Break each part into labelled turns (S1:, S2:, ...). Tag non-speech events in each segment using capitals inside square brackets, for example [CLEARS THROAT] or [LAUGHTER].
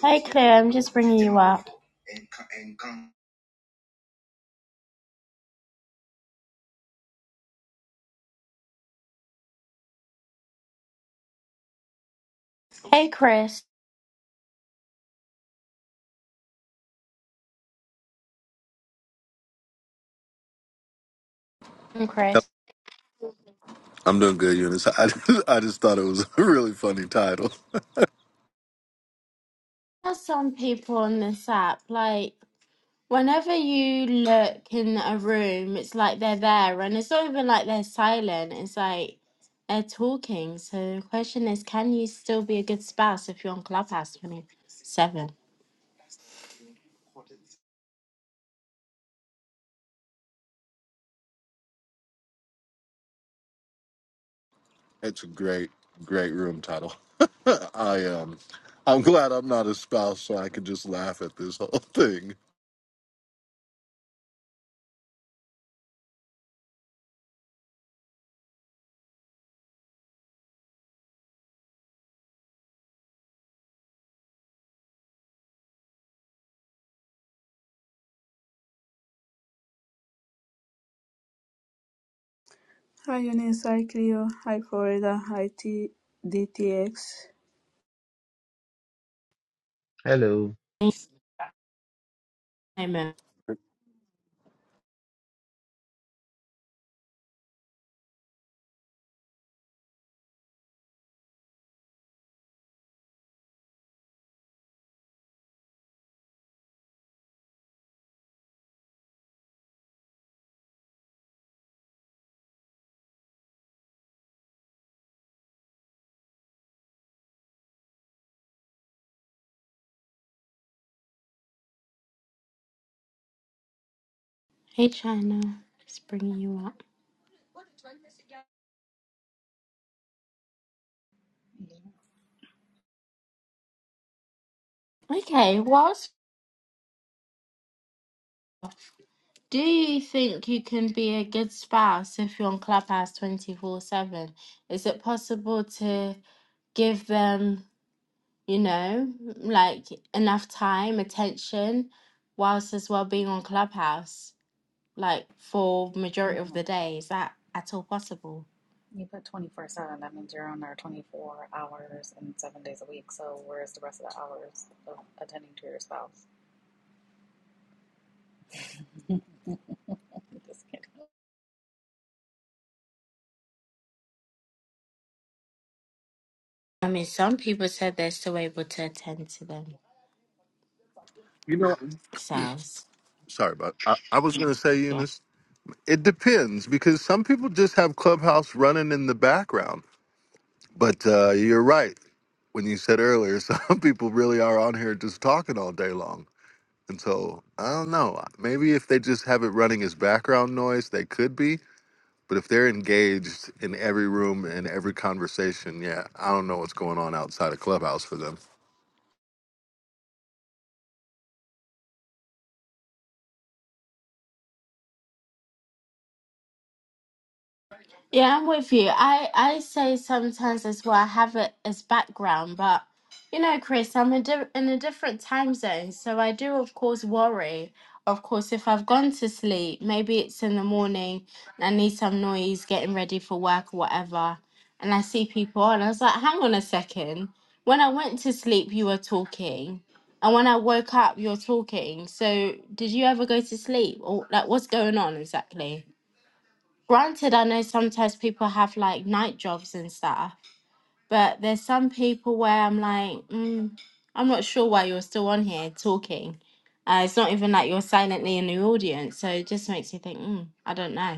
S1: Hey Claire, I'm just bringing you up. Hey Chris, I'm Chris.
S2: I'm doing good, Eunice. [LAUGHS] I just, I just thought it was a really funny title.
S1: There's some people on this app, like, whenever you look in a room, it's like they're there, and it's not even like they're silent, it's like they're talking. So the question is, can you still be a good spouse if you're on Clubhouse 27?
S2: It's a great, great room title. [LAUGHS] I um, I'm glad I'm not a spouse, so I can just laugh at this [LAUGHS] whole thing.
S3: Hi Eunice, hi Cleo, hi Florida, hi T- DTX.
S4: Hello.
S1: Amen. Hey China, just bringing you up. Okay, whilst Do you think you can be a good spouse if you're on Clubhouse 24 7? Is it possible to give them, you know, like enough time, attention, whilst as well being on Clubhouse, like for majority of
S5: Mm-mm.
S1: the day? Is that at all possible?
S5: You put 24 7, that means you're on there 24 hours and seven days a week. So, where's the rest of the hours of attending to your spouse? [LAUGHS] Just kidding.
S1: I mean, some people said they're still able to attend to
S2: No,
S1: themselves.
S2: sorry about. I, I was gonna say, Eunice. It depends because some people just have Clubhouse running in the background. But uh, you're right when you said earlier, [LAUGHS] some people really are on here just talking all day long. And so I don't know. Maybe if they just have it running as background noise, they could be. But if they're engaged in every room and every conversation, yeah, I don't know what's going on outside of Clubhouse for them.
S1: Yeah, I'm with you. I, I say sometimes as well, I have it as background, but you know, Chris, I'm a di- in a different time zone. So I do, of course, worry. Of course, if I've gone to sleep, maybe it's in the morning, and I need some noise getting ready for work or whatever. And I see people on, I was like, hang on a second. When I went to sleep, you were talking. And when I woke up, you're talking. So did you ever go to sleep? Or like, what's going on exactly? granted i know sometimes people have like night jobs and stuff but there's some people where i'm like mm, i'm not sure why you're still on here talking uh, it's not even like you're silently in the audience so it just makes you think mm, i don't know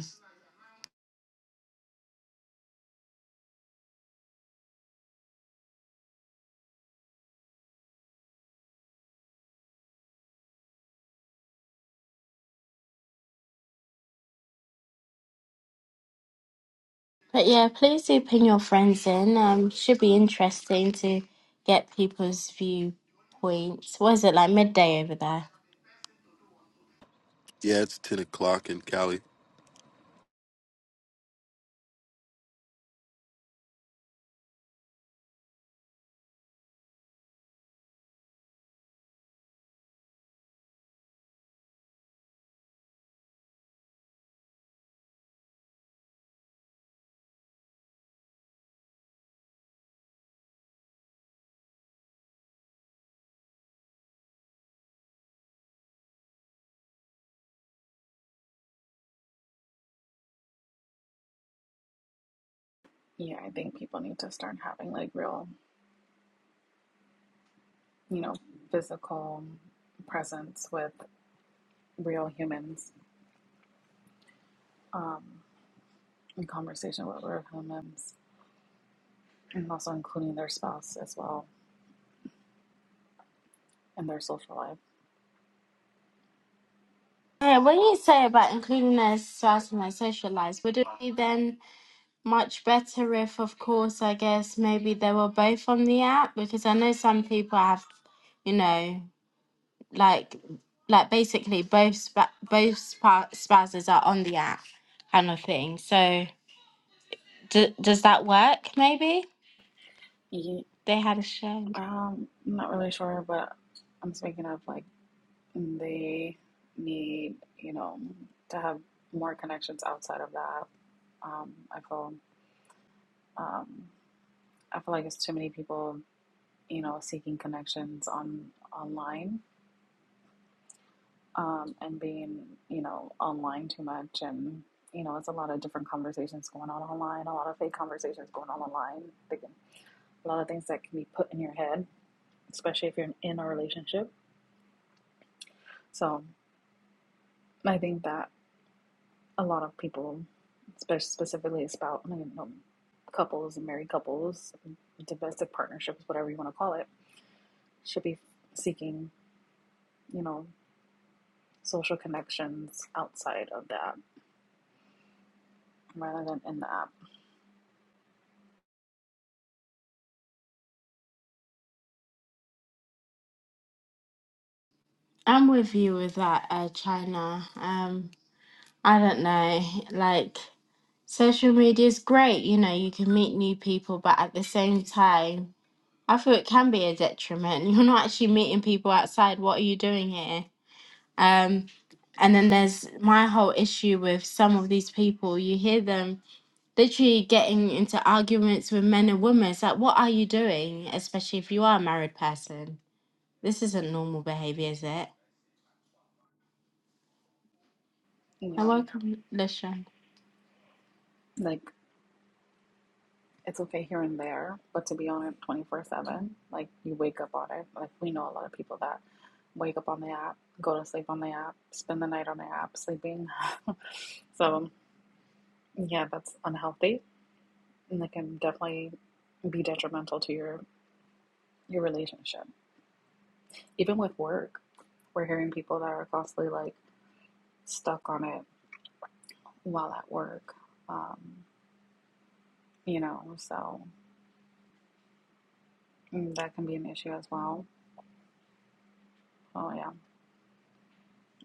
S1: but yeah please do pin your friends in um should be interesting to get people's viewpoints what is it like midday over there
S2: Yeah, it's ten o'clock in Cali.
S5: Yeah, I think people need to start having like real, you know, physical presence with real humans um, in conversation with real humans and also including their spouse as well in their social life.
S1: yeah, what do you say about including their spouse in their social lives? Would it be then much better if, of course, I guess maybe they were both on the app because I know some people have, you know, like like basically both spa- both spa- spouses are on the app kind of thing. So d- does that work? Maybe
S5: Ye-
S1: they had a show.
S5: Um, I'm not really sure, but I'm speaking of like They need, you know, to have more connections outside of that. Um, I feel, um, I feel like it's too many people, you know, seeking connections on online, um, and being, you know, online too much, and you know, it's a lot of different conversations going on online, a lot of fake conversations going on online. like, a lot of things that can be put in your head, especially if you're in a relationship. So I think that. a lot of people, spe- specifically about I mean, no, couples and married couples, domestic partnerships, whatever you want to call it, should be seeking, you know, social connections outside of the app rather than in the app.
S1: I'm with you with that, uh, China. Um, I don't know, like social media is great. You know, you can meet new people, but at the same time. I feel it can be a detriment. [LAUGHS] You're not actually meeting people outside. What are you doing here? Um, and then there's my whole issue with some of these people. You hear them literally getting into arguments with men and women. It's like, what are you doing? Especially if you are a married person. This isn't normal behavior, is it?
S5: You
S1: And
S5: know,
S1: welcome, Lishan.
S5: like it's okay here and there, but to be on it 24 7, like you wake up on it. Like we know a lot of people that wake up on the app, go to sleep on the app, spend the night on the app, sleeping. [LAUGHS] so, yeah, that's unhealthy and that can definitely be detrimental to your your relationship. Even with work, we're hearing people that are constantly like stuck on it while at work. Um, you know, so mm, that can be an issue as well. Oh yeah,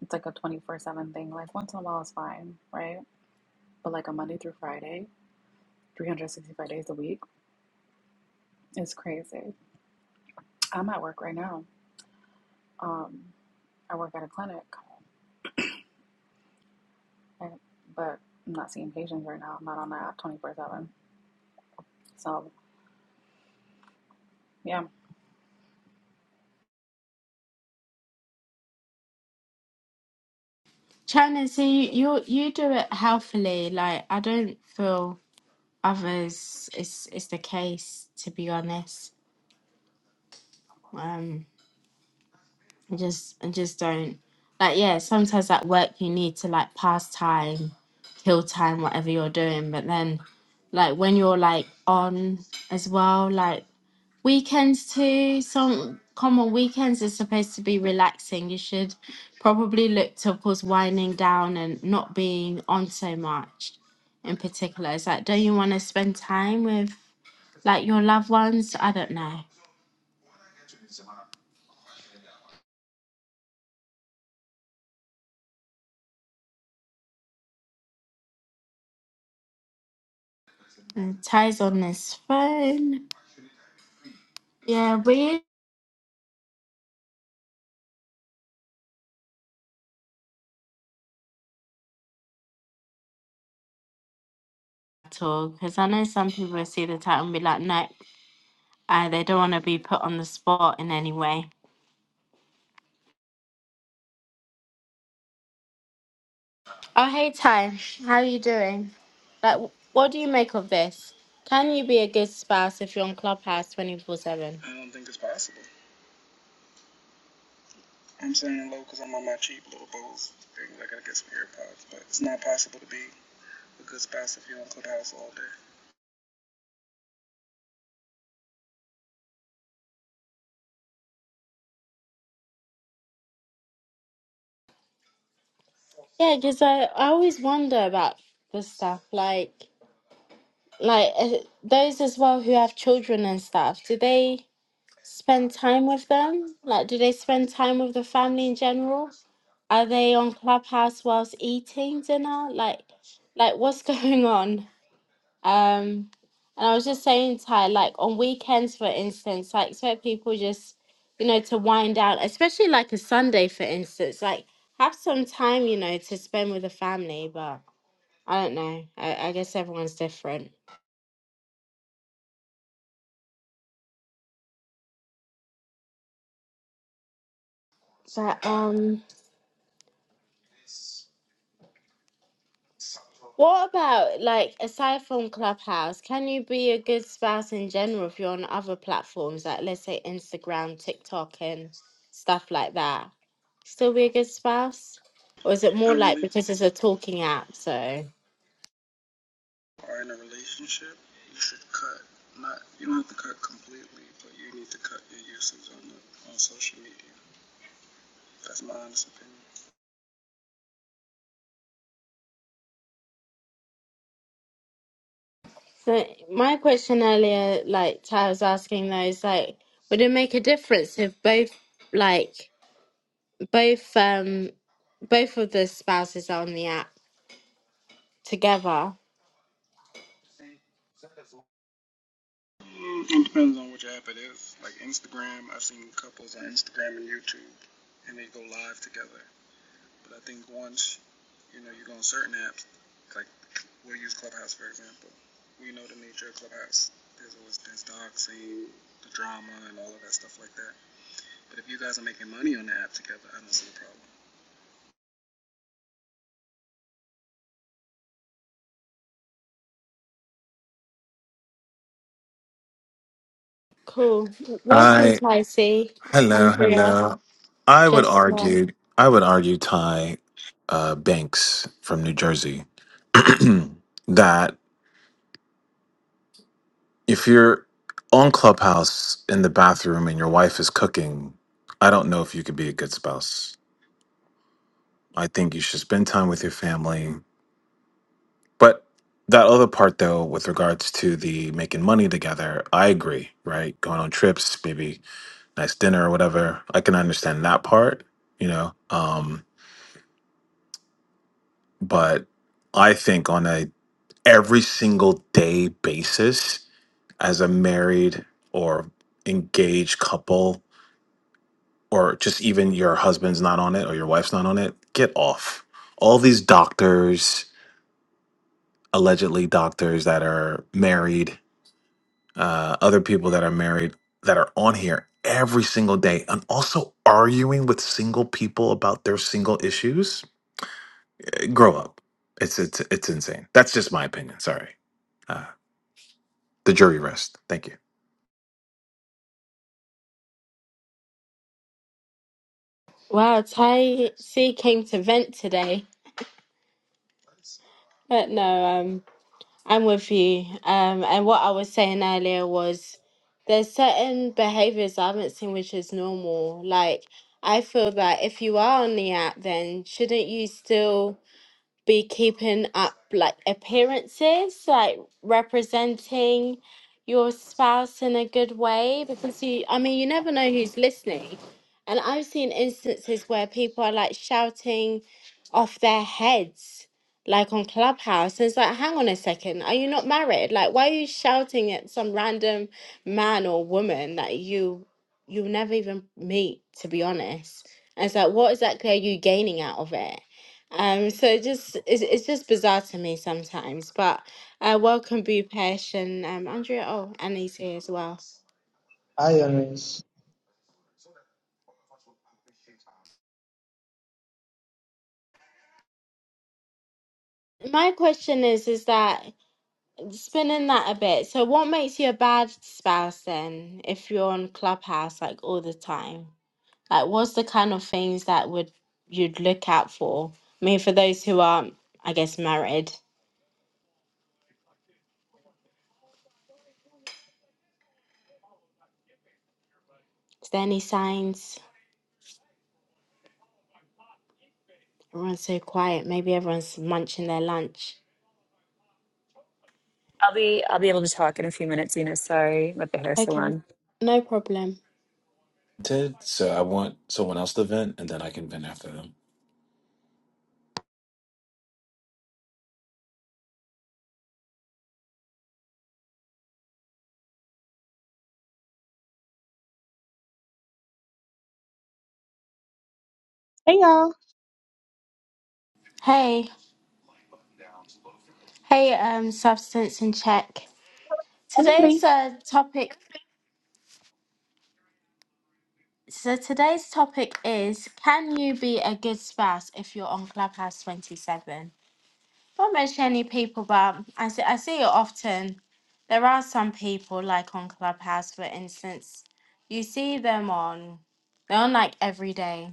S5: it's like a twenty four seven thing. Like once in a while is fine, right? But like a Monday through Friday, three hundred sixty five days a week is crazy. I'm at work right now. Um, I work at a clinic, and, but I'm not seeing patients right now. I'm not on the app twenty four seven. So Yeah.
S1: Shannon, see you you do it healthily. Like I don't feel others is is the case to be honest. Um I just I just don't like yeah, sometimes at work you need to like pass time, kill time, whatever you're doing, but then like when you're like on as well, like weekends too, some common weekends is supposed to be relaxing. You should probably look to of course winding down and not being on so much in particular. It's like don't you wanna spend time with like your loved ones? I don't know. Uh, Ty's on his phone. Yeah, we at all because I know some people see the title and be like, no, uh, they don't want to be put on the spot in any way. Oh, hey, Ty, how are you doing? Like, wh- what do you make of this? Can you be a good spouse if you're on Clubhouse 24 7? Yeah, because I, I always wonder about this stuff. Like, like uh, those as well who have children and stuff, do they spend time with them? Like, do they spend time with the family in general? Are they on Clubhouse whilst eating dinner? Like, like what's [LAUGHS] going on? Um, and I was just saying, Ty, like on weekends, for instance, I expect people just, you know, to wind down, especially like a Sunday, for instance, like have some time, you know, to spend with the family. But I don't know. I, I guess everyone's different. But um. What about like aside from Clubhouse, can you be a good spouse in general if you're on other platforms like let's say Instagram, TikTok and stuff like that? Still be a good spouse? Or is it more like because it's a talking app, so so my question earlier, like Ty was asking though, is like would it make a difference if both like both um both of the spouses are on the app together? Cool. Welcome,
S6: I
S1: Ticey,
S6: hello,
S1: Andrea.
S6: hello. I would
S1: Just one.
S6: argue I would argue Ty uh, Banks from New Jersey [CLEARS THROAT] that if you're on Clubhouse in the bathroom and your wife is cooking, I don't know if you could be a good spouse. I think you should spend time with your family. But that other part though, with regards to the making money together, I agree, right? Going on trips, maybe nice dinner or whatever. I can understand that part, you know. Um but I think on a every single day basis as a married or engaged couple or just even your husband's not on it or your wife's not on it, get off. All these doctors, allegedly doctors that are married, uh, other people that are married that are on here every single day and also arguing with single people about their single issues. Grow up. It's it's it's insane. That's just my opinion. Sorry. Uh, The jury rest. Thank you.
S1: Wow, Tai C came to vent today. But no, um, I'm with you. Um, and what I was saying earlier was there's certain behaviors I haven't seen which is normal. Like I feel that if you are on the app, then shouldn't you still? be keeping up like appearances, like representing your spouse in a good way because you, I mean, you never know who's listening. And I've seen instances where people are like shouting off their heads, like on Clubhouse. And it's like, hang on a second, are you not married? Like, why are you shouting at some random man or woman that you you'll never even meet, to be honest? And it's like, what exactly are you gaining out of it? Um, so it just it's, it's just bizarre to me sometimes, but uh, welcome Bupesh and um, Andrea. Oh, Annie's here as well.
S7: ironies
S1: My question is, is that spinning that a bit? So, what makes you a bad spouse then, if you're on Clubhouse like all the time? Like, what's the kind of things that would you'd look out for? I mean, for those who aren't, I guess, married, is there any signs? Everyone's so quiet. Maybe everyone's munching their lunch.
S8: I'll be I'll be able to talk in a few minutes, Zena. Sorry, with the hair
S1: Okay,
S8: salon.
S1: no problem.
S6: Ted, so I want someone else to vent, and then I can vent after them.
S9: Hey y'all,
S1: Hey. Hey, um, substance in check.
S9: everybody.
S1: Today's uh, topic. So today's topic is: Can you be a good spouse if you're on Clubhouse Twenty Seven? Not much any people, but I see, I see it often. There are some people like on Clubhouse, for instance. You see them on. They're on like every day.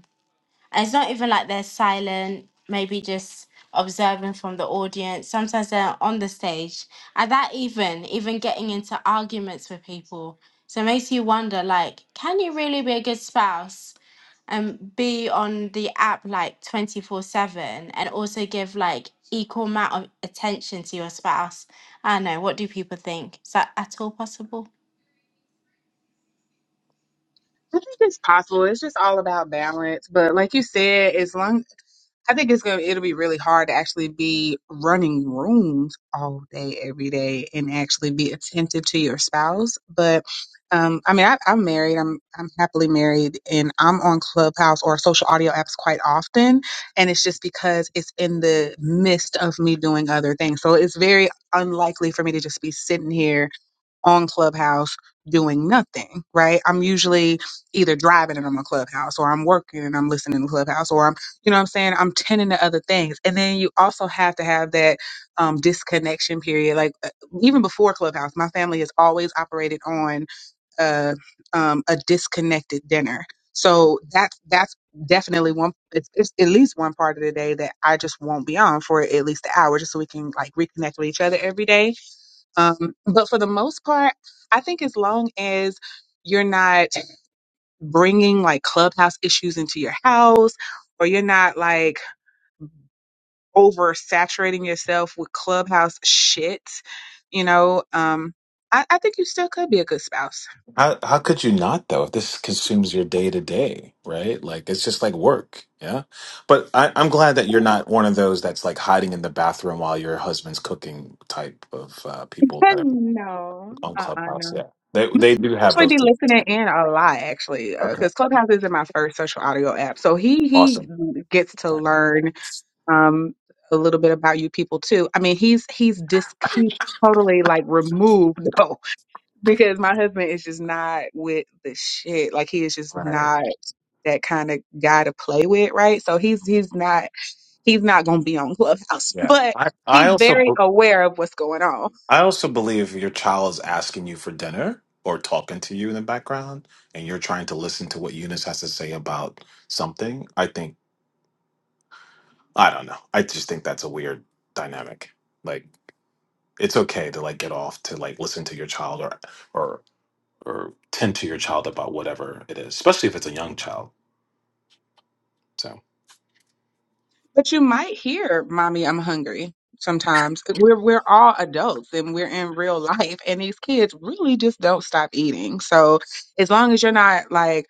S1: it's not even like they're silent, maybe just observing from the audience. Sometimes they're on the stage. And that even, even getting into arguments with people. So it makes you wonder like, can you really be a good spouse and be on the app like 24 7 and also give like equal amount of attention to your spouse? I don't know. What do people think? Is that at all possible?
S9: I think it's possible. It's just all about balance. But like you said, as long I think it's gonna it'll be really hard to actually be running rooms all day, every day, and actually be attentive to your spouse. But um, I mean, I, I'm married. I'm I'm happily married, and I'm on Clubhouse or social audio apps quite often. And it's just because it's in the midst of me doing other things, so it's very unlikely for me to just be sitting here on Clubhouse doing nothing, right? I'm usually either driving and I'm on Clubhouse or I'm working and I'm listening to Clubhouse or I'm, you know what I'm saying? I'm tending to other things. And then you also have to have that um, disconnection period. Like uh, even before Clubhouse, my family has always operated on uh, um, a disconnected dinner. So that's that's definitely one. It's, it's at least one part of the day that I just won't be on for at least an hour, just so we can like reconnect with each other every day um, but for the most part, I think as long as you're not bringing like clubhouse issues into your house or you're not like oversaturating yourself with clubhouse shit, you know, um, I, I think you still could be a good spouse.
S6: How how could you not though? If this consumes your day to day, right? Like it's just like work, yeah. But I, I'm glad that you're not one of those that's like hiding in the bathroom while your husband's cooking type of uh, people
S9: [LAUGHS]
S6: that are
S9: no,
S6: on
S9: uh-uh, no.
S6: Clubhouse. Yeah, they
S9: i
S6: they do have those.
S9: actually be
S6: Things.
S9: listening in a lot actually
S6: Okay,
S9: because clubhouse isn't my first social audio app so he he
S6: awesome.
S9: gets to
S6: Okay.
S9: learn um a little bit about you people too i mean he's he's dis he's totally like removed [LAUGHS] though because my husband is just not with the shit like he is just
S6: Right.
S9: not that kind of guy to play with right so he's he's not he's not gonna be on clubhouse [LAUGHS]
S6: Yeah.
S9: but
S6: I I
S9: he's
S6: also.
S9: very aware of what's going on
S6: I also believe your child is asking you for dinner or talking to you in the background, and you're trying to listen to what Eunice has to say about something. I think I don't know. I just think that's a weird dynamic. Like it's okay to like get off to like listen to your child or or or tend to your child about whatever it is, especially if it's a young child. So
S9: But you might hear, "Mommy, I'm hungry." Sometimes we're we're all adults and we're in real life, and these kids really just don't stop eating. So as long as you're not like,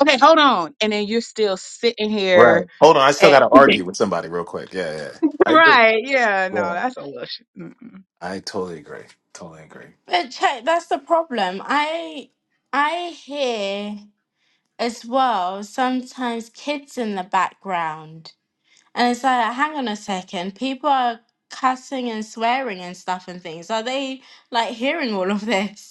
S9: "Okay, hold on," and then you're still sitting
S6: right.
S9: here
S6: Hold on, I still got
S9: at
S6: to argue with somebody real quick. Yeah, yeah.
S9: [LAUGHS]
S6: I agree.
S9: right, yeah, no,
S6: Yeah,
S9: that's a little. Sh- mm-mm.
S6: I totally agree. Totally agree.
S1: But check, that's the problem. I I hear. as well, sometimes kids in the background. And it's like, hang on a second, people are cussing and swearing and stuff and things. Are they like hearing all of [LAUGHS] this?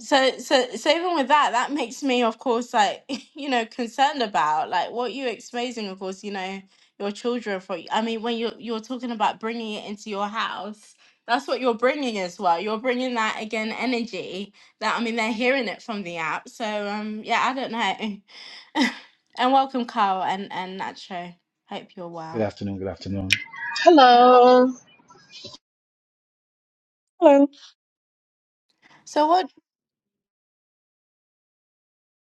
S1: So, so, so even with that, that makes me, of course, like, [LAUGHS] you know, concerned about like what you're exposing, of course, you know, your children for. I mean, when you're you're talking about bringing it into your house, that's what you're bringing as well. You're bringing that again energy that I mean, they're hearing it from the app. So, um, yeah, I don't know. [LAUGHS] and welcome, Carl and and Nacho. Hope you're
S10: Good
S1: well.
S10: afternoon. Good afternoon.
S11: Hello.
S9: Hello,
S1: So, what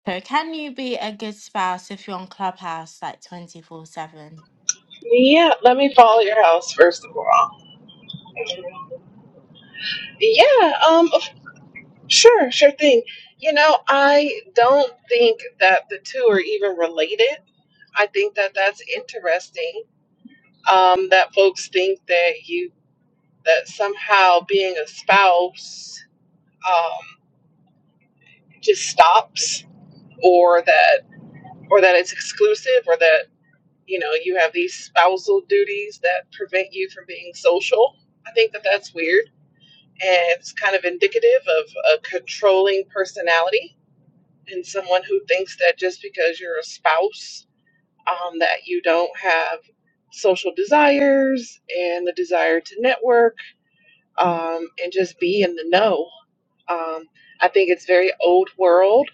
S1: so can you be a good spouse if you're on Clubhouse like twenty four seven?
S11: Yeah, let me follow your house first of all. Yeah, um of- sure, sure thing. You know, I don't think that the two are even related. I think that that's interesting. Um that folks think that you that somehow being a spouse um just stops or that or that it's exclusive or that you know, you have these spousal duties that prevent you from being social. I think that that's weird. And it's kind of indicative of a controlling personality and someone who thinks that just because you're a spouse, um, that you don't have social desires and the desire to network um, and just be in the know. Um, I think it's very old world.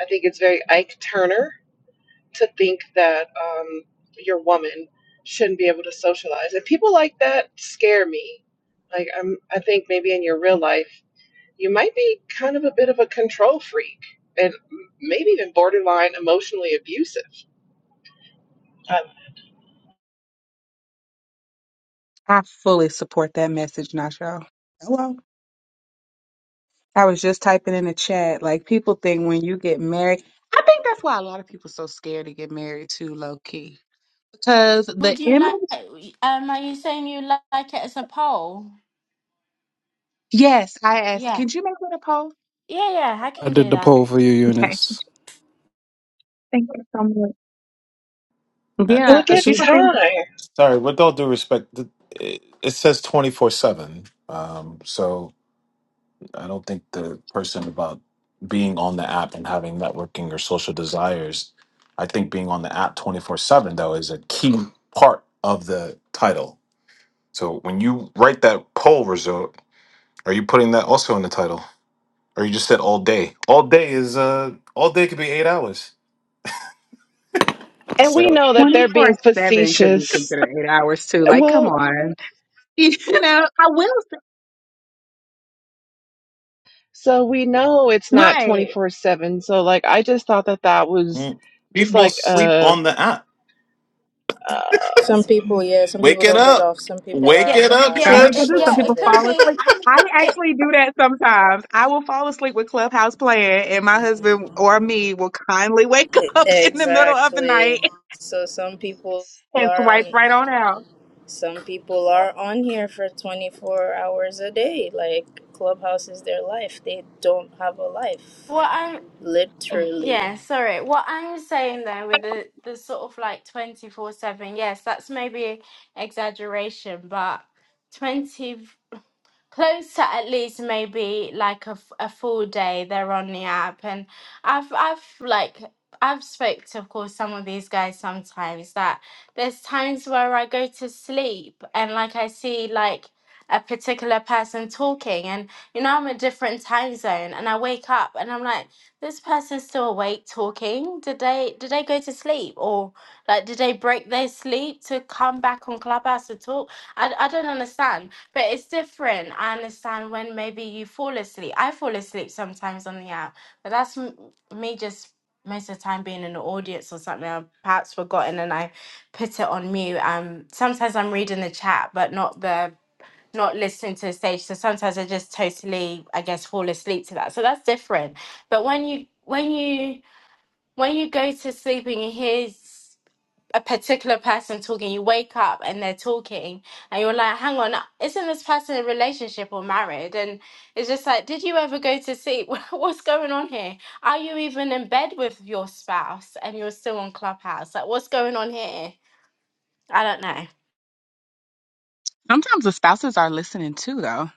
S11: I think it's very Ike Turner to think that um, your woman shouldn't be able to socialize. And people like that scare me. Like I'm, I think maybe in your real life you might be kind of a bit of a control freak and maybe even borderline emotionally abusive. Uh,
S9: I fully support that message, Nacho. Hello, I was just typing in the chat. Like people think when you get married, I think that's why a lot of people so scared to get married too, low key because the
S1: Would you
S9: image.
S1: like, um, are you saying you li- like it as a poll?
S9: Yes, I asked.
S1: Yeah.
S9: Can you make it a poll?
S1: Yeah, yeah, I
S12: I
S1: can
S12: did
S1: do
S12: the
S1: that.
S12: poll for you,
S9: Okay.
S12: Eunice.
S9: Thank you so much.
S6: Uh,
S9: Yeah,
S11: look
S9: a
S6: Is
S11: at
S6: she?
S9: people think
S11: time.
S6: Sorry, with all due respect, th- it it says 24 7. Um, so I don't think the person about being on the app and having networking or social desires, I think being on the app 24 7, though, is a key part of the title. So when you write that poll result, are you putting that also in the title? Or you just said all day? All day is, uh, all day could be eight hours.
S11: And we
S6: So
S11: know that they're
S9: 24
S11: being
S9: 7 could be
S11: facetious.
S9: considered eight hours too. Like, come
S11: Well,
S9: on. [LAUGHS] You know, I will.
S11: so we know it's
S9: say-
S11: not
S9: Right.
S11: 24 7. So, like, I just thought that that was
S6: mm,
S11: just
S6: people
S11: like
S6: sleep
S11: a.
S6: on the app.
S11: Uh,
S13: Some people, yeah, some
S6: Wake
S13: people
S6: it
S13: don't get
S6: up.
S13: off. Some people
S6: Wake
S13: are
S1: Yeah,
S13: on
S6: it
S13: the
S6: up,
S13: app
S9: Some
S1: yeah,
S6: Trish.
S9: people
S1: it,
S9: do.
S13: 24
S9: Some
S1: yeah,
S9: people
S1: it
S13: 7.
S1: could
S9: fall asleep.
S1: be.
S9: I
S1: It,
S9: actually do that sometimes. I will fall asleep with Clubhouse playing, and my husband or me will kindly wake [LAUGHS] up in the middle of the
S13: Exactly.
S9: night
S13: So some people
S9: and
S13: are
S9: swipe
S13: on
S9: right on out.
S13: some people are on here for 24 hours a day. Like Clubhouse is their life. They don't have a life.
S1: what I'm,
S13: Literally.
S1: yeah, sorry. What I'm saying though with the, the sort of like 24/7, yes, that's maybe exaggeration, but 20. close to at least maybe like a, f- a full day they're on the app and i've i've like i've spoke to of course some of these guys sometimes that there's times where i go to sleep and like i see like a particular person talking and you know i'm a different time zone and i wake up and i'm like this person's still awake talking did they did they go to sleep or like did they break their sleep to come back on clubhouse to talk i, I don't understand but it's different. I understand when maybe you fall asleep. I fall asleep sometimes on the app, but that's m- me just most of the time being in the audience or something. I've perhaps forgotten and I put it on mute. Um, sometimes I'm reading the chat, but not the not listening to the stage. So sometimes I just totally, I guess, fall asleep to that. So that's different. But when you when you when you go to sleep and you hear a particular person talking, you wake up and they're talking, and you're like, hang on, isn't this person in a relationship or married? And it's just like, did you ever go to see [LAUGHS] what's going on here? Are you even in bed with your spouse and you're still on Clubhouse? Like, what's going on here? I don't know.
S9: Sometimes the spouses are listening too, though.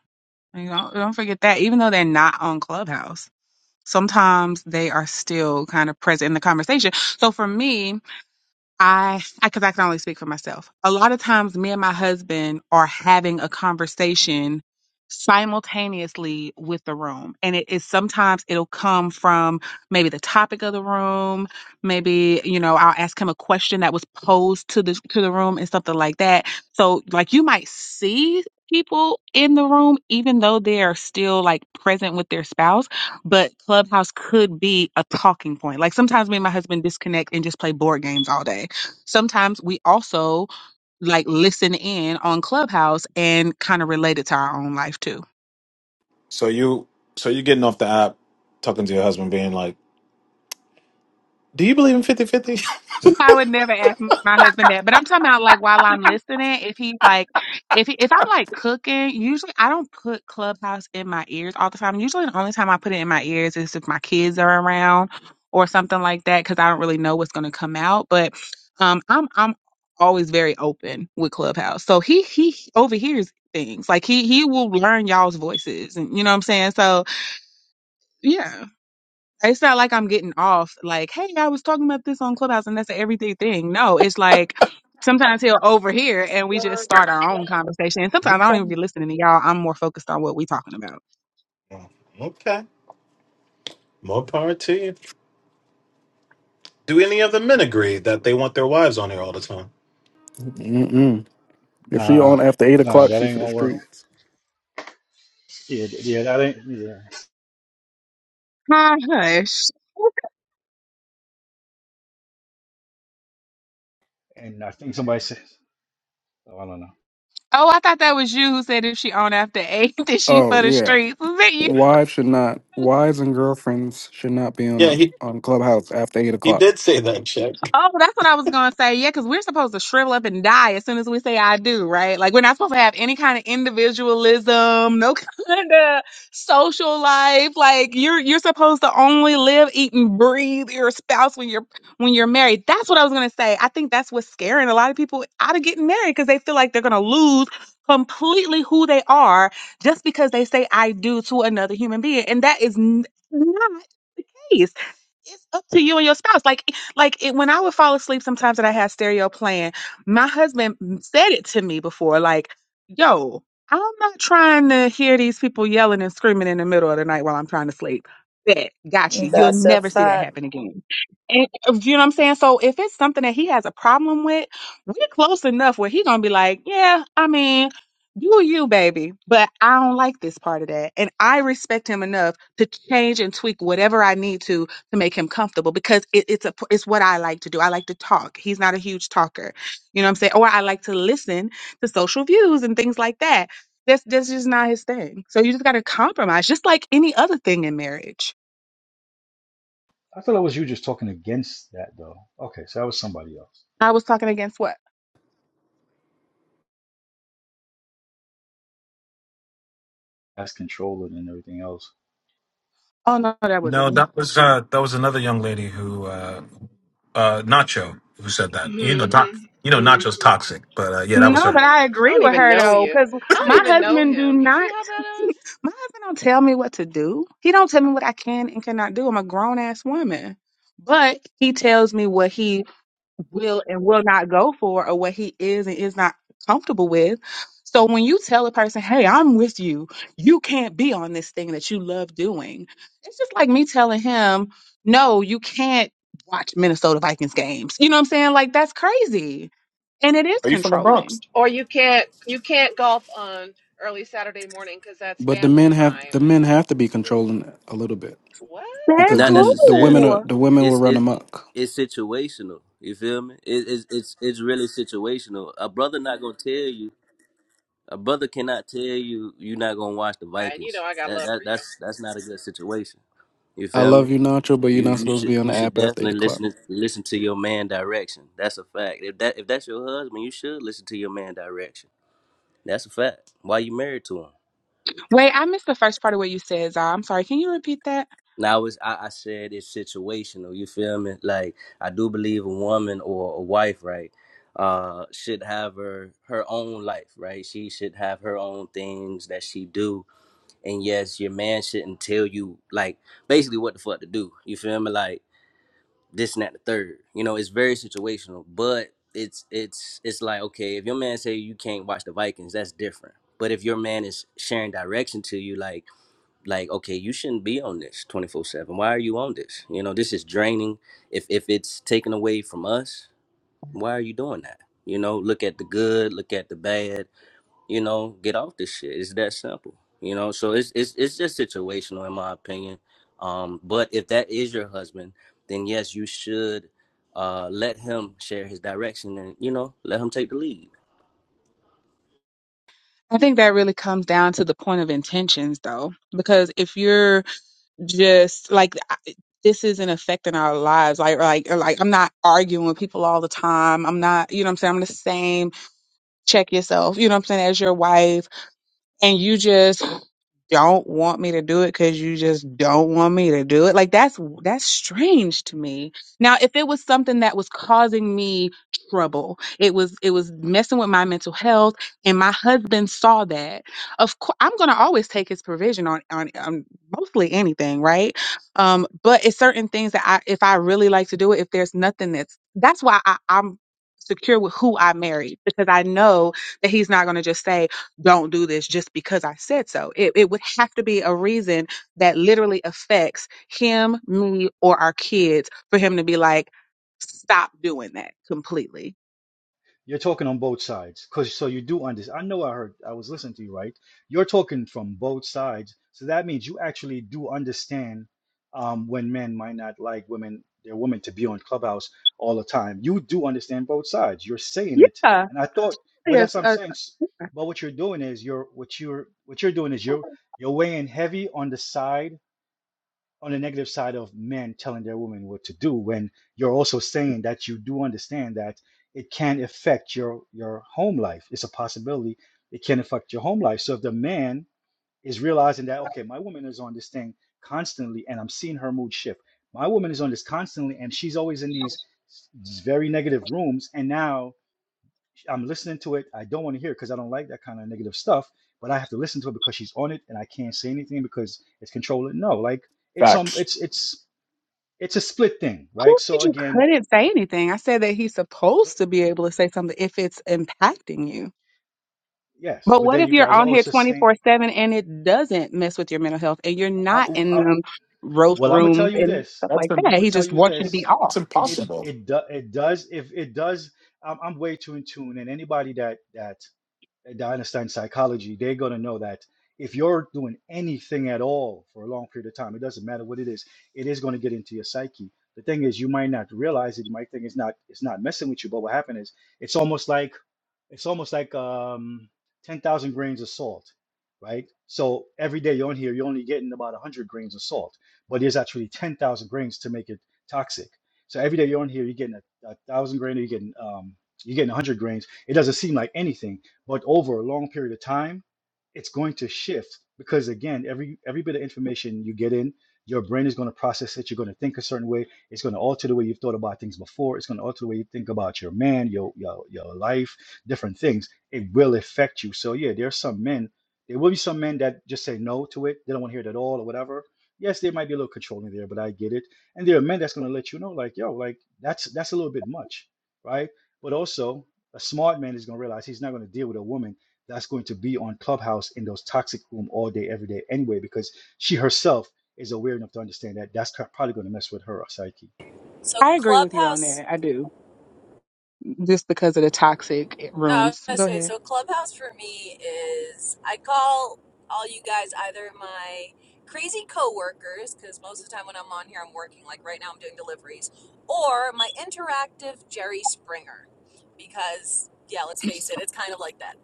S9: You know, don't forget that, even though they're not on Clubhouse. sometimes they are still kind of present in the conversation. So for me, I, I, cause I can only speak for myself. A lot of times me and my husband are having a conversation simultaneously with the room. And it is sometimes it'll come from maybe the topic of the room. Maybe, you know, I'll ask him a question that was posed to the, to the room and something like that. So like you might see people in the room, even though they are still like present with their spouse, but Clubhouse could be a talking point. Like sometimes me and my husband disconnect and just play board games all day Sometimes we also like listen in on Clubhouse and kind of relate it to our own life too.
S6: So you so you getting off the app, talking to your husband, being like, Do you believe in 50 fifty?"
S9: I would never ask my husband that, but I'm talking about like while I'm listening, if he's like, if he, if I'm like cooking, usually I don't put Clubhouse in my ears all the time. Usually, the only time I put it in my ears is if my kids are around or something like that, because I don't really know what's going to come out. But um, I'm I'm always very open with Clubhouse, so he he overhears things. Like he he will learn y'all's voices, and you know what I'm saying. So yeah. It's not like I'm getting off, like, hey, I was talking about this on Clubhouse and that's an everyday thing. No, it's like sometimes he'll overhear and we just start our own conversation. And sometimes I don't
S6: [LAUGHS]
S9: even be listening to y'all. I'm more focused on what we talking about.
S6: Okay. More power to you. Do any of the men agree that they want their wives on here all the time?
S12: Mm-mm. If she
S10: Nah,
S12: on after eight
S10: nah,
S12: o'clock,
S10: that
S12: she
S10: ain't
S12: for the
S10: gonna work.
S12: streets.
S10: Yeah, th- yeah, that ain't. Yeah,
S9: Huh, hush.
S10: and I think somebody said. Oh, I don't know.
S9: Oh, I thought that was you who said if she on after eight, [LAUGHS] that she
S12: Oh
S9: for the
S12: yeah,
S9: streets. Was it
S12: wives should not, wives and girlfriends should not be on
S6: Yeah,
S12: the,
S6: he
S12: on Clubhouse after eight
S6: he
S12: o'clock.
S6: did say that, check.
S9: Oh, that's what I was gonna say. Yeah, because we're supposed to shrivel up and die as soon as we say "I do," right? Like we're not supposed to have any kind of individualism, no [LAUGHS] kind of social life. Like you're you're supposed to only live, eat, and breathe your spouse when you're when you're married. That's what I was gonna say. I think that's what's scaring a lot of people out of getting married because they feel like they're gonna lose completely who they are just because they say "I do" to another human being, and that is n- not the case it's up to you and your spouse. Like like it, when I would fall asleep sometimes that I had stereo playing, my husband said it to me before, like, yo, I'm not trying to hear these people yelling and screaming in the middle of the night while I'm trying to sleep. Bet, got you. You'll
S13: That's a
S9: never see that
S13: fact.
S9: happen again. And uh, you know what I'm saying? So if it's something that he has a problem with, we're close enough where he gonna be like, Yeah, I mean, you you, baby. But I don't like this part of that. And I respect him enough to change and tweak whatever I need to to make him comfortable because it, it's a it's what I like to do. I like to talk. He's not a huge talker, you know what I'm saying? Or I like to listen to social views and things like that. That's that's just not his thing. So you just got to compromise, just like any other thing in marriage.
S10: I thought it was you just talking against that though. Okay, so that was somebody else.
S9: I was talking against what?
S10: That's controlling and everything else.
S9: Oh no, no, that wasn't
S6: No,
S9: me.
S6: that was uh, that was another young lady who uh, uh, Nacho who said that. You know,
S11: mm-hmm,
S6: doc, you know,
S11: mm-hmm,
S6: Nacho's toxic, but uh, yeah, that was
S9: No,
S6: her.
S9: but
S11: mm.
S9: I
S11: I
S9: agree
S11: don't
S9: with
S11: even
S9: her
S11: know
S9: though,
S11: you.
S9: because
S11: I don't
S9: my
S11: even know
S9: husband do
S11: him. You see
S9: not.
S11: how that is?
S9: My husband don't tell me what to do. He don't tell me what I can and cannot do. I'm a grown ass woman, but he tells me what he will and will not go for or what he is and is not comfortable with. So when you tell a person, hey, I'm with you, you can't be on this thing that you love doing. It's just like me telling him, no, you can't watch Minnesota Vikings games. You know what I'm saying? Like that's crazy. And it is
S6: Are you from the Bronx?
S9: controlling.
S11: Or you can't you can't golf on early Saturday morning because that's
S12: But the
S11: family
S12: men have
S11: time.
S12: the men have to be controlling a little bit
S11: What?
S9: That's
S12: because
S14: Not
S12: then the women
S14: necessarily.
S12: are,
S9: cool.
S12: the women will
S14: It's
S12: run
S14: it
S12: amok.
S14: it's situational. You feel me? It, it's it's it's really situational. A brother not gonna tell you. A brother cannot tell you you're not gonna watch the
S11: And you know
S14: Vikings.
S11: I got
S14: That
S11: love
S14: that
S11: for you.
S14: that's that's not a good situation. You
S12: I
S14: feel
S12: love
S14: me?
S12: you, Nacho, but you're
S14: You
S12: not
S14: you
S12: supposed to be
S14: should
S12: on
S14: you
S12: the
S14: should
S12: app after eight
S14: definitely
S12: o'clock.
S14: listen listen to your man direction. That's a fact. If that if that's your husband, you should listen to your man direction. That's a fact. Why you married to him?
S9: Wait, I missed the first part of what you said, Zah. I'm sorry. Can you repeat that?
S14: Now it's I, I said it's situational. You feel me? Like I do believe a woman or a wife, right, uh, should have her her own life, right? She should have her own things that she do. And yes, your man shouldn't tell you like basically what the fuck to do. You feel me? Like this and that the third. You know, it's very situational. But it's it's it's like okay, if your man say you can't watch the Vikings, that's different. But if your man is sharing direction to you, like like okay you shouldn't be on this 24/7 why are you on this you know this is draining if if it's taken away from us why are you doing that you know look at the good look at the bad you know get off this shit it's that simple you know so it's it's it's just situational in my opinion um but if that is your husband then yes you should uh let him share his direction and you know let him take the lead
S9: I think that really comes down to the point of intentions, though, because if you're just like I- this isn't affecting our lives. Like, like, like I'm not arguing with people all the time. I'm not, you know what I'm saying? I'm the same. Check yourself, you know what I'm saying, as your wife. And you just don't want me to do it because you just don't want me to do it. Like that's that's strange to me. Now, if it was something that was causing me trouble, it was it was messing with my mental health, and my husband saw that. Of course, I'm gonna always take his provision on on, on mostly anything, right? Um, but it's certain things that I if I really like to do it, if there's nothing that's that's why I, I'm secure with who I married because I know that he's not gonna just say don't do this just because I said so. It, it would have to be a reason that literally affects him, me, or our kids for him to be like, stop doing that completely.
S10: You're talking on both sides, cause so you do understand. I know I heard. I was listening to you, right? You're talking from both sides, so that means you actually do understand um, when men might not like women, their women to be on Clubhouse all the time. You do understand both sides. You're saying it,
S9: Yeah,
S10: and I thought, but
S9: yes.
S10: that's what I'm
S9: Uh,
S10: saying. s- But what you're doing is you're what you're what you're doing is you're you're weighing heavy on the side on the negative side of men telling their women what to do when you're also saying that you do understand that it can affect your your home life it's a possibility it can affect your home life so if the man is realizing that okay my woman is on this thing constantly and i'm seeing her mood shift my woman is on this constantly and she's always in these these very negative rooms and now i'm listening to it i don't want to hear because i don't like that kind of negative stuff but i have to listen to it because she's on it and i can't say anything because it's controlling no like it's um
S6: Facts.
S10: it's it's it's a split thing,
S9: who
S10: right? So
S9: said you
S10: again,
S9: couldn't say anything? I said that he's supposed to be able to say something if it's impacting you.
S10: yes,
S9: But
S10: but
S9: what
S10: then
S9: if
S10: you
S9: you're
S10: guys are
S9: on
S10: always
S9: here
S10: just saying,
S9: 24 7 and it doesn't mess with your mental health and you're
S10: I'm,
S9: not in
S10: I,
S9: them roast
S10: well, I'm gonna tell
S9: rooms
S10: you
S9: and
S10: this.
S9: stuff
S6: That's
S9: like
S6: im-
S10: I'm
S9: that?
S10: gonna
S9: He
S10: tell
S9: just
S10: you
S9: wants you to be
S10: this.
S6: that's
S9: off.
S10: It
S6: impossible.
S10: it do, it does if it does. I'm, I'm way too in tune, and anybody that that that understands psychology, they're gonna know that if you're doing anything at all for a long period of time, it doesn't matter what it is, it is gonna get into your psyche. The thing is, you might not realize it. You might think it's not it's not messing with you, but what happened is, it's almost like it's almost like um, 10,000 grains of salt, right? So every day you're on here, you're only getting about 100 grains of salt, but there's actually 10,000 grains to make it toxic. So every day you're on here, you're getting a, a thousand grain, or you're getting um, you're getting 100 grains. It doesn't seem like anything, but over a long period of time, it's going to shift because again, every every bit of information you get in, your brain is going to process it. You're going to think a certain way. It's going to alter the way you've thought about things before. It's going to alter the way you think about your man, your your your life, different things. It will affect you. So yeah, there are some men. There will be some men that just say no to it. They don't want to hear it at all or whatever. Yes, there might be a little controlling there, but I get it. And there are men that's going to let you know, like yo, like that's that's a little bit much, right? But also, a smart man is going to realize he's not going to deal with a woman that's going to be on Clubhouse in those toxic room all day, every day anyway, because she herself is aware enough to understand that that's probably going to mess with her psyche.
S15: So
S9: I agree with you on
S15: Clubhouse,
S9: that. I do. Just because of the toxic
S15: no, I was
S9: rooms.
S15: gonna
S9: Go
S15: say
S9: ahead.
S15: so Clubhouse for me is I call all you guys either my crazy coworkers because most of the time when I'm on here I'm working. Like right now I'm doing deliveries, or my interactive Jerry Springer, because yeah, let's face it, it's kind of like that.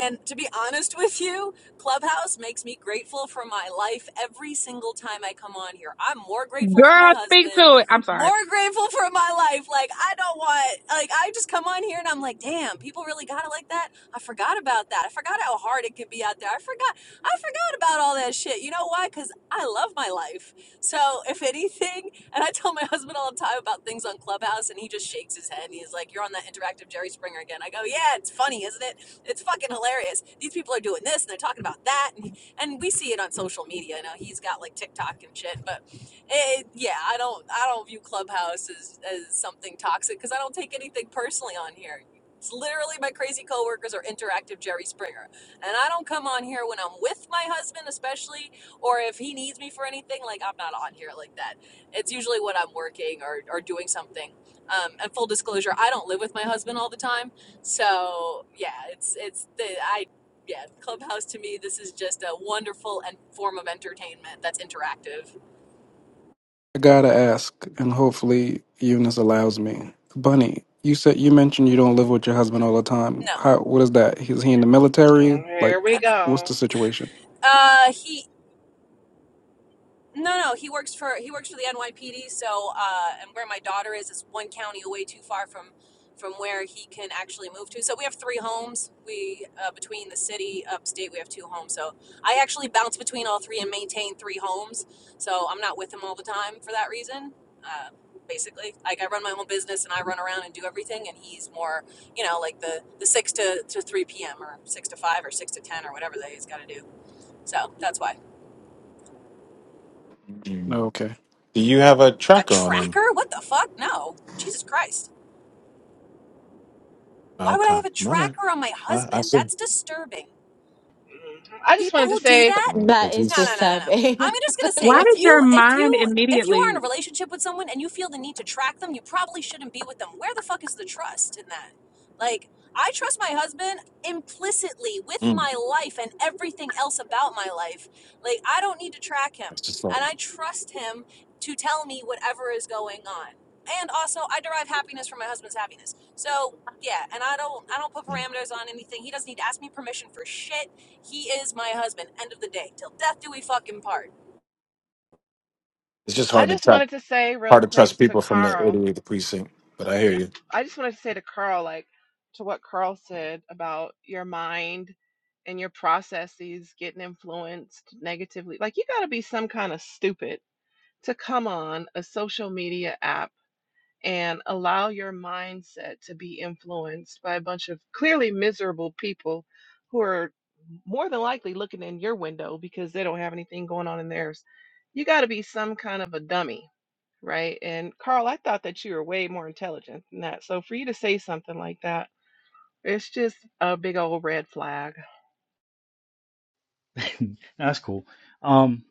S15: And to be honest with you, Clubhouse makes me grateful for my life every single time I come on here. I'm more grateful for my
S9: Girl, speak
S15: husband.
S9: to it. I'm sorry.
S15: more grateful for my life. Like I don't want like I just come on here and I'm like, damn, people really got it like that. I forgot about that. I forgot how hard it could be out there. I forgot I forgot about all that shit. You know why? Cuz I love my life. So, if anything, and I tell my [LAUGHS] husband all the time about things on Clubhouse and he just shakes his head and he's like, "You're on that interactive Jerry Springer again." I go, "Yeah, it's funny, isn't it? It's fucking hilarious. These people are doing this and they're talking about that." And and we see it on social media. You know, he's got like TikTok and shit, but it, yeah, I don't I don't view Clubhouse as, as something toxic because I don't take anything personally on here. It's literally my crazy coworkers or interactive Jerry Springer, and I don't come on here when I'm with my husband, especially, or if he needs me for anything. Like I'm not on here like that. It's usually when I'm working or or doing something. Um, and full disclosure, I don't live with my husband all the time, so yeah, it's it's the I. Yeah, Clubhouse to me, this is just a wonderful and form of entertainment that's interactive.
S12: I gotta ask, and hopefully Eunice allows me. Bunny, you said you mentioned you don't live with your husband all the time.
S15: No.
S12: How? What is that? Is he in the military?
S11: Mm,
S12: Like,
S11: Here we
S12: what's
S11: go.
S12: the situation?
S15: Uh, he no no he works for he works for the NYPD. So uh, and where my daughter is is one county away too far from from where he can actually move to. So we have three homes. We uh, between the city upstate we have two homes. So I actually bounce between all three and maintain three homes. So I'm not with him all the time for that reason. Uh, basically like i run my own business and i run around and do everything and he's more you know like the the 6 to, to 3 p.m or 6 to 5 or 6 to 10 or whatever that he's got to do so that's why
S6: Mm.
S12: Okay.
S6: Do you have a
S15: a
S6: tracker on him?
S15: tracker? What the fuck? No. Jesus Christ. Why would I
S6: Okay. All
S15: have a
S6: right.
S15: tracker on my
S6: I, I
S15: husband?
S6: see.
S15: That's disturbing.
S11: Mhm. I just
S15: people
S11: wanted to
S15: who do
S11: say
S15: that
S6: Um,
S1: That
S6: it's
S1: is
S15: no no
S6: just,
S15: no no no
S1: disturbing. [LAUGHS]
S15: i'm
S1: I
S15: just going to say
S1: don't
S9: Why
S15: if
S9: does
S15: you
S9: your
S15: if
S9: mind
S15: you if you are
S9: immediately
S15: in a relationship with someone and you feel the need to track them you probably shouldn't be with them where the fuck is the trust in that like i trust my husband implicitly with
S6: mm,
S15: my life and everything else about my life like i don't need to track him
S6: it's just like
S15: and i trust him to tell me whatever is going on and also i derive happiness from my husband's happiness so yeah and i don't i don't put
S6: mm,
S15: parameters on anything he doesn't need to ask me permission for shit he is my husband. End of the day. Till death do we fucking part.
S6: it's just
S11: I
S6: hard to
S11: just
S6: track,
S11: wanted to say real
S6: hard to trust
S11: quick to
S6: people from that
S11: Carl.
S6: 88th precinct. But I hear
S11: Yeah,
S6: you.
S11: I just wanted to say to Carl like to what Carl said about your mind and your processes getting influenced negatively. Like you got to be some kind of stupid to come on a social media app and allow your mindset to be influenced by a bunch of clearly miserable people who are more than likely looking in your window because they don't have anything going on in theirs. You got to be some kind of a dummy, right? And Carl, I thought that you were way more intelligent than that. So for you to say something like that, it's just a big old red flag.
S10: [LAUGHS] that's cool. Um,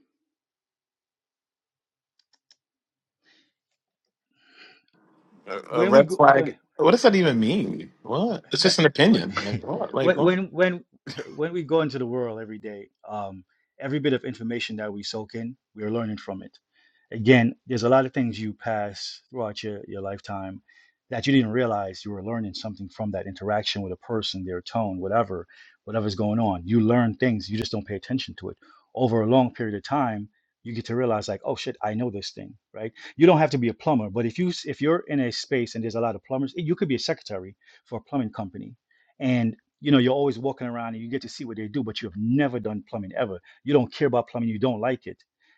S6: A, a
S10: when we
S6: red
S10: go,
S6: flag. What does that even mean? What? It's
S10: no,
S6: just an
S10: what
S6: opinion. Like
S10: [LAUGHS]
S6: what? Like
S10: when
S6: what?
S10: when when [LAUGHS] when we go into the world every day, um, every bit of information that we soak in, we are learning from it. Again, there's a lot of things you pass throughout your, your lifetime that you didn't realize you were learning something from that interaction with a person, their tone, whatever, whatever's going on. You learn things, you just don't pay attention to it. Over a long period of time, you get to realize like, oh shit, I know this thing, right? You don't have to be a plumber, but if you s- if you're in a space and there's a lot of plumbers, you could be a secretary for a plumbing company. And you know, you're always walking around and you get to see what they do, but you have never done plumbing ever. You don't care about plumbing, you don't like it.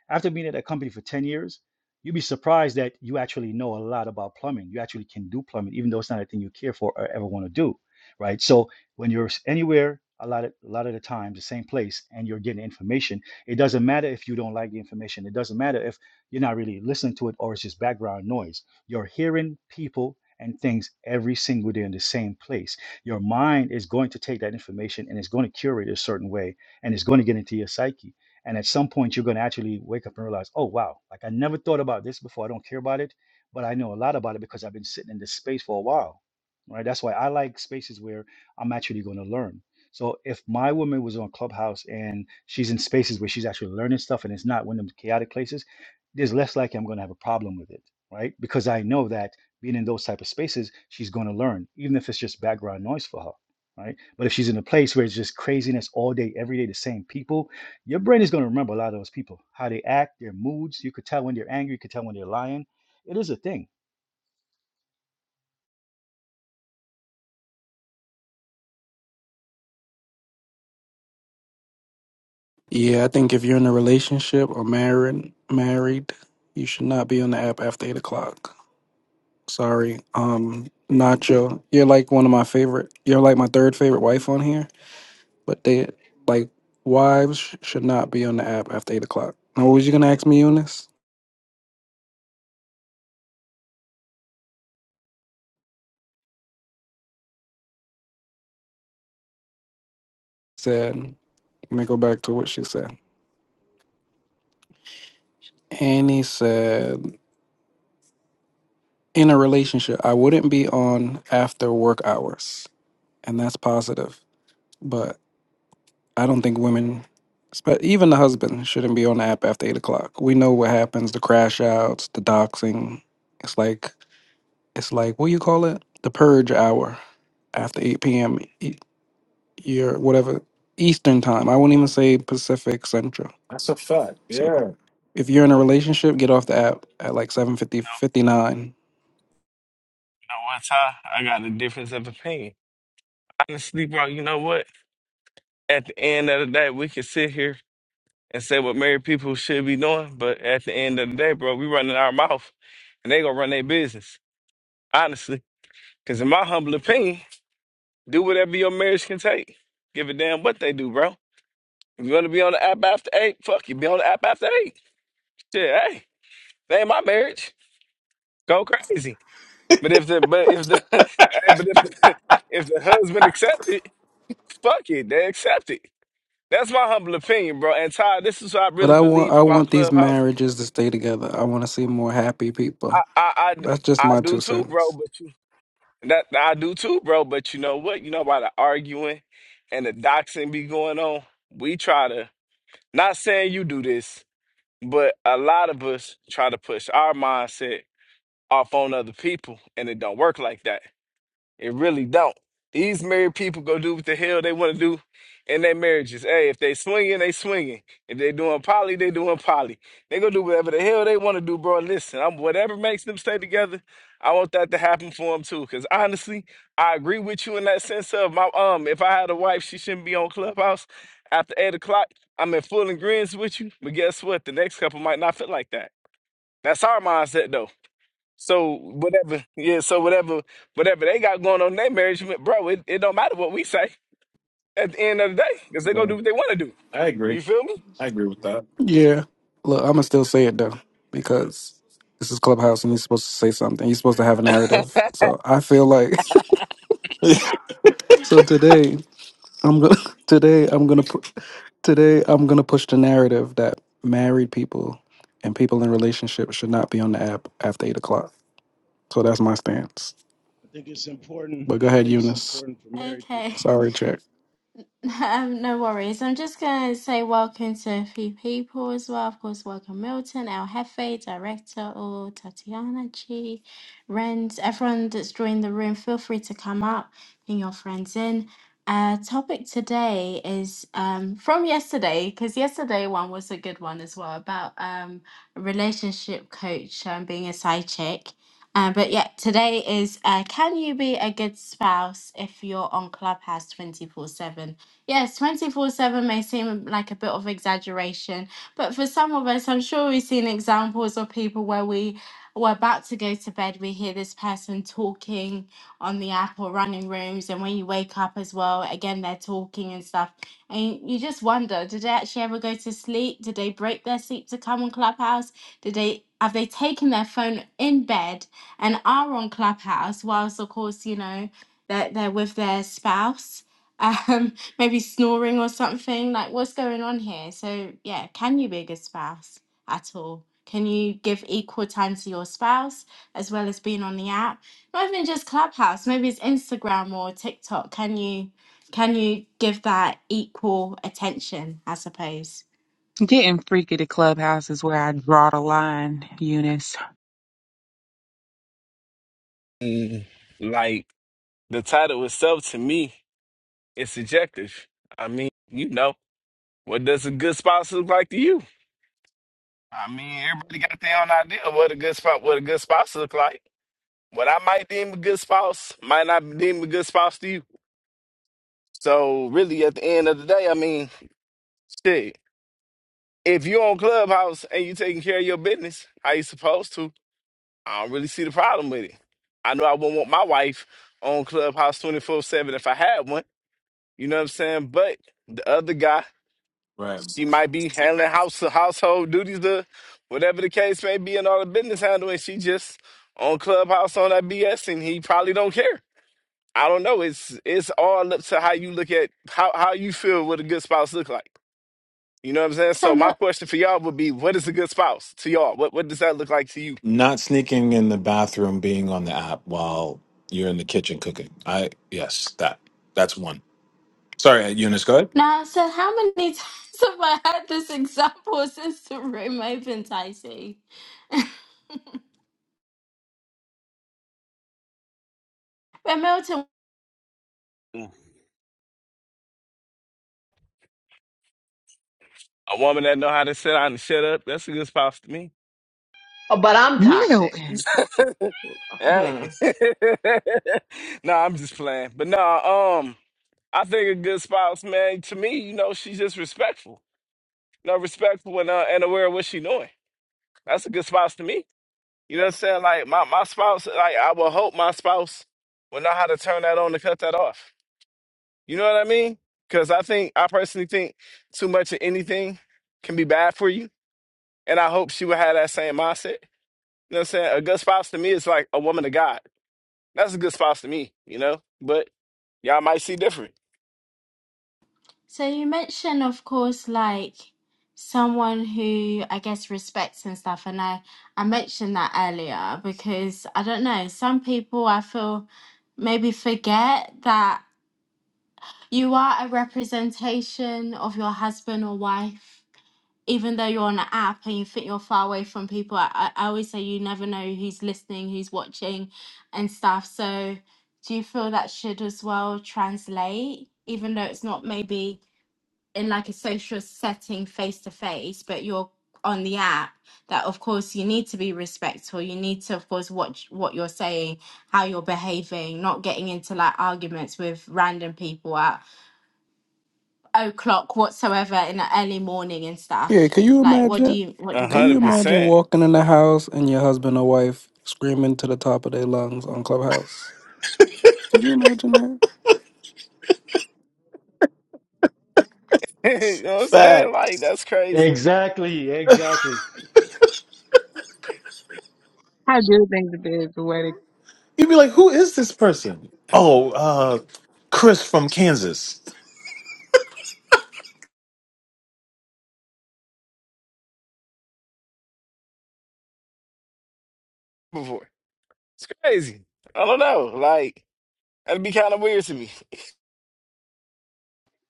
S10: After being at a company for 10 years, you'd be surprised that you actually know a lot about plumbing. You actually can do plumbing, even though it's not a thing you care for or ever want to do. Right. So when you're anywhere, a lot of a lot of the time, the same place and you're getting information. It doesn't matter if you don't like the information. It doesn't matter if you're not really listening to it or it's just background noise you're hearing people and things every single day in the same place. Your mind is going to take that information and it's going to curate it a certain way and it's going to get into your psyche. And at some point, you're going to actually wake up and realize, oh, wow, like I never thought about this before. I don't care about it, but I know a lot about it because I've been sitting in this space for a while. Right. That's why I like spaces where I'm actually going to learn. So if my woman was on Clubhouse and she's in spaces where she's actually learning stuff and it's not one of them chaotic places, there's less likely I'm going to have a problem with it right? Because I know that being in those type of spaces, she's going to learn, even if it's just background noise for her, right? But if she's in a place where it's just craziness all day, every day, the same people, your brain is going to remember a lot of those people, how they act, their moods. You could tell when they're angry, you could tell when they're lying. It is a thing.
S12: Yeah, I think if you're in a relationship or married, married, you should not be on the app after eight o'clock. Sorry, um, Nacho, you're like one of my favorite. You're like my third favorite wife on here, but they like wives sh- should not be on the app after eight o'clock. Now, what was you gonna ask me, Eunice? Said. Let me go back to what she said. Annie said, in a relationship, I wouldn't be on after work hours. And that's positive. But I don't think women, spe- even the husband, shouldn't be on the app after eight o'clock. We know what happens the crash outs, the doxing. It's like, it's like, what do you call it? The purge hour after 8 p.m. e- your whatever Eastern time. I won't even say Pacific Central.
S6: That's a fact.
S12: So
S6: Yeah.
S12: if you're in a relationship, get off the app at like 7:50,
S16: No,
S12: 59
S16: you know what, Ty? I got a difference of opinion. Honestly, bro, you know what? At the end of the day, we can sit here and say what married people should be doing, but at the end of the day, bro, we running our mouth and they gonna run their business. Honestly. Cause in my humble opinion, do whatever your marriage can take. Give a damn what they do, bro. If you wanna be on the app after eight, fuck you, be on the app after eight. Shit, hey, that ain't my marriage. Go crazy. But if the but if the [LAUGHS] hey, but if the [LAUGHS] if the husband accepted. Fuck it, they accept it. That's my humble opinion, bro. And Ty, this is what I
S12: But
S16: really
S12: I want
S16: believe
S12: I
S16: about
S12: want these
S16: Clubhouse.
S12: marriages to stay together. I want to see more happy
S16: I,
S12: people.
S16: I, I,
S12: That's just
S16: I
S12: my
S16: do
S12: two
S16: too, bro.
S12: cents.
S16: But you, that I do too, bro. But you know what? You know why the arguing and the doxing be going on? We try to. Not saying you do this, but a lot of us try to push our mindset off on other people, and it don't work like that. It really don't. These married people go do what the hell they want to do in their marriages. Hey, if they swinging, they swinging. If they doing poly, they doing poly. They go do whatever the hell they want to do, bro. Listen, I'm, whatever makes them stay together, I want that to happen for them too. Cause honestly, I agree with you in that sense of my um. If I had a wife, she shouldn't be on Clubhouse after eight o'clock. I'm in full agreement with you, but guess what? The next couple might not feel like that. That's our mindset though. So whatever, yeah. So whatever, whatever they got going on in their marriage, bro. It, it don't matter what we say at the end of the day, because they gonna
S6: yeah.
S16: do what they want to do.
S6: I agree.
S16: You feel me?
S6: I agree with that.
S12: Yeah. Look, I'm gonna still say it though because this is Clubhouse and you're supposed to say something. You're supposed to have a narrative. So I feel like
S6: [LAUGHS]
S12: [LAUGHS] so today I'm gonna [LAUGHS] today I'm gonna pu- today I'm gonna push the narrative that married people and people in relationships should not be on the app after eight o'clock. So that's my stance.
S17: I think it's important.
S12: But go
S17: I
S12: ahead,
S17: think it's
S12: Eunice.
S17: important for
S1: know.
S17: married
S1: Okay.
S17: people
S12: Sorry, Jack.
S1: Um, no worries. I'm just going to say welcome to a few people as well. Of course, welcome Milton, El Jefe, Director, or Tatiana G. Rend. Everyone that's joined the room, feel free to come up, bring your friends in. Uh, topic today is um, from yesterday, because yesterday one was a good one as well about um, a relationship coach um, being a side chick. Uh, but yeah, today is uh, can you be a good spouse if you're on Clubhouse 24 7? Yes, 24 7 may seem like a bit of exaggeration, but for some of us, I'm sure we've seen examples of people where we were about to go to bed, we hear this person talking on the app or running rooms, and when you wake up as well, again, they're talking and stuff. And you just wonder, did they actually ever go to sleep? Did they break their sleep to come on Clubhouse? Did they have they taken their phone in bed and are on Clubhouse whilst, of course, you know, they're, they're with their spouse? um [LAUGHS] maybe snoring or something like what's going on here so yeah can you be a good spouse at all can you give equal time to your spouse as well as being on the app not even just clubhouse maybe it's instagram or tiktok can you can you give that equal attention i suppose
S9: getting freaky to clubhouse is where I draw the line, Eunice?
S16: Mm, Like the title itself to me is subjective. I mean, you know, what does a good spouse look like to you? I mean, everybody got their own idea of what a good spouse, what a good spouse look like. What I might deem a good spouse might not deem a good spouse to you. So really, at the end of the day, I mean, shit. If you're on Clubhouse and you taking care of your business, how you supposed to, I don't really see the problem with it. I know I wouldn't want my wife on Clubhouse 24 7 if I had one. You know what I'm saying? But the other guy,
S6: right.
S16: she might be handling house household duties, the whatever the case may be, and all the business handling. She just on Clubhouse on that BS, and he probably don't care. I don't know. It's it's all up to how you look at how how you feel what a good spouse look like. You know what I'm saying?
S1: so
S16: So my
S1: mo-
S16: question for y'all would be, what is a good spouse to y'all? What what does that look like to you?
S6: Not sneaking in the bathroom, being on the app while you're in the kitchen cooking. I yes, that that's one. Sorry, Eunice. Go ahead.
S1: now so how many [LAUGHS] times have i heard this example since the room opened i see [LAUGHS]
S16: Mm. A woman that know how to sit down and shut up, that's a good spouse to me.
S11: Oh, but I'm toxic.
S9: Milton.
S16: [LAUGHS] hey.
S11: Hmm.
S16: [LAUGHS] nah, I'm just playing. But no, um, I think a good spouse, man, to me, you know, she's just respectful. You know, respectful and uh, and aware of what she doing. That's a good spouse to me. You know what I'm saying? Like my, my spouse, like I will hope my spouse will know how to turn that on to cut that off. You know what I mean? Because I think I personally think too much of anything can be bad for you, and I hope she would have that same mindset. You know what I'm saying? A good spouse to me is like a woman of God. That's a good spouse to me. You know, but y'all might see different.
S1: So you mentioned, of course, like someone who I guess respects and stuff, and I I mentioned that earlier because I don't know, some people I feel maybe forget that you are a representation of your husband or wife. Even though you're on an app and you think you're far away from people, I, I I always say you never know who's listening, who's watching, and stuff. So, do you feel that should as well translate, even though it's not maybe in like a social setting face to face but you're on the app that of course you need to be respectful you need to of course watch what you're saying how you're behaving not getting into like arguments with random people at o'clock whatsoever in the early morning and
S12: Yeah,
S1: stuff
S12: can you
S1: like what do
S12: imagine?
S1: you what do
S16: A
S1: you
S12: Can
S1: make
S12: you
S1: of
S16: hundred
S1: that
S12: imagine
S16: percent. [LAUGHS]
S12: walking in the house and your husband or wife screaming to the top of their lungs on Clubhouse? Could you imagine that?
S16: You know what I'm saying?
S6: Fact.
S16: Like that's crazy.
S10: Exactly, exactly.
S9: I do think that there's a way to
S6: You'd be like, who is this person? Oh, uh, Chris from Kansas.
S16: Before it's crazy. I don't know. Like that'd be kind of weird to me.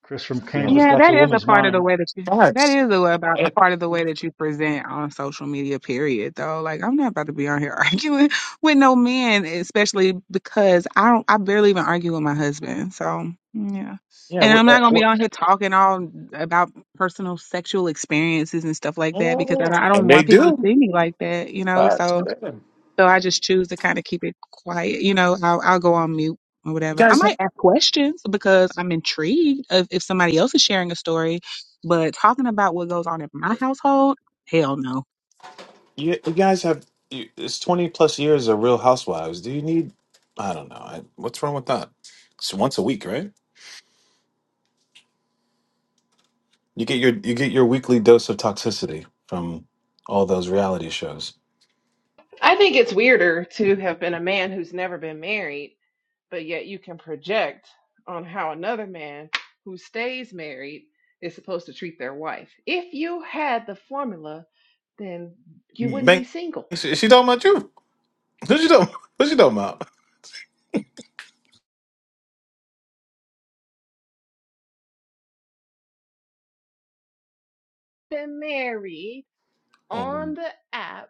S10: Chris from
S6: Yeah.
S10: Canvas
S9: Yeah,
S10: got
S9: that
S10: your
S9: is a
S10: woman's
S9: part of the
S10: mind.
S9: way that you that
S6: Facts.
S9: is a, about a
S6: And,
S9: part of the way that you present on social media, period, though. Like I'm not about to be on here [LAUGHS] arguing with no men, especially because I don't I barely even argue with my husband. So yeah.
S6: yeah.
S9: And I'm
S6: What, uh,
S9: not gonna be
S6: what,
S9: on here talking all about personal sexual experiences and stuff like that because
S6: oh,
S9: I don't, I don't
S6: and they
S9: want people to
S6: do.
S9: see me like that, you know.
S6: Facts.
S9: So
S6: Yeah. You
S9: so I just choose to kind of keep it quiet. You know, I'll, I'll go on mute or whatever. I
S6: guys,
S9: might
S6: have,
S9: ask questions because I'm intrigued of if somebody else is sharing a story, but talking about what goes on in my household, hell no.
S6: you, you guys have you, it's twenty plus years of Real Housewives. Do you need? I don't know. I, what's wrong with that? It's once a week, right? You get your you get your weekly dose of toxicity from all those reality shows.
S11: I think it's weirder to have been a man who's never been married, but yet you can project on how another man who stays married is supposed to treat their wife. If you had the formula, then you wouldn't be
S6: Banks,
S11: single.
S6: is she talking about you? Who's she talking? [LAUGHS] Who's she talking about?
S11: been married
S6: Um,
S11: on the app,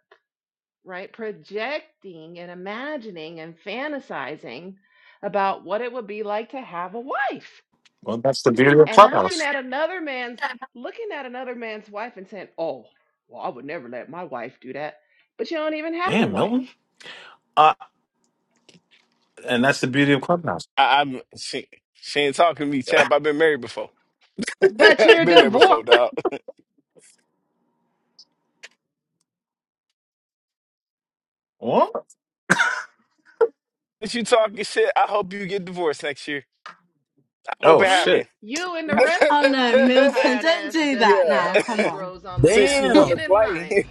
S11: right? Projecting and imagining and fantasizing about what it would be like to have a wife
S6: Well, that's the beauty of
S11: and looking
S6: Clubhouse.
S11: at another man's looking at another man's wife and saying, "Oh, well, I would never let my wife do that." But you don't even have a
S6: Damn, Milton.
S11: wife.
S6: Uh, and that's the beauty of Clubhouse.
S16: I, I'm she, she ain't talking to me, chap. I've been married before. [LAUGHS]
S11: But
S16: I've
S11: you're
S16: been there before,
S11: divorced.
S16: dog. [LAUGHS]
S6: What?
S16: If you talking shit, I hope you get divorced next year. Hope
S6: Oh
S16: it
S11: You
S6: shit!
S16: happened.
S11: you and the rest
S1: oh
S11: of
S1: no
S11: these
S1: milton
S11: tired
S1: don't
S11: ass,
S1: do that
S11: dusty
S1: now
S11: ass
S16: [LAUGHS]
S1: come
S16: yeah.
S1: on
S11: Negroes
S16: [LAUGHS]
S11: on the
S16: Since she
S11: app,
S18: Damn.
S16: want to
S11: get in line.
S16: play,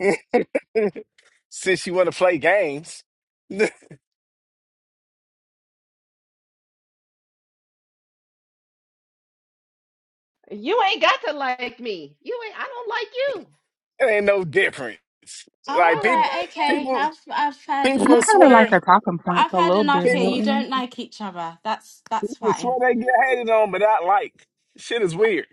S16: [LAUGHS] since she want to play games, [LAUGHS] it
S11: You ain't got to like me. You ain't I don't like you.
S16: ain't no difference.
S1: all
S16: Like
S11: I
S16: people,
S1: right
S11: don't
S1: okay
S11: like
S16: people,
S1: i've i've had
S9: I
S16: people
S1: enough
S9: kind of like
S16: swear,
S9: her
S1: here
S9: talking points
S1: i've
S9: a
S1: had
S9: little bit,
S1: enough here
S16: people,
S1: you
S9: Milton.
S1: don't like each other that's that's
S16: people
S1: fine
S16: swear they get hated on, but I like. Shit is weird.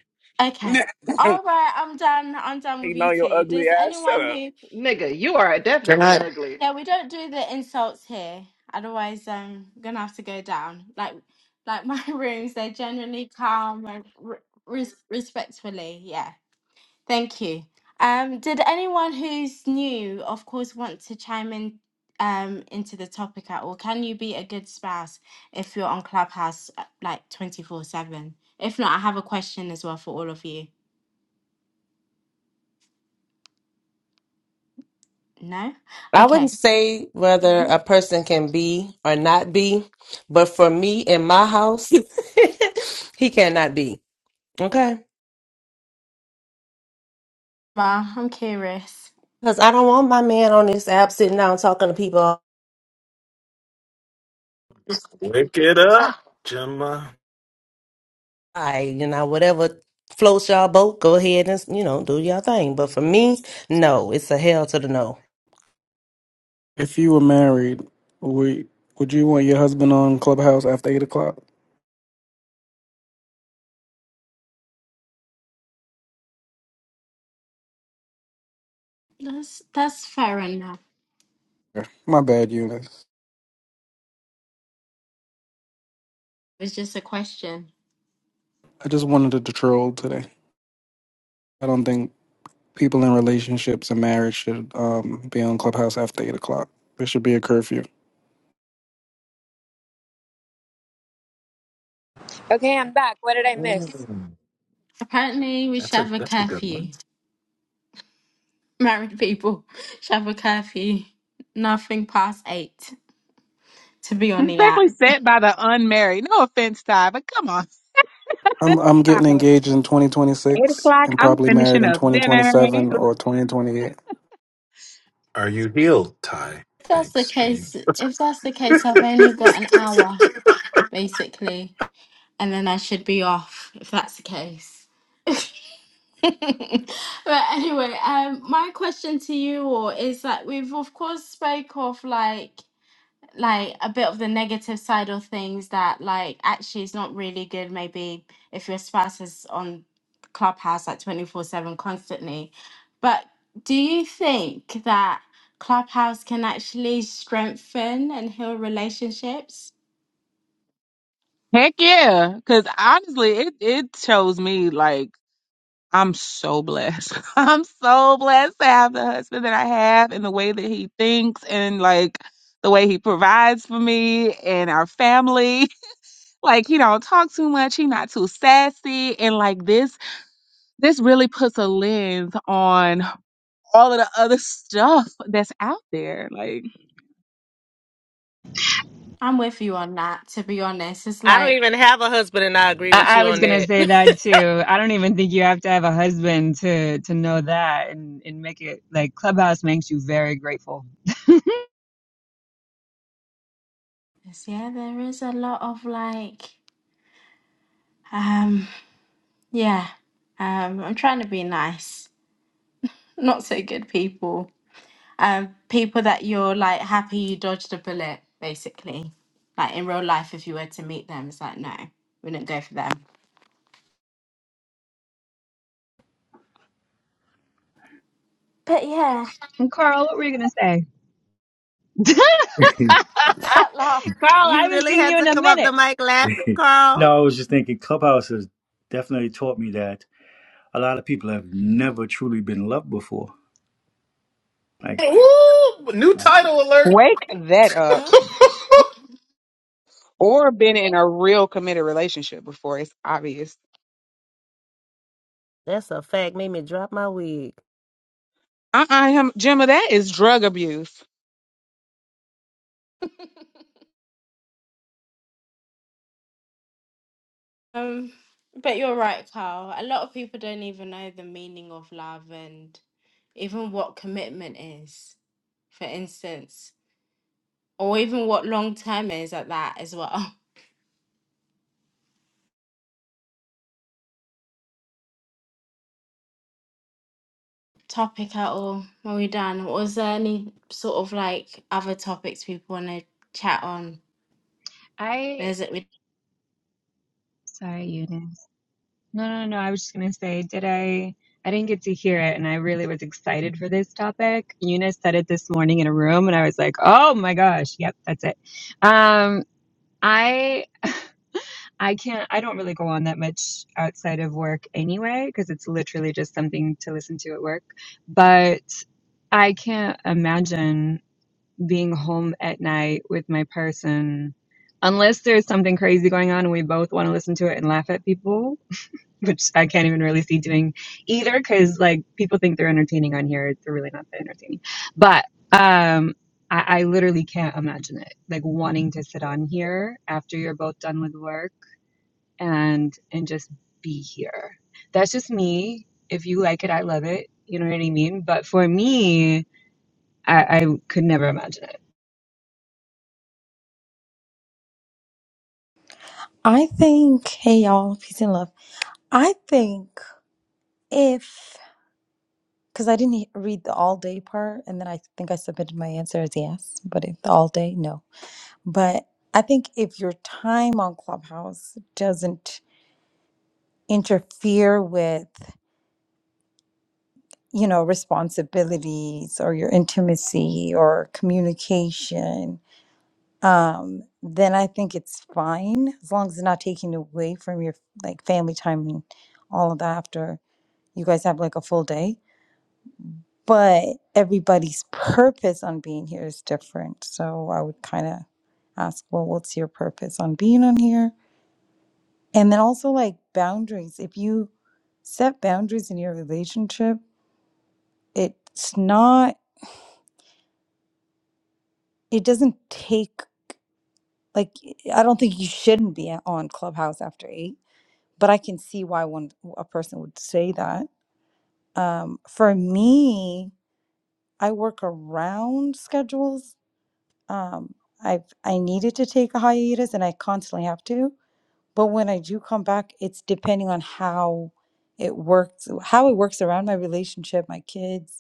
S16: [LAUGHS]
S1: Okay.
S16: hating
S1: All right, I'm done. I'm done with you
S16: on your
S1: two.
S16: ugly
S1: Does
S16: ass. Shut
S1: anyone
S16: up.
S1: who
S11: you. Nigga, you are
S6: Can
S11: definitely
S6: I
S11: ugly.
S1: Yeah, we don't do the insults here. Otherwise, um, I'm gonna have to go down. Like, like my [LAUGHS] rooms, they're generally calm and re- res- respectfully. Yeah, thank you. Um, did anyone who's new, of course, want to chime in, um, into the topic at all? Can you be a good spouse if you're on Clubhouse uh, like twenty four seven? If not, I have a question as well for all of you. No.
S19: I
S1: Okay.
S19: wouldn't say whether
S1: Mhm.
S19: a person can be or not be, but for me in my house, [LAUGHS] he cannot be. Okay.
S1: Well, I'm curious.
S19: Because I don't want my man on this app sitting down talking to people. all
S6: wake it up, Gemma?
S19: right, you know, whatever floats y'all boat, go ahead and, you know, do your thing. But for me, no, it's a hell to the no.
S12: If you were married, would would you want your husband on Clubhouse after eight o'clock?
S1: That's that's fair enough.
S12: Yeah. My bad, Eunice.
S1: It's just a question.
S12: I just wanted to troll today. I don't think people in relationships and marriage should um, be on Clubhouse after eight o'clock. There should be a curfew.
S8: Okay, I'm back. What did I miss?
S6: Mm,
S1: Apparently, we should
S6: that's a
S1: have a
S6: that's a good one.
S1: curfew. Married people should have a curfew. Nothing past eight to be on the
S9: Especially
S1: app.
S9: set by the unmarried. No offense, Ty, but come on.
S12: I'm I'm
S9: Stop
S12: getting
S9: it.
S12: engaged in
S9: Eight
S12: 2026
S9: o'clock,
S12: and
S9: I'm
S12: probably married
S9: finishing
S12: in
S9: up dinner.
S12: 2027 or 2028.
S6: Are you healed, Ty
S1: If that's the
S6: Banks? Are you?
S1: case, if that's the case, I've only got
S6: [LAUGHS]
S1: an hour basically, and then I should be off. If that's the case. [LAUGHS] [LAUGHS] but anyway, um, my question to you all is that we've of course spoke of like like a bit of the negative side of things that like actually is not really good maybe if your spouse is on clubhouse like 24 7 constantly but do you think that clubhouse can actually strengthen and heal relationships
S9: Heck yeah. Cause honestly, it, it shows me like I'm so blessed. [LAUGHS] I'm so blessed to have the husband that I have and the way that he thinks and like the way he provides for me and our family. [LAUGHS] Like he don't talk too much, he not too sassy and like this this really puts a lens on all of the other [LAUGHS] stuff that's out there. Like,
S1: i'm with you on that to be honest it's
S19: I don't
S1: like
S19: even have a husband, and I agree with
S8: I, I
S19: you
S8: was
S19: on
S8: gonna
S19: that.
S8: say that
S19: [LAUGHS]
S8: too. I don't even think you have to have a husband to to know that and and make it like Clubhouse makes you very grateful.
S1: it's- yeah there is a lot of like um yeah um i'm trying to be nice not so good people um people that you're like happy you dodged a bullet basically like in real life if you were to meet them it's like no we didn't go for them but yeah
S8: And Carl, what were you gonna say? [LAUGHS] Carl,
S1: [LAUGHS] that laugh
S8: I
S19: you
S8: haven't
S19: really
S8: seen
S19: had
S8: you in
S19: to
S8: a
S19: come off
S8: minute.
S19: the mic laughing,
S10: [LAUGHS] no,
S19: Carl.
S10: I was just thinking Clubhouse has definitely taught me that a lot of people have never truly been loved before. Like,
S6: Ooh, New
S10: like
S6: title alert.
S9: wake that up.
S1: Hmm?
S6: [LAUGHS]
S9: Or been in a real committed relationship before. It's obvious.
S19: That's a fact. Made me drop my wig.
S9: Uh-uh, him, Gemma, that is drug abuse.
S1: um but you're right carl a lot of people don't even know the meaning of love and even what commitment is for instance or even what long term is at that as well [LAUGHS] topic at all are we done was there any sort of like other topics people want to chat on
S8: I sorry, you did. No, no, no. I was just gonna say, did I? I didn't get to hear it, and I really was excited for this topic. Eunice said it this morning in a room, and I was like, "Oh my gosh, yep, that's it." Um, I, [LAUGHS] I can't. I don't really go on that much outside of work anyway, because it's literally just something to listen to at work. But I can't imagine being home at night with my person, unless there's something crazy going on and we both want to listen to it and laugh at people [LAUGHS] which I can't even really see doing either because like people think they're entertaining on here. They're really not that entertaining. But um I, I literally can't imagine it. Like wanting to sit on here after you're both done with work and and just be here. That's just me. If you like it, I love it. You know what I mean? But for me, I, I could never imagine it.
S20: I think, hey y'all, peace and love. I think if, because I didn't read the all day part, and then I think I submitted my answer as yes, but if the all day, no. But I think if your time on Clubhouse doesn't interfere with, you know, responsibilities or your intimacy or communication, um, then I think it's fine as long as it's not taking away from your like family time and all of that after. You guys have like a full day, but everybody's purpose on being here is different. So I would kind of ask, well, what's your purpose on being on here? And then also like boundaries. If you set boundaries in your relationship, it's not, it doesn't take, like, I don't think you shouldn't be on Clubhouse after eight, but I can see why one a person would say that. Um, for me, I work around schedules Um, I've I needed to take a hiatus and I constantly have to. But when I do come back, it's depending on how it works, how it works around my relationship, my kids,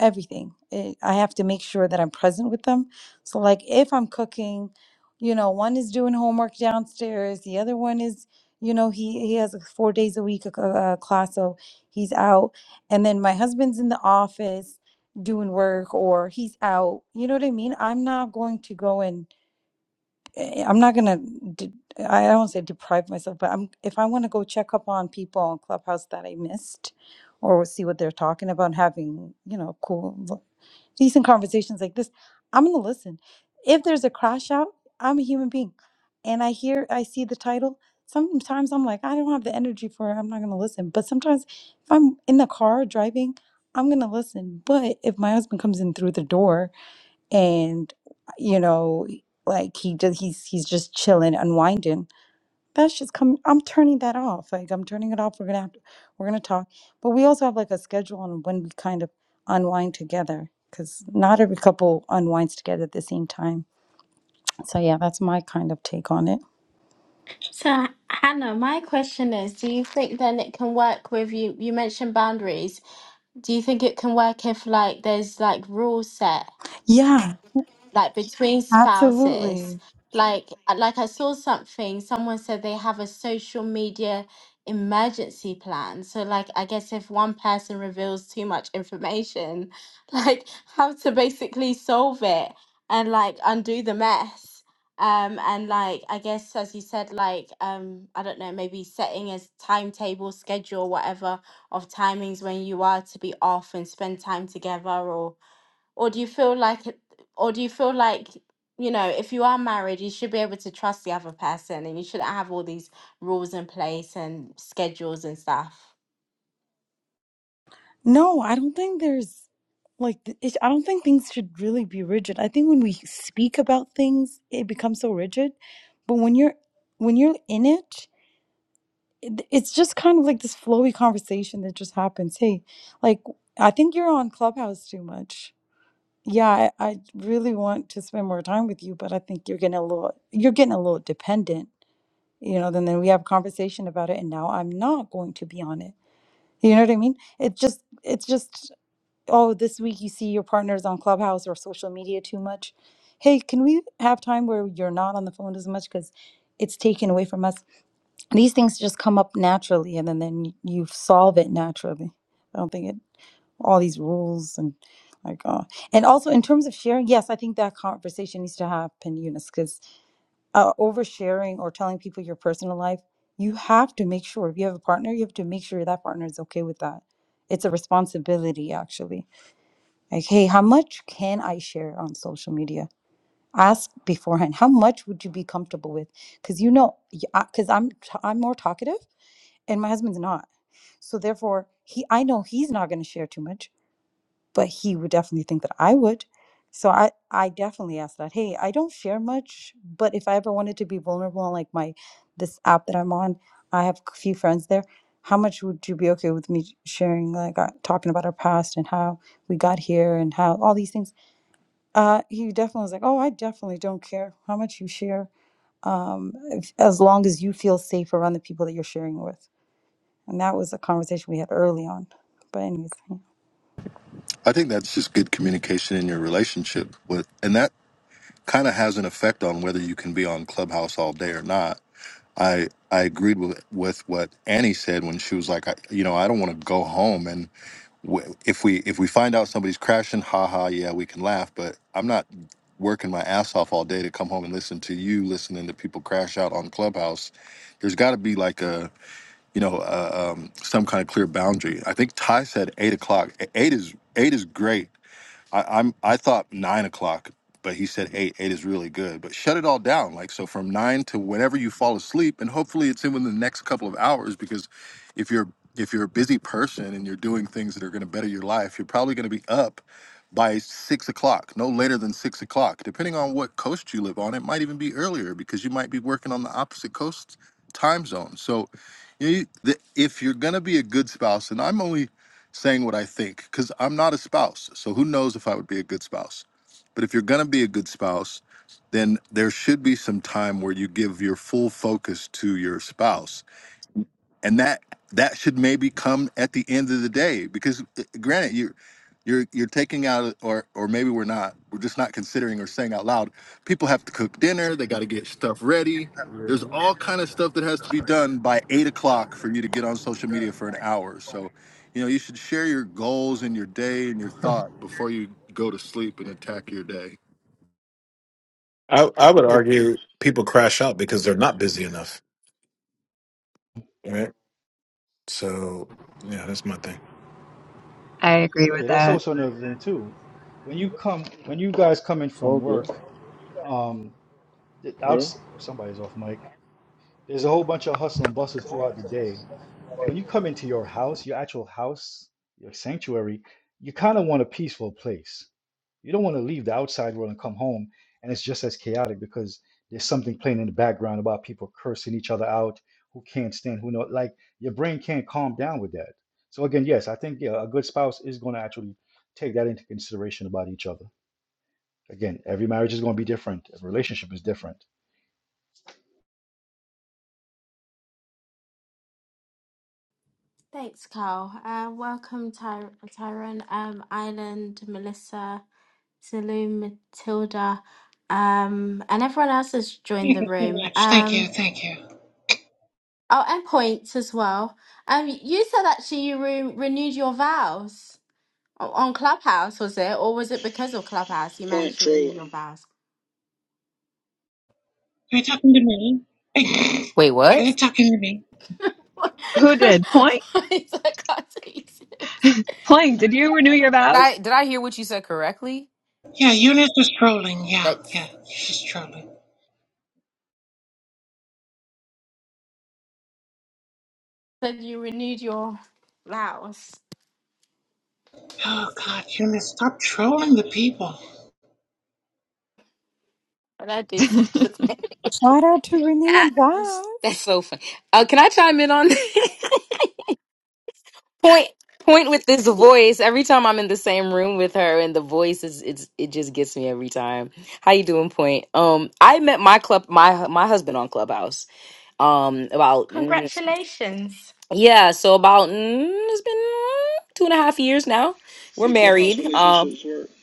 S20: everything. It, I have to make sure that I'm present with them. So, like, if I'm cooking, you know, one is doing homework downstairs, the other one is, you know, he he has a four days a week a, a class, so he's out, and then my husband's in the office doing work or he's out. You know what I mean? I'm not going to go and eh, I'm not gonna. De- I don't say deprive myself, but I'm if I want to go check up on people on Clubhouse that I missed, or see what they're talking about, having you know cool, decent conversations like this, I'm gonna listen. If there's a crash out, I'm a human being, and I hear, I see the title. Sometimes I'm like, I don't have the energy for it. I'm not gonna listen. But sometimes if I'm in the car driving, I'm gonna listen. But if my husband comes in through the door and you know like he just he's he's just chilling unwinding that's just come i'm turning that off like i'm turning it off we're gonna have to, we're gonna talk but we also have like a schedule on when we kind of unwind together because not every couple unwinds together at the same time so yeah that's my kind of take on it
S1: So, Hannah, my question is, do you think then it can work with you? You mentioned boundaries. Do you think it can work if like there's like rules set?
S20: yeah
S1: like between spouses
S20: absolutely
S1: like uh, like i saw something someone said they have a social media emergency plan so like i guess if one person reveals too much information [LAUGHS] like how to basically solve it and like undo the mess um and like i guess as you said like um i don't know maybe setting a s- timetable schedule whatever of timings when you are to be off and spend time together or do you feel like it- or do you feel like you know if you are married you should be able to trust the other person and you shouldn't have all these rules in place and schedules and stuff
S20: No, I don't think there's like th- it, I don't think things should really be rigid. I think when we speak about things, it becomes so rigid. But when you're when you're in it, it, it's just kind of like this flowy conversation that just happens. Hey, like I think you're on Clubhouse too much. Yeah, I, I really want to spend more time with you, but I think you're getting a little you're getting a little dependent. You know, then then we have a conversation about it, and now I'm not going to be on it. You know what I mean? It just it's just oh, this week you see your partners on Clubhouse or social media too much. Hey, can we have time where you're not on the phone as much because it's taken away from us? These things just come up naturally, and then then y- you solve it naturally. I don't think it all these rules and like uh, and also in terms of sharing, yes, I think that conversation needs to happen, Eunice, because uh, oversharing or telling people your personal life, you have to make sure if you have a partner, you have to make sure that partner is okay with that. It's a responsibility, actually like, hey, how much can I share on social media? Ask beforehand. How much would you be comfortable with? Because you know, because I'm t- I'm more talkative, and my husband's not. So therefore, he I know he's not going to share too much, but he would definitely think that I would. So I I definitely asked that. Hey, I don't share much, but if I ever wanted to be vulnerable on like my this app that I'm on, I have a few friends there. How much would you be okay with me sharing, like uh, talking about our past and how we got here and how all these things? Uh, he definitely was like, "Oh, I definitely don't care how much you share, um, if, as long as you feel safe around the people that you're sharing with." And that was a conversation we had early on. But anyways, yeah.
S2: I think that's just good communication in your relationship with, and that kind of has an effect on whether you can be on Clubhouse all day or not. I I agreed with with what Annie said when she was like, I, you know, I don't want to go home, and. w- if we if we find out somebody's crashing, haha, yeah, we can laugh. But I'm not working my ass off all day to come home and listen to you listening to people crash out on Clubhouse. There's got to be like a you know uh, um, some kind of clear boundary. I think Ty said eight o'clock. E- Eight is eight is great I, I'm I thought nine o'clock, but he said eight. Eight is really good. But shut it all down. Like so from nine to whenever you fall asleep, and hopefully it's in within the next couple of hours because if you're if you're a busy person and you're doing things that are gonna better your life, you're probably gonna be up by six o'clock, no later than six o'clock. Depending on what coast you live on, it might even be earlier because you might be working on the opposite coast time zone. So you, the, if you're gonna be a good spouse, and I'm only saying what I think because I'm not a spouse. So who knows if I would be a good spouse? But if you're going to be a good spouse, then there should be some time where you give your full focus to your spouse and that that should maybe come at the end of the day because uh, granted you you're you're taking out or or maybe we're not we're just not considering or saying out loud people have to cook dinner they got to get stuff ready
S21: Yeah.
S2: there's all kind of stuff that has to be done by eight o'clock for you to get on social media for an hour so you know you should share your goals and your day and your thought before you go to sleep and attack your day
S6: I I would
S10: Yeah,
S6: argue people crash out because they're not busy enough, right? So yeah, that's my thing.
S8: I agree with
S10: yeah, that's
S8: that.
S10: also another thing too. When you come, when you guys come in
S21: It's
S10: from
S21: all good.
S10: work, um, the
S21: Yeah.
S10: outs oh, somebody's off mic. There's a whole bunch of hustle and bustle throughout the day. when you come into your house, your actual house, your sanctuary, you kind of want a peaceful place. You don't want to leave the outside world and come home and it's just as chaotic because there's something playing in the background about people cursing each other out, who can't stand, who know. Like your brain can't calm down with that. So again, yes, I think yeah, a good spouse is going to actually take that into consideration about each other. Again, every marriage is going to be different. Every relationship is different.
S1: thanks carl uh, welcome Ty- tyrone um island melissa saloon matilda um and everyone else has joined
S22: Thank
S1: the
S22: you so
S1: room
S22: much. Thank you.
S1: um
S22: Thank you.
S1: oh and points as well um you said actually you re- renewed your vows O- On Clubhouse, was it? Or was it because of Clubhouse you managed to renew your vows?
S22: Are you talking to me? [LAUGHS]
S23: Wait, what?
S22: Are you talking to me?
S1: [LAUGHS]
S8: Who did? Point?
S1: It's like, I can't take this.
S8: Point, did you renew your
S23: Did
S8: vows?
S23: I did I hear what you said correctly?
S22: Yeah, Eunice is trolling. Yeah, yeah,
S23: That's
S22: she's trolling.
S1: Then you renewed your vows.
S22: Oh God, Eunice, stop trolling the people.
S1: Would I do such a
S8: [LAUGHS]
S1: thing?
S20: Shout out to Renew
S23: ah,
S20: and Vows.
S23: that's so funny. Uh, can I chime in on that? [LAUGHS] point point with this voice? Every time I'm in the same room with her, and the voice is it's it just gets me every time. How you doing, point? Um, I met my club my my husband on Clubhouse. Um, about mm,
S1: Congratulations.
S23: yeah, so about mm, it's been mm, two and a half years now. We're married. Um,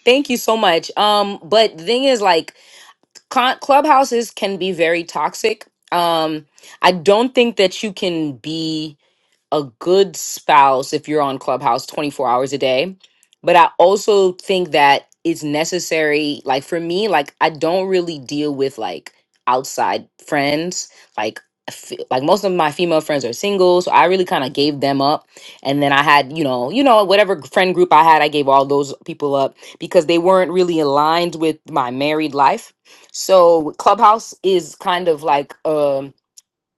S23: thank you so much. Um, but the thing is, like. Cl- clubhouses can be very toxic. Um, I don't think that you can be a good spouse if you're on Clubhouse 24 hours a day. But I also think that it's necessary, like for me, like I don't really deal with like outside friends. Like, I fe- like most of my female friends are single, so I really kind of gave them up. And then I had, you know, you know, whatever friend group I had, I gave all those people up because they weren't really aligned with my married life. So Clubhouse is kind of like um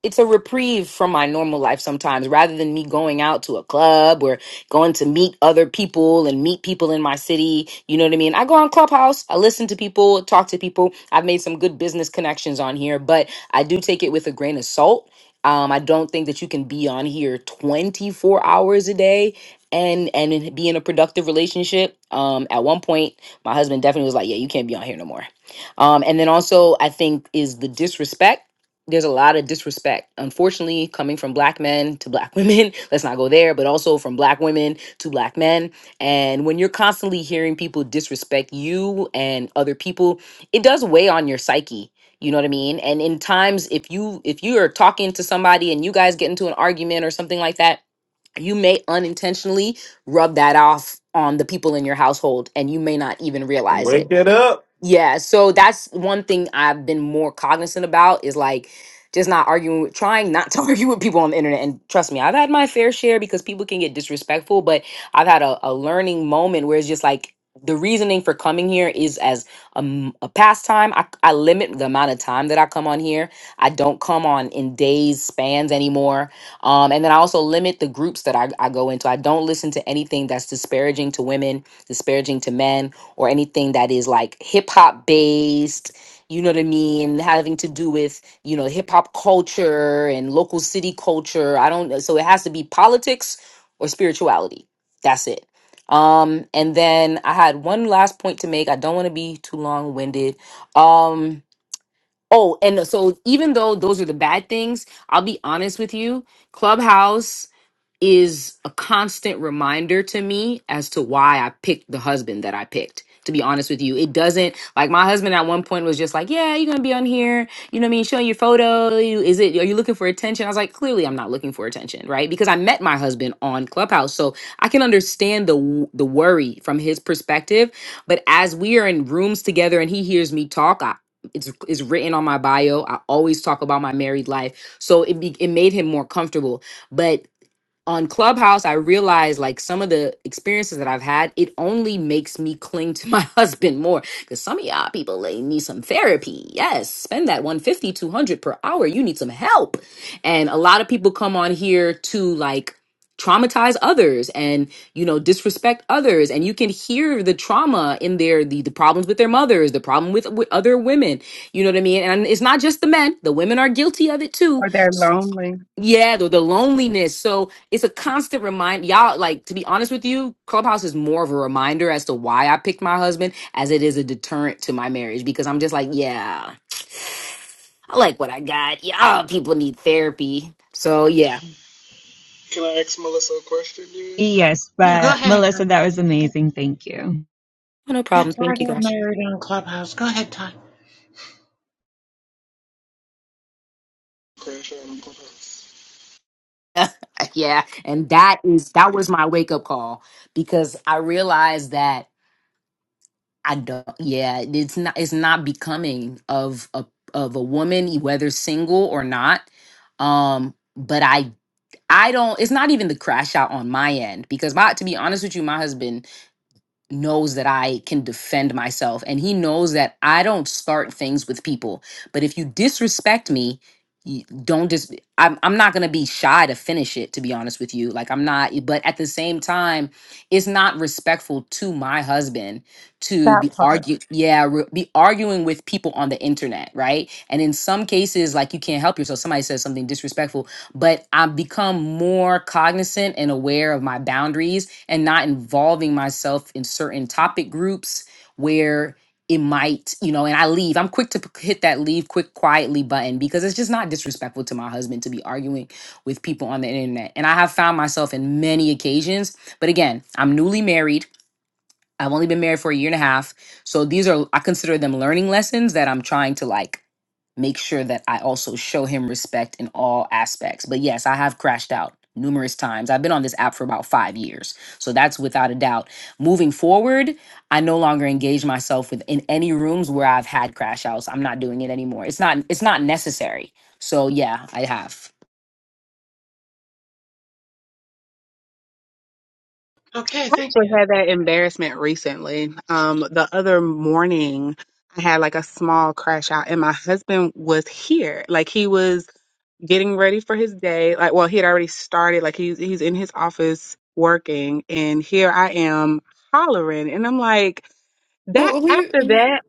S23: it's a reprieve from my normal life sometimes rather than me going out to a club or going to meet other people and meet people in my city you know what i mean i go on clubhouse i listen to people talk to people i've made some good business connections on here but i do take it with a grain of salt um, i don't think that you can be on here 24 hours a day and and be in a productive relationship um, at one point my husband definitely was like yeah you can't be on here no more um, and then also i think is the disrespect there's a lot of disrespect unfortunately coming from black men to black women [LAUGHS] let's not go there but also from black women to black men and when you're constantly hearing people disrespect you and other people it does weigh on your psyche you know what i mean and in times if you if you are talking to somebody and you guys get into an argument or something like that you may unintentionally rub that off on the people in your household and you may not even realize it
S6: wake it up.
S23: yeah, so that's one thing I've been more cognizant about is like just not arguing with trying not to [LAUGHS] argue with people on the internet. And trust me, I've had my fair share because people can get disrespectful, but I've had a, a learning moment where it's just like the reasoning for coming here is as um, a pastime. I, I limit the amount of time that I come on here. I don't come on in days spans anymore. Um, and then I also limit the groups that I, I go into. I don't listen to anything that's disparaging to women, disparaging to men or anything that is like hip hop based, you know what I mean, having to do with, you know, hip hop culture and local city culture. I don't so it has to be politics or spirituality. That's it. Um and then I had one last point to make. I don't want to be too long-winded. Um oh, and so even though those are the bad things, I'll be honest with you, Clubhouse is a constant reminder to me as to why I picked the husband that I picked. To be honest with you, it doesn't like my husband at one point was just like, "Yeah, you're gonna be on here, you know what I mean, showing your photo. You- Is it are you looking for attention?" I was like, "Clearly, I'm not looking for attention, right?" Because I met my husband on Clubhouse, so I can understand the w- the worry from his perspective. But as we are in rooms together and he hears me talk, I, it's it's written on my bio. I always talk about my married life, so it be, it made him more comfortable. But on Clubhouse, I realized like some of the experiences that I've had, it only makes me cling to my [LAUGHS] husband more. Because some of y'all people like, need some therapy. Yes, spend that one fifty, two hundred per hour. You need some help. And a lot of people come on here to like traumatize others and you know disrespect others and you can hear the trauma in their the, the problems with their mothers the problem with, with other women you know what i mean and it's not just the men the women are guilty of it too
S9: Or they're lonely.
S23: yeah, the, the loneliness. So it's a constant remind y'all, like to be honest with you, Clubhouse is more of a reminder as to why I picked my husband as it is a deterrent to my marriage because I'm just like, yeah, I like what I got. Y'all people need therapy. So yeah.
S8: yes,
S22: Yeah, go
S8: but
S22: ahead.
S8: Melissa, that was
S22: Arthur.
S8: amazing. Thank you.
S23: No
S22: Yeah,
S23: problem.
S22: Ty
S23: Thank you
S22: got
S23: guys.
S22: married on Clubhouse. Go ahead, Ty.
S23: [LAUGHS] yeah. And that is that was my wake up call because I realized that I don't yeah, it's not it's not becoming of a of a woman, whether single or not. Um, but I I don't, it's not even the crash out on my end because my, to be honest with you, my husband knows that I can defend myself and he knows that I don't start things with people. But if you disrespect me, you don't just I'm I'm not going to be shy to finish it to be honest with you. Like I'm not but at the same time it's not respectful to my husband to
S20: that
S23: be
S20: part.
S23: argue yeah, re- be arguing with people on the internet, right? And in some cases like you can't help yourself somebody says something disrespectful, but I've become more cognizant and aware of my boundaries and not involving myself in certain topic groups where it might, you know, and I leave. I'm quick to p- hit that leave quick quietly button because it's just not disrespectful to my husband to be arguing with people on the internet. And I have found myself in many occasions, but again, I'm newly married. I've only been married for a year and a half. So these are, I consider them learning lessons that I'm trying to like make sure that I also show him respect in all aspects. But yes, I have crashed out numerous times. I've been on this app for about five years. So that's without a doubt. Moving forward, I no longer engage myself with in any rooms where I've had crash outs. I'm not doing it anymore. It's not it's not necessary. So yeah, I have.
S22: Okay,
S9: I
S22: thank you.
S9: actually had that embarrassment recently. Um, the other morning, I had like a small crash out, and my husband was here. Like he was getting ready for his day. Like, well, he had already started. Like he's he's in his office working, and here I am hollering, and I'm like, that
S24: Who, who
S9: after
S24: you?
S9: that.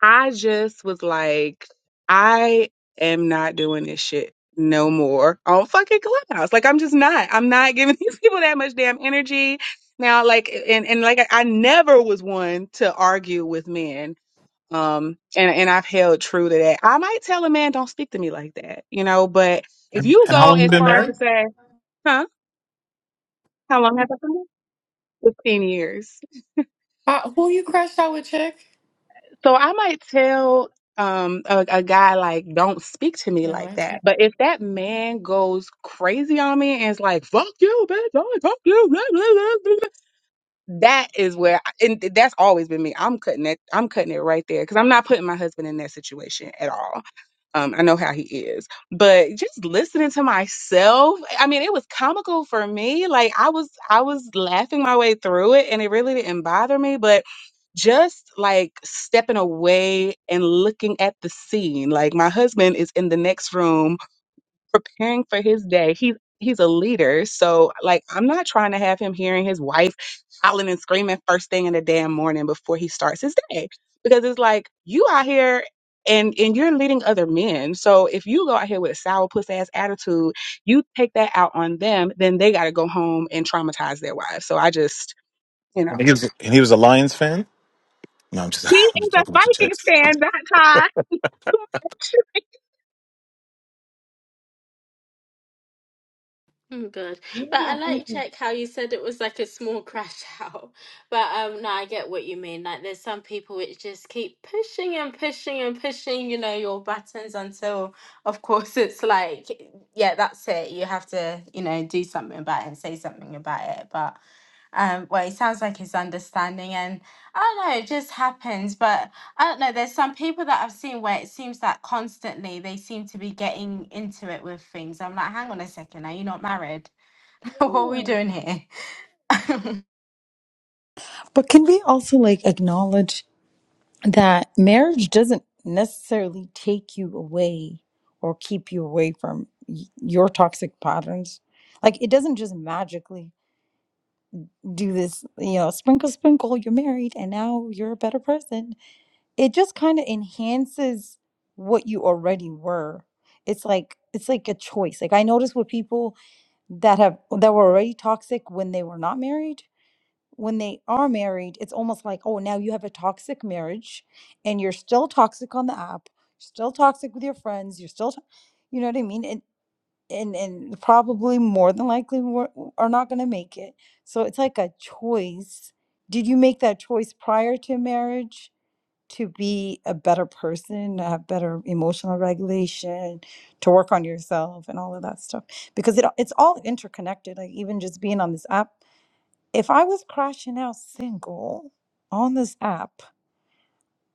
S9: I just was like, I am not doing this shit no more on fucking Clubhouse. Like, I'm just not. I'm not giving [LAUGHS] these people that much damn energy. Now, like, and, and like, I I never was one to argue with men. Um, and, and I've held true to that. I might tell a man, don't speak to me like that, you know, but if
S6: And,
S9: you
S6: and how
S9: go
S6: long you
S9: as
S6: been
S9: far as to
S6: married?
S9: say, huh, how long have I been? here?" 15 years.
S24: Uh, who you crashed out with, chick?
S9: So I might tell um a, a guy like, don't speak to me
S24: Never
S9: like
S24: answer.
S9: that. But if that man goes crazy on me and is like, fuck you, bitch, oh, fuck you, blah, blah, blah, blah, blah, that is where I, and th- that's always been me. I'm cutting it. I'm cutting it right there because I'm not putting my husband in that situation at all. Um, I know how he is, but just listening to myself, I mean, it was comical for me. Like I was, I was laughing my way through it, and it really didn't bother me. But just like stepping away and looking at the scene, like my husband is in the next room preparing for his day. he's he's a leader, so like I'm not trying to have him hearing his wife howling and screaming first thing in the damn morning before he starts his day. Because it's like you out here and and you're leading other men. So if you go out here with a sour puss ass attitude, you take that out on them, then they gotta go home and traumatize their wives. So I just, you
S6: And
S9: know.
S6: he was and he was a Lions fan. No, I'm just,
S9: He
S6: [LAUGHS] I'm
S9: is
S6: just
S9: a
S6: joking with you, Tex.
S9: Vikings fan, not Todd. [LAUGHS]
S1: Mm, Good.
S22: Yeah,
S1: But I
S22: thank
S1: like
S22: you.
S1: check how you said it was like a small crash out. [LAUGHS] But um no, I get what you mean. Like there's some people which just keep pushing and pushing and pushing, you know, your buttons until of course [LAUGHS] it's like yeah, that's it. You have to, you know, do something about it and say something about it. But um well it sounds like it's understanding and I don't know, it just happens. But I don't know. There's some people that I've seen where it seems that constantly they seem to be getting into it with things. I'm like, hang on a second, are you not married? [LAUGHS] what are we doing
S22: Yeah,
S1: here?
S20: But can we also like acknowledge that marriage doesn't necessarily take you away or keep you away from y- your toxic patterns? Like it doesn't just magically do this, you know, sprinkle, sprinkle, you're married and now you're a better person. it just kind of enhances what you already were it's like it's like a choice like i noticed with people that have that were already toxic when they were not married when they are married it's almost like oh now you have a toxic marriage and you're still toxic on the app still toxic with your friends you're still to- you know what i mean and and and probably more than likely we're, are not going to make it so it's like a choice did you make that choice prior to marriage to be a better person, to have better emotional regulation, to work on yourself and all of that stuff. Because it it's all interconnected. Like even just being on this app. If I was crashing out single on this app,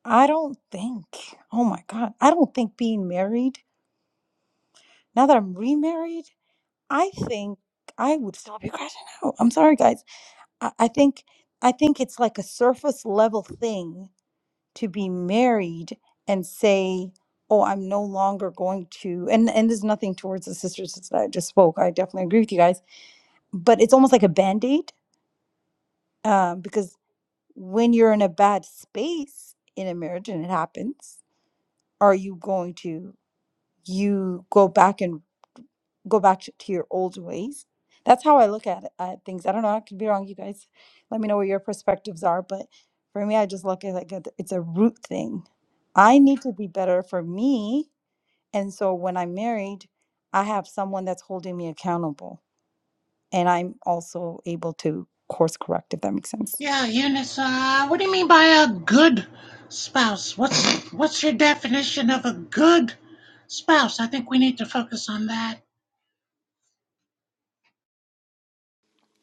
S20: I don't think, oh my God, I don't think being married, now that I'm remarried, I think I would still be crashing out. I'm sorry guys. I, I think I think it's like a surface level thing to be married and say, "Oh, I'm no longer going to," and and there's nothing towards the sisters that I just spoke. I definitely agree with you guys, but it's almost like a band aid um, because when you're in a bad space in a marriage and it happens, are you going to you go back and go back to to your old ways. That's how I look at, it, at things. I don't know. I could be wrong. You guys, let me know what your perspectives are. But for me, I just look at it like a, it's a root thing. I need to be better for me, and so when I'm married, I have someone that's holding me accountable, and I'm also able to course correct if that makes sense.
S22: Yeah, Eunice. Uh, what do you mean by a good spouse? What's what's your definition of a good spouse? I think we need to focus on that.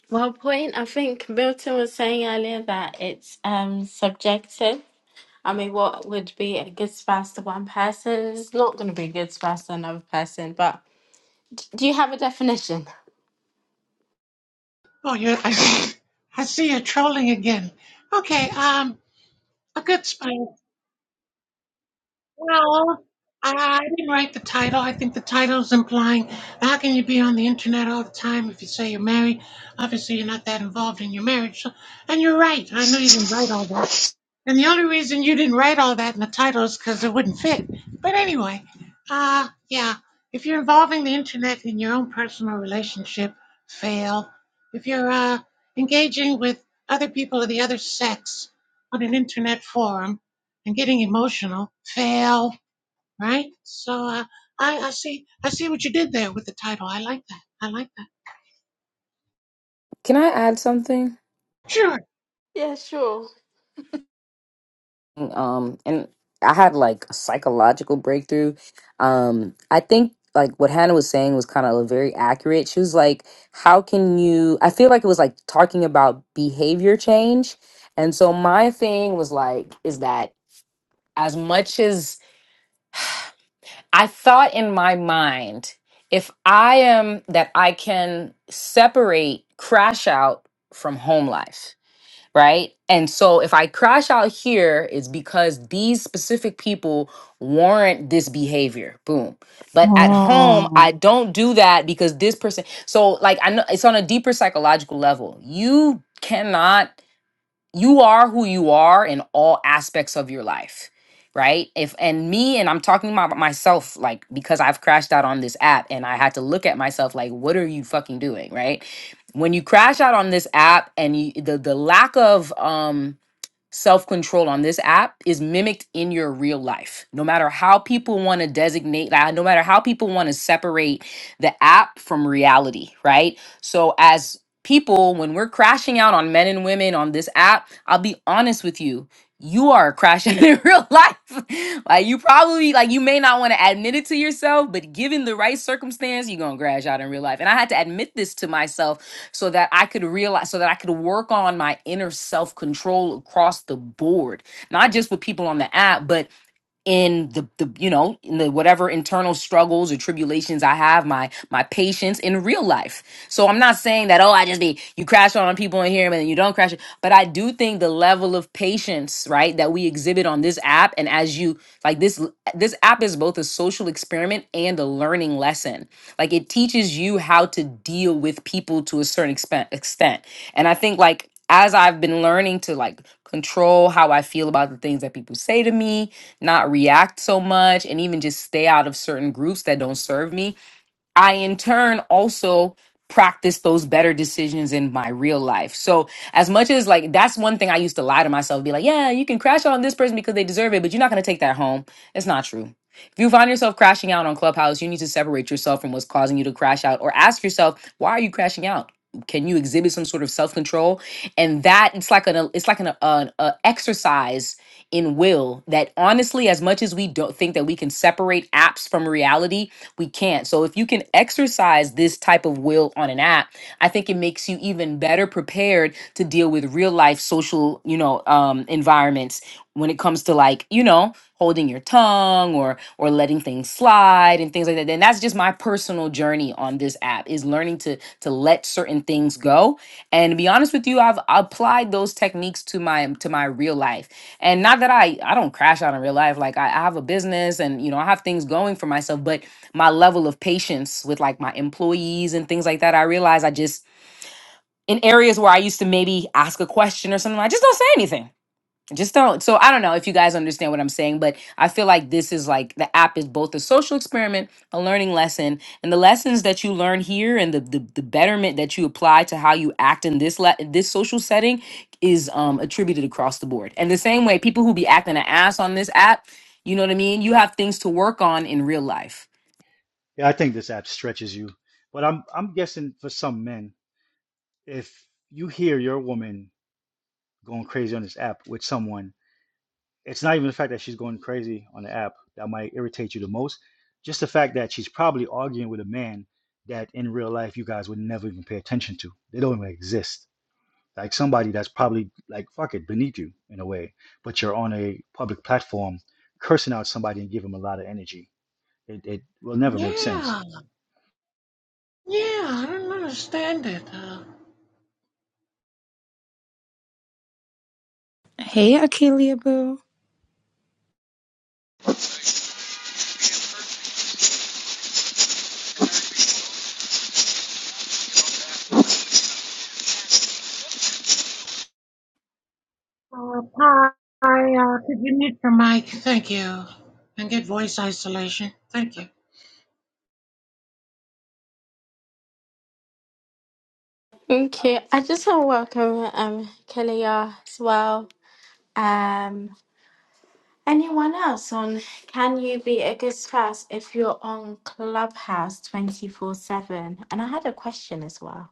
S1: Well, point. I think Milton was saying earlier that it's um subjective. I mean, what would be a good spouse to one person is not going to be a good spouse to another person. But do you have a definition?
S22: Oh, you, I see. I see you're trolling again. Okay, um, a good spy. Well, I didn't write the title. I think the title's implying how can you be on the internet all the time if you say you're married? Obviously, you're not that involved in your marriage. So, and you're right. I know you didn't write all that. And the only reason you didn't write all that in the title is because it wouldn't fit. But anyway, uh, yeah, if you're involving the internet in your own personal relationship, fail. If you're uh, engaging with other people of the other sex on an internet forum and getting emotional, fail. Right? So uh, I, I see, I see what you did there with the title. I like that. I like that.
S23: Can I add something?
S22: Sure.
S1: Yeah, sure.
S23: um and i had like a psychological breakthrough um i think like what hannah was saying was kind of very accurate she was like how can you i feel like it was like talking about behavior change and so my thing was like is that as much as i thought in my mind if i am that i can separate crash out from home life right? And so if I crash out here, it's because these specific people warrant this behavior. Boom. But at home,
S20: Oh.
S23: I don't do that because this person. So like I know it's on a deeper psychological level. You cannot you are who you are in all aspects of your life right if and me and i'm talking about myself like because i've crashed out on this app and i had to look at myself like what are you fucking doing right when you crash out on this app and you, the the lack of um self control on this app is mimicked in your real life. No matter how people want to designate that, no matter how people want to separate the app from reality, right? So, as people, when we're crashing out on men and women on this app, I'll be honest with you. You are crashing [LAUGHS] in real life. Like you probably like you may not want to admit it to yourself, but given the right circumstance, you're gonna crash out in real life. And I had to admit this to myself so that I could realize, so that I could work on my inner self control across the board, not just with people on the app, but in the, the you know in the whatever internal struggles or tribulations I have, my my patience in real life. So I'm not saying that oh I just be you crash on people in here and then you don't crash, it, but I do think the level of patience right that we exhibit on this app and as you like this this app is both a social experiment and a learning lesson like it teaches you how to deal with people to a certain expen- extent. And I think like as I've been learning to like control how I feel about the things that people say to me, not react so much and even just stay out of certain groups that don't serve me, I in turn also practice those better decisions in my real life. So as much as like that's one thing I used to lie to myself, be like, yeah, you can crash out on this person because they deserve it, but you're not gonna take that home. It's not true. If you find yourself crashing out on Clubhouse, you need to separate yourself from what's causing you to crash out or ask yourself, why are you crashing out? Can you exhibit some sort of self-control? And that it's like an it's like an, an, an exercise in will that honestly, as much as we don't think that we can separate apps from reality, we can't. So if you can exercise this type of will on an app, I think it makes you even better prepared to deal with real life social, you know, um, environments when it comes to like, you know, holding your tongue or or letting things slide and things like that. And that's just my personal journey on this app is learning to to let certain things go. And to be honest with you, I've applied those techniques to my to my real life. And not that I I don't crash out in real life. Like I, I have a business and you know I have things going for myself, but my level of patience with like my employees and things like that. I realize I just in areas where I used to maybe ask a question or something, I just don't say anything. I just don't. So I don't know if you guys understand what I'm saying, but I feel like this is like the app is both a social experiment, a learning lesson, and the lessons that you learn here and the the, the betterment that you apply to how you act in this le- this social setting is um attributed across the board. And the same way people who be acting an ass on this app, you know what I mean? You have things to work on in real life.
S10: Yeah, I think this app stretches you. But I'm I'm guessing for some men, if you hear your woman going crazy on this app with someone, it's not even the fact that she's going crazy on the app that might irritate you the most. Just the fact that she's probably arguing with a man that in real life you guys would never even pay attention to. They don't even exist. Like somebody that's probably like fuck it beneath you in a way, but you're on a public platform cursing out somebody and giving them a lot of energy. It it will never make sense.
S22: Yeah. Yeah. I don't understand it. Uh,
S20: Hey, Akeelia Boo.
S22: Uh, hi, uh, could you mute your mic? Thank you. And get voice isolation. Thank you.
S1: Thank you. I just want to welcome um Kalia as well. Um, Anyone else on can you be a good spouse if you're on Clubhouse 24 7? And I had a question as well.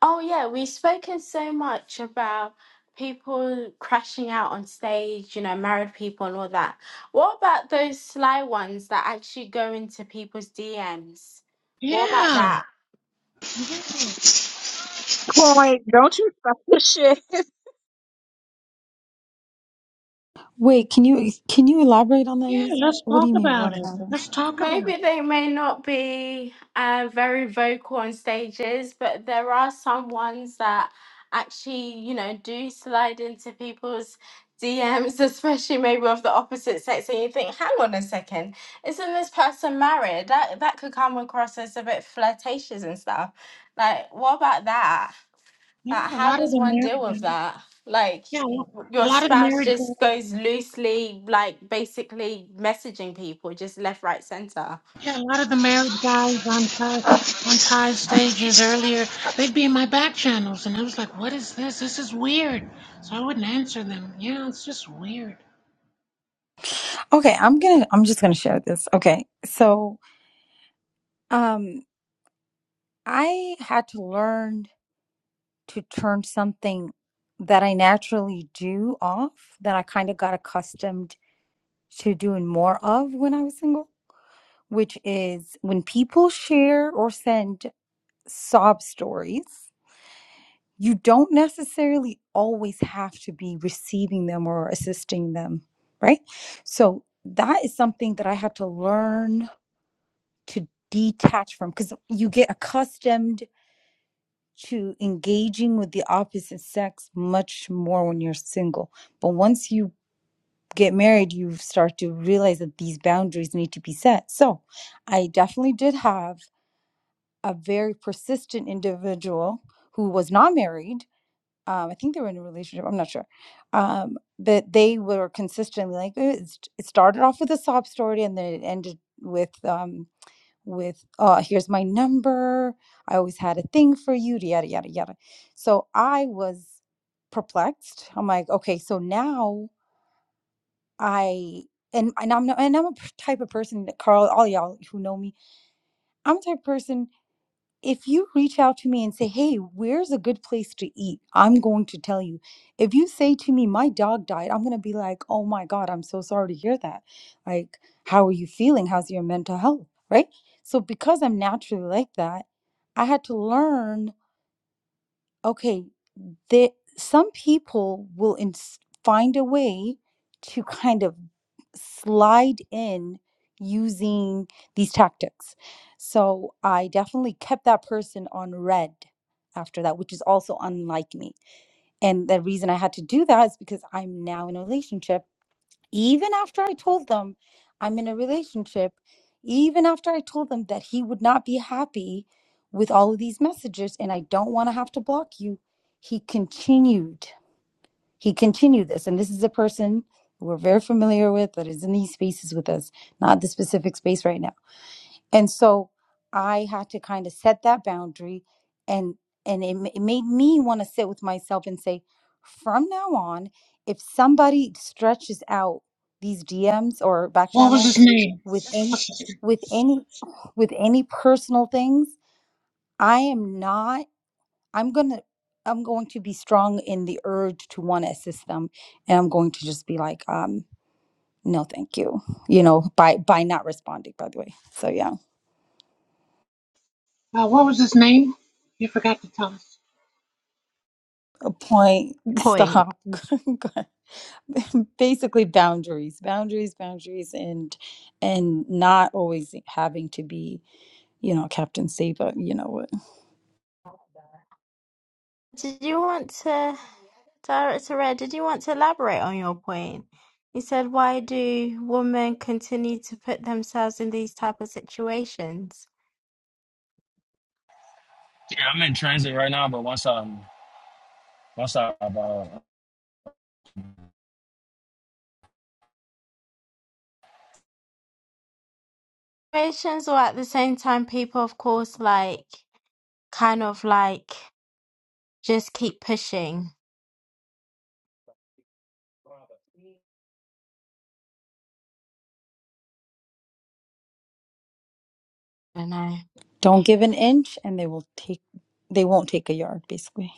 S1: Oh, yeah, we've spoken so much about people crashing out on stage, you know, married people and all that. What about those sly ones that actually go into people's DMs? What about
S22: Yeah,
S1: that?
S22: yeah,
S9: Point. Don't you stop the shit.
S20: Wait, can you can you elaborate on that?
S22: yeah.
S20: You just,
S22: Let's
S20: what do
S22: talk
S20: you mean?
S22: about
S20: What
S22: it.
S20: about it?
S22: Let's talk about it.
S1: Maybe they may not be uh, very vocal on stages, but there are some ones that actually, you know, do slide into people's DMs, [LAUGHS] especially maybe of the opposite sex, and you think, hang on a second, isn't this person married? That that could come across as a bit flirtatious and stuff. Like, what about that?
S22: Yeah,
S1: Like,
S22: a
S1: how
S22: lot of
S1: does
S22: the
S1: one deal
S22: married
S1: with
S22: guys.
S1: that? Like,
S22: Yeah, a
S1: y-
S22: lot a
S1: your
S22: lot of the
S1: spouse
S22: married
S1: just
S22: guys.
S1: goes loosely, like basically messaging people just left, right, center.
S22: Yeah, a lot of the married guys on Ty on Ty's stages earlier. They'd be in my back channels, and I was like, "What is this? This is weird." So I wouldn't answer them. Yeah, it's just weird.
S20: Okay, I'm gonna. I'm just gonna share this. Okay, so Um, I had to learn to turn something that I naturally do off that I kind of got accustomed to doing more of when I was single, which is when people share or send sob stories, you don't necessarily always have to be receiving them or assisting them, right? So that is something that I had to learn to detach from because you get accustomed to engaging with the opposite sex much more when you're single. But once you get married, you start to realize that these boundaries need to be set. So I definitely did have a very persistent individual who was not married. Um, I think they were in a relationship. I'm not sure. Um, but they were consistently like, "Eh, it's- it started off with a sob story and then it ended with, um, with uh here's my number i always had a thing for you yada yada yada so i was perplexed i'm like okay so now i and, and i'm not, and i'm a p- type of person that carl all y'all who know me i'm the type of person if you reach out to me and say, Hey, where's a good place to eat? I'm going to tell you. If you say to me, My dog died, I'm going to be like, Oh my God, I'm so sorry to hear that. Like, how are you feeling? How's your mental health? Right. So, because I'm naturally like that, I had to learn okay, there, some people will ins- find a way to kind of slide in using these tactics. So I definitely kept that person on red after that, which is also unlike me. And the reason I had to do that is because I'm now in a relationship even after I told them I'm in a relationship, even after I told them that he would not be happy with all of these messages and I don't want to have to block you, he continued. He continued this. And this is a person we're very familiar with that is in these spaces with us, not the specific space right now and so i had to kind of set that boundary and and it, ma- it made me want to sit with myself and say from now on if somebody stretches out these dms or back
S22: What was his
S20: channels
S22: name?
S20: with any with any [SIGHS] with any personal things i am not i'm gonna i'm going to be strong in the urge to want to assist them and i'm going to just be like um no thank you you know by by not responding by the way so yeah
S22: Uh, what was his name? You forgot to tell us.
S20: point [LAUGHS]
S1: point.
S20: stop [LAUGHS] basically boundaries boundaries boundaries and and not always having to be you know captain say but you know what
S1: Did you want to, Director Red, did you want to elaborate on your point? You said, why do women continue to put themselves in these type of situations?
S18: Yeah, I'm in transit right now, but once I'm once I uh,
S1: Situations, or at the same time, people, of course, like, kind of like, just keep pushing. I don't know.
S20: don't give an inch and they will take they won't take a yard basically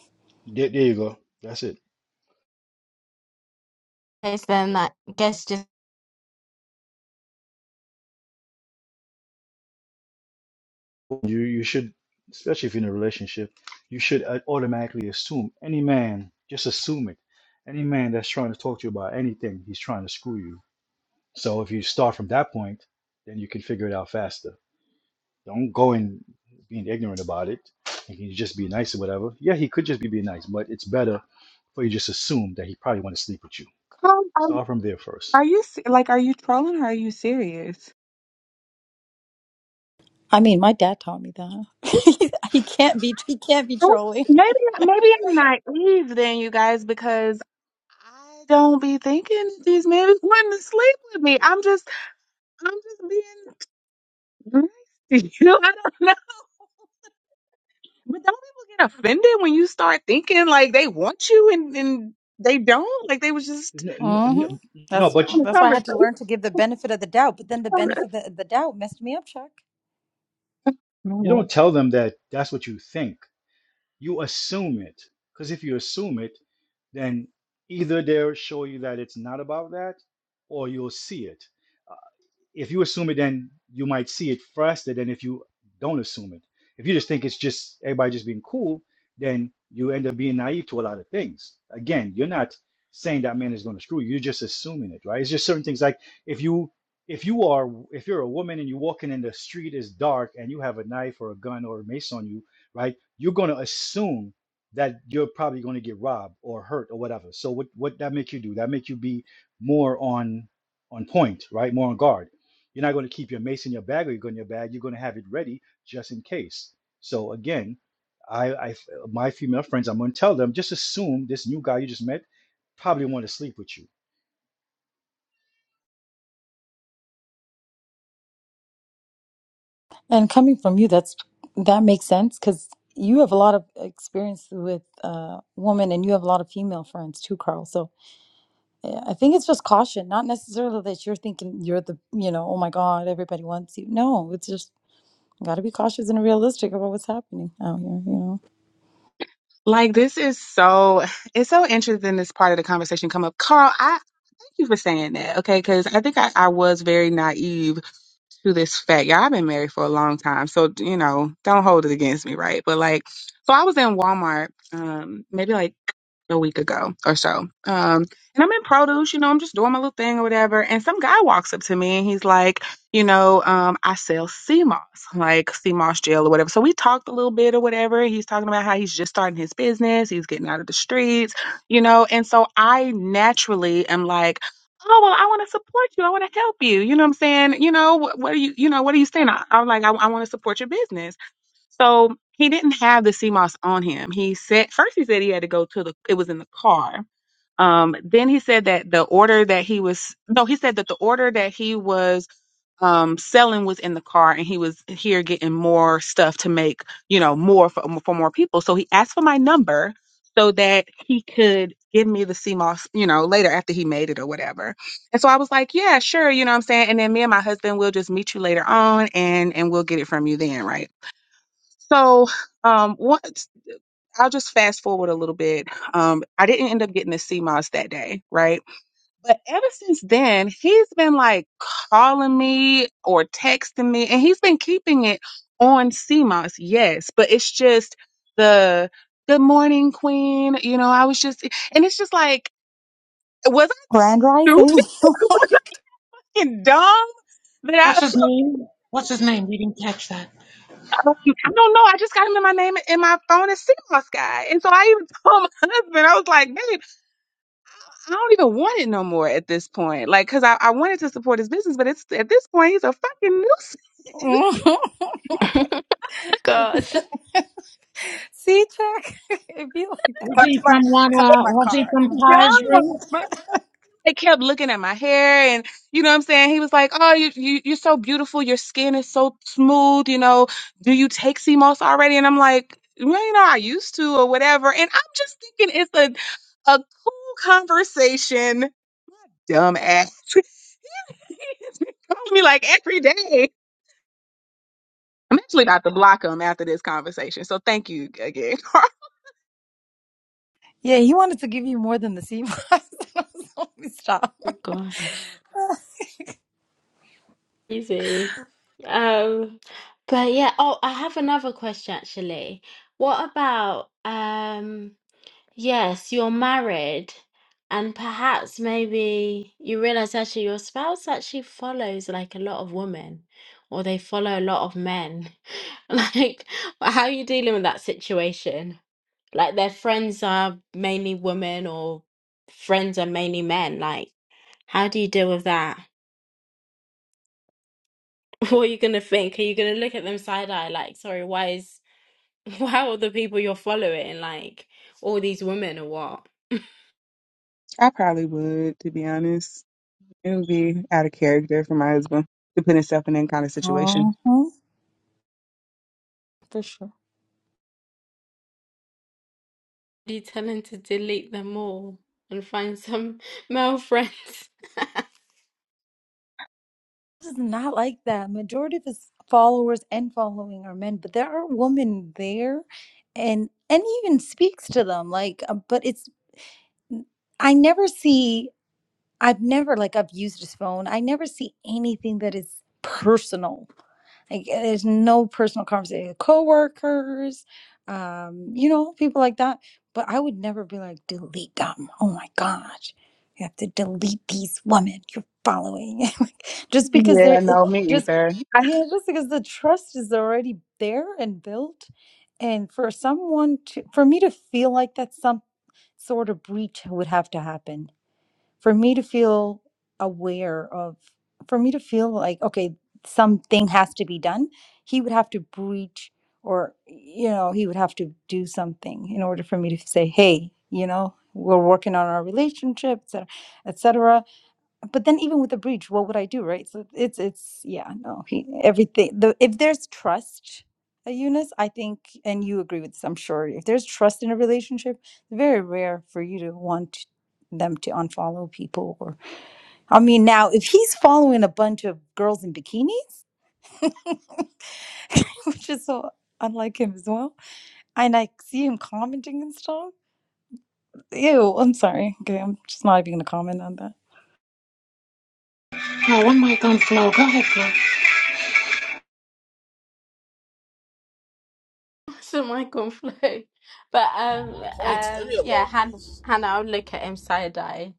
S10: There, there you go. That's it.
S1: It's then that, I guess, just,
S10: you you should especially if you're in a relationship you should uh, automatically assume any man just assume it any man that's trying to talk to you about anything he's trying to screw you so if you start from that point then you can figure it out faster don't go in being ignorant about it you can just be nice or whatever yeah he could just be being nice but it's better for you just assume that he probably want to sleep with you
S9: Come
S10: start from there first
S9: Are you se- like, are you trolling or are you serious?
S20: i mean my dad taught me that [LAUGHS] he can't be he can't be
S9: Oh,
S20: trolling
S9: Maybe maybe I'm naive then, you guys, because I don't be thinking these men wanting to sleep with me. I'm just I'm just being nice to you. [LAUGHS] I don't know. But don't people get offended when you start thinking like they want you and, and they don't? Like they was just
S10: no, no,
S20: hmm
S10: no, no,
S20: That's
S10: but
S9: having a
S20: that's why I had to
S9: conversation.
S20: learn to give the benefit of the doubt. But then the benefit of the, the doubt messed me up, Chuck.
S10: you don't tell them that that's what you think You assume it. Because if you assume it, then either they'll show you that it's not about that or you'll see it if you assume it, then you might see it faster than if you don't assume it. If you just think it's just everybody just being cool, then you end up being naive to a lot of things. Again, you're not saying that man is going to screw you. You're just assuming it, right? It's just certain things like if you if you are if you're a woman and you're walking in the street is dark and you have a knife or a gun or a mace on you, right? You're going to assume that you're probably going to get robbed or hurt or whatever. So what what that make you do? That make you be more on on point, right? More on guard you're not going to keep your mace in your bag or your gun in your bag. You're going to have it ready just in case. So again, I, I my female friends, I'm going to tell them just assume this new guy you just met probably want to sleep with you.
S20: And coming from you, that's that makes sense because you have a lot of experience with uh, women, and you have a lot of female friends too, Carl. So yeah, I think it's just caution, not necessarily that you're thinking you're the, you know, oh my God, everybody wants you. No, it's just got to be cautious and realistic about what's happening out here. You know,
S9: Like this is so it's so interesting this part of the conversation come up. Carl, I thank you for saying that. Okay, because I think I, I was very naive to this fact. Yeah, I've been married for a long time, so you know, don't hold it against me, right? But like, so I was in Walmart, um, maybe like a week ago or so, um, and I'm in produce. You know, I'm just doing my little thing or whatever, and some guy walks up to me and he's like, you know, um, I sell sea moss, like sea moss gel or whatever. So we talked a little bit or whatever. He's talking about how he's just starting his business, he's getting out of the streets, you know, and so I naturally am like oh well i want to support you i want to help you you know what i'm saying you know what, what are you you know what are you saying i, i'm like i, I want to support your business so he didn't have the CMOS on him. He said first he said he had to go to the it was in the car. Um, then he said that the order that he was no, he said that the order that he was um selling was in the car and he was here getting more stuff to make, you know, more for, for more people. So he asked for my number so that he could give me the CMOS, you know, later after he made it or whatever. And so I was like, yeah, sure, you know what I'm saying? And then me and my husband will just meet you later on and and we'll get it from you then, right? So, um, what I'll just fast forward a little bit. Um, I didn't end up getting to see Moss that day, right? But ever since then, he's been like calling me or texting me, and he's been keeping it on CMOS, yes, but it's just the good morning, Queen. You know, I was just, and it's just like, was I
S20: grand
S9: stupid?
S20: rising.
S9: [LAUGHS] was I fucking dumb?
S22: What's
S9: That
S22: his
S9: I
S22: name? What's his
S9: [LAUGHS]
S22: name? We didn't catch that.
S9: Um, I don't know. I just got him in my name in my phone as CMOS guy. And so I even [LAUGHS] told my husband, I was like, babe, I don't even want it no more at this point. Like, cause I, I wanted to support his business, but it's at this point, he's a fucking nuisance.
S20: [LAUGHS]
S1: God.
S20: [LAUGHS] See, Chuck, [LAUGHS] it'd be like that.
S22: Was
S20: Come
S22: he
S20: to my
S22: from one?
S20: come to
S22: Uh,
S20: my
S22: was he
S20: car.
S22: from
S9: [LAUGHS]
S20: Come to my
S22: Ty's room?
S9: Dumb. They kept looking at my hair and you know what I'm saying? He was like, Oh, you, you you're so beautiful, your skin is so smooth, you know. Do you take CMOS already? And I'm like, well, you know, I used to or whatever. And I'm just thinking it's a a cool conversation, dumb ass. [LAUGHS] [LAUGHS] calls me like every day. I'm actually about to block him after this conversation. So thank you again. [LAUGHS] Carl.
S20: Yeah, he wanted to give you more than the sea moss. [LAUGHS] I was like, Stop. [LAUGHS]
S1: [LAUGHS] gosh, easy. Um, but yeah, oh, I have another question actually. What about, um, Yes, you're married, and perhaps maybe you realize actually your spouse actually follows like a lot of women, or they follow a lot of men. [LAUGHS] Like, how are you dealing with that situation? Like, their friends are mainly women, or friends are mainly men. Like, how do you deal with that? [LAUGHS] What are you gonna think? Are you gonna look at them side eye, like, sorry, why is [LAUGHS] why are all the people you're following like all these women or what?
S9: I probably would, to be honest. It would be out of character for my husband to put himself in that kind of situation.
S20: Mhm. For sure.
S1: be telling to delete them all and find some [LAUGHS] male friends
S20: This is not like that. Majority of his followers and following are men, but there are women there, and and he even speaks to them. Like, uh, but it's I never see. I've never like I've used his phone. I never see anything that is personal. Like there's no personal conversation. Coworkers, um, you know, people like that. But I would never be like, delete them. Oh my gosh. You have to delete these women you're following. [LAUGHS] Like, just because they're
S9: Yeah,
S20: it-
S9: no, me
S20: just
S9: either. [LAUGHS] I-
S20: yeah, just because the trust is already there and built. And for someone to for me to feel like that's some sort of breach would have to happen for me to feel aware of for me to feel like okay something has to be done he would have to breach or you know he would have to do something in order for me to say hey you know we're working on our relationship, relationships etc but then even with the breach what would i do right so it's it's yeah no he everything the if there's trust uh, eunice i think and you agree with this i'm sure if there's trust in a relationship it's very rare for you to want them to unfollow people or i mean now if he's following a bunch of girls in bikinis [LAUGHS] which is so unlike him as well and i see him commenting and stuff ew i'm sorry okay i'm just not even gonna comment on that
S22: Oh, one mic on flow. Go ahead, Flo.
S1: [LAUGHS] so I can flow. But um
S25: Quite
S1: um yeah, Hannah
S25: ideologies.
S1: Hannah, I'll look at him side eye.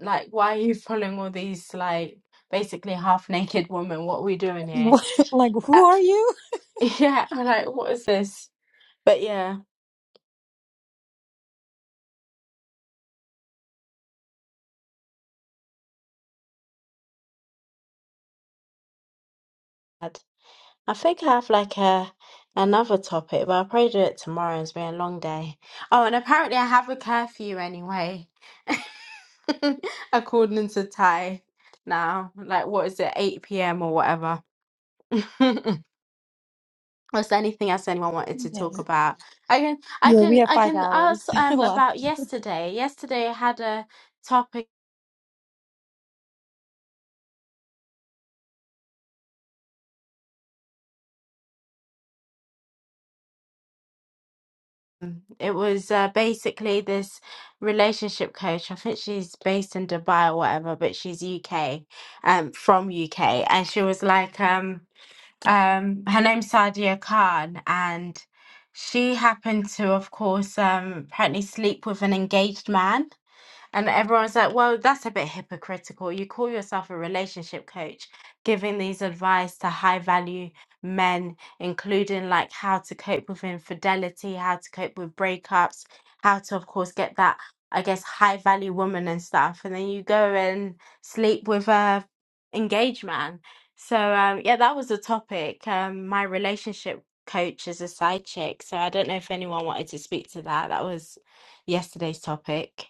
S1: Like, why are you following all these like basically half naked women? What are we doing
S20: [LAUGHS]
S1: here?
S20: What? like who
S1: Uh,
S20: are you
S1: [LAUGHS] yeah, I'm like, what is this? But yeah. I think I have like a another topic, but I'll probably do it tomorrow. It's been a long day. Oh, and apparently I have a curfew anyway, [LAUGHS] according to Thai. Now, like, what is it, 8 p.m. or whatever? [LAUGHS] Was there anything else anyone wanted to
S20: Yeah.
S1: talk about? I can, I
S20: Yeah, we
S1: can,
S20: have
S1: I
S20: five
S1: can
S20: hours
S1: ask
S20: [LAUGHS]
S1: um about
S20: left.
S1: yesterday. Yesterday I had a topic. Um, It was uh, basically this relationship coach. I think she's based in Dubai or whatever, but she's UK, um, from UK, and she was like, um, um, her name's Sadia Khan, and she happened to, of course, um, apparently sleep with an engaged man, and everyone's like, well, that's a bit hypocritical. You call yourself a relationship coach, giving these advice to high value men, including like how to cope with infidelity, how to cope with breakups, how to, of course, get that, I guess, high value woman and stuff. And then you go and sleep with a engaged man. So, um, yeah, that was the topic. Um, my relationship coach is a side chick. So I don't know if anyone wanted to speak to that. That was yesterday's topic.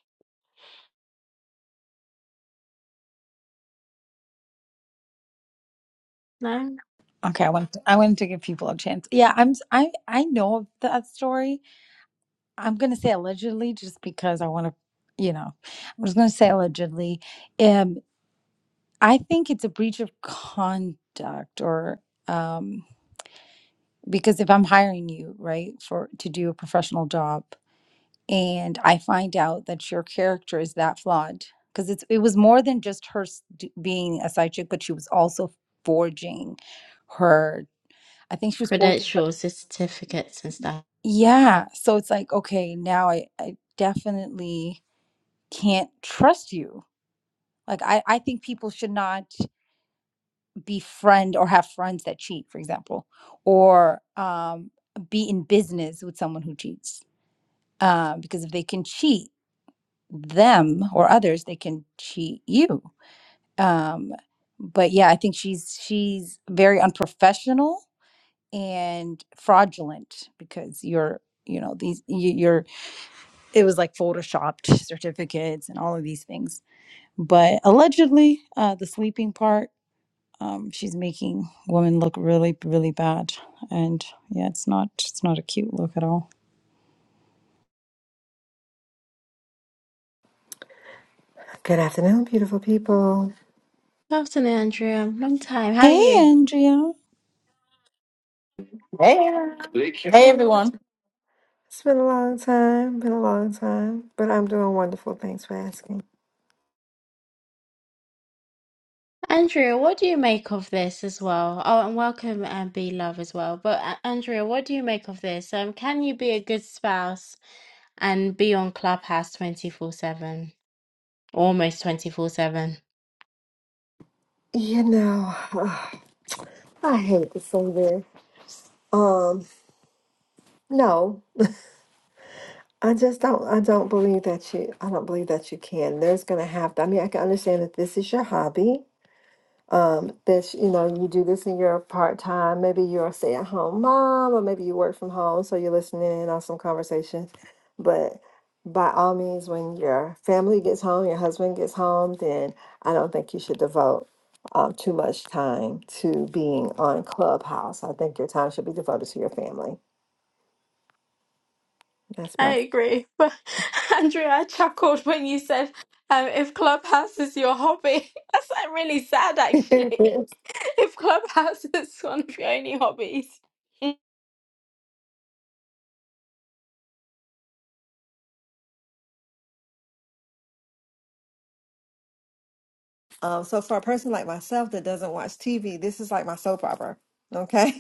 S1: No?
S20: Okay, I wanted to, I wanted to give people a chance. Yeah, I'm s- I I know of that story. I'm gonna say allegedly just because I want to, you know, I was gonna say allegedly. Um, I think it's a breach of conduct, or um, because if I'm hiring you, right, for to do a professional job, and I find out that your character is that flawed, because it's it was more than just her s- d- being a side chick, but she was also forging her. I think she was bored. with her-
S1: credentials and certificates and stuff.
S20: Yeah. So it's like, okay, now I, I definitely can't trust you. Like I, I think people should not befriend or have friends that cheat, for example, or um, be in business with someone who cheats. Uh, because if they can cheat them or others, they can cheat you. Um, but yeah, I think she's she's very unprofessional and fraudulent because you're you know these you- you're it was like photoshopped certificates and all of these things. But allegedly, uh, the sleeping part, um, she's making women look really, really bad. And yeah, it's not it's not a cute look at all.
S26: Good afternoon, beautiful people.
S1: Good afternoon, Andrea. Long time. How are
S20: Hey,
S1: you?
S20: Andrea,
S27: Hey, hey
S26: It's
S27: everyone.
S26: been a long time, been a long time, but I'm doing wonderful. Thanks for asking.
S1: Andrea, what do you make of this as well? Oh, and welcome and be love as well. But uh, Andrea, what do you make of this? Um, can you be a good spouse and be on Clubhouse 24/7? Almost 24/7.
S26: You know, [SIGHS] I hate to say this. Um, no, I just don't. I don't believe that you. I don't believe that you can. There's gonna have. I mean, I can understand that this is your hobby, um, that you know you do this in your part time. Maybe you're a stay at home mom, or maybe you work from home, so you're listening in on some conversation. But by all means, when your family gets home, your husband gets home, then I don't think you should devote um, too much time to being on Clubhouse. I think your time should be devoted to your family. That's
S1: I
S26: my
S1: agree. But [LAUGHS] Andrea, I chuckled when you said, um, if Clubhouse is your hobby. [LAUGHS] That's like really sad
S26: [LAUGHS]
S1: actually. [LAUGHS] If Clubhouse is one of your only hobbies. [LAUGHS]
S26: Um, so for a person like myself that doesn't watch TV, this is like my soap opera. Okay.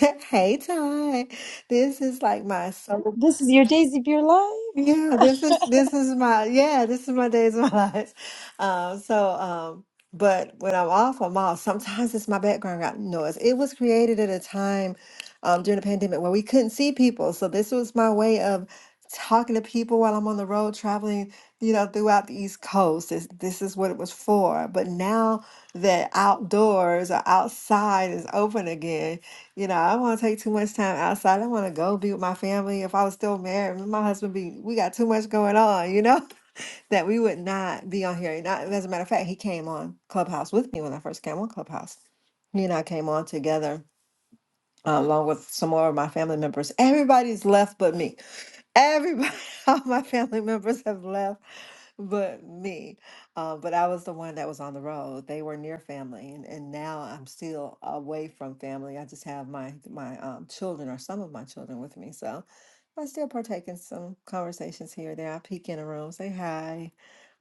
S26: [LAUGHS] Hey, Ty. This is like my soap
S20: this is your Daisy Beer Live.
S26: yeah, this is
S20: [LAUGHS]
S26: this is my yeah, this is my days of my [LAUGHS] life. Um, so um, but when I'm off, I'm off. Sometimes it's my background got noise. It was created at a time um during the pandemic where we couldn't see people. So this was my way of talking to people while I'm on the road traveling, you know, throughout the East Coast. This this is what it was for. But now that outdoors or outside is open again, you know, I don't want to take too much time outside. I want to go be with my family. If I was still married, me and my husband be, we got too much going on, you know, [LAUGHS] that we would not be on here. Not, as a matter of fact, he came on Clubhouse with me when I first came on Clubhouse. He and I came on together uh, along with some more of my family members. Everybody's left but me. Everybody, [LAUGHS] all my family members have left but me. Uh, but I was the one that was on the road. They were near family, and, and now I'm still away from family. I just have my my um, children or some of my children with me, so I still partake in some conversations here or there. I peek in a room, say hi.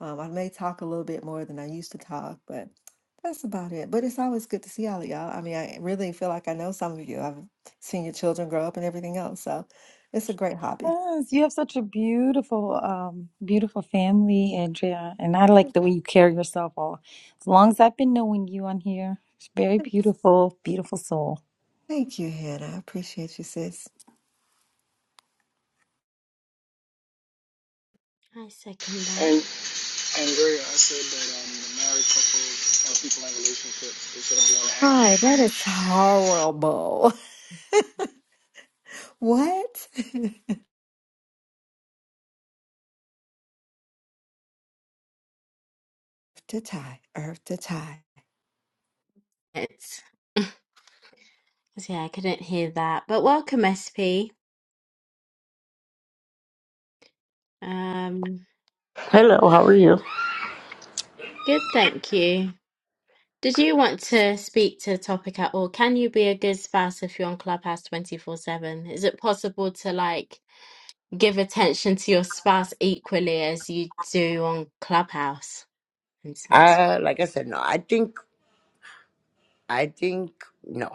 S26: Um, I may talk a little bit more than I used to talk, but that's about it. But it's always good to see all of y'all. I mean, I really feel like I know some of you. I've seen your children grow up and everything else, so it's a great hobby.
S20: yes, you have such a beautiful, um, beautiful family, Andrea, and I like the way you carry yourself. All as long as I've been knowing you on here, it's very
S26: Thanks.
S20: beautiful, beautiful soul.
S26: Thank you, Hannah. I appreciate you, sis.
S1: I second that.
S26: Hi, that is horrible. [LAUGHS] What? [LAUGHS] to tie, earth to tie.
S1: It's [LAUGHS] 'cause, yeah, I couldn't hear that. But welcome, SP. Um,
S28: Hello, how are you?
S1: good, thank you. Did you want to speak to a topic at all? Can you be a good spouse if you're on Clubhouse 24/7? Is it possible to like give attention to your spouse equally as you do on Clubhouse, for instance?
S28: Uh, like I said, no. I think, I think, no,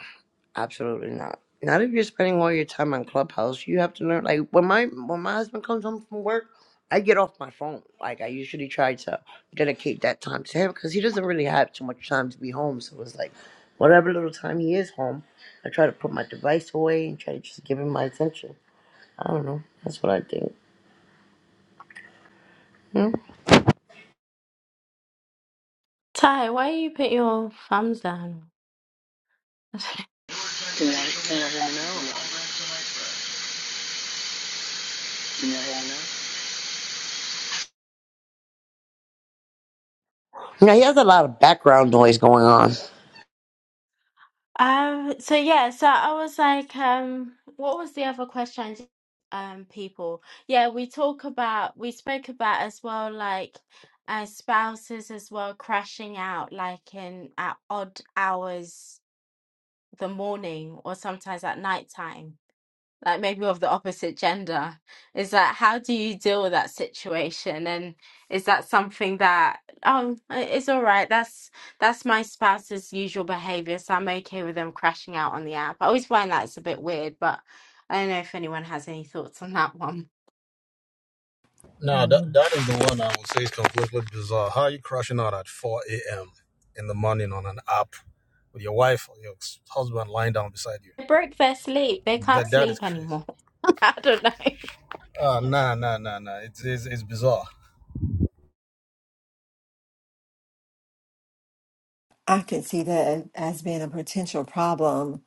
S28: absolutely not. Not if you're spending all your time on Clubhouse. You have to learn. Like when my when my husband comes home from work, I get off my phone. Like I usually try to dedicate that time to him because he doesn't really have too much time to be home. So it's like, whatever little time he is home, I try to put my device away and try to just give him my attention. I don't know. That's what I think. Yeah.
S1: Ty, why you put your thumbs down?
S28: Now he has a lot of background noise going on.
S1: Um, so yeah, so I was like, um, what was the other question? Um, people. Yeah, we talk about, we spoke about as well, like, uh, spouses as well crashing out, like in at odd hours the morning or sometimes at nighttime like maybe of the opposite gender is that how do you deal with that situation and is that something that oh it's all right that's that's my spouse's usual behavior so i'm okay with them crashing out on the app i always find that's a bit weird but i don't know if anyone has any thoughts on that one
S25: No, that,
S26: Mm.
S25: that is the one I would say is completely bizarre. How are you crashing out at 4 a.m. in the morning on an app with your wife or your husband lying down beside you?
S1: they broke their sleep they can't
S25: That That is
S1: sleep
S25: crazy.
S1: anymore [LAUGHS] i don't know
S25: Uh, nah, nah, nah, nah. It's, it's, it's bizarre.
S26: I can see that as being a potential problem.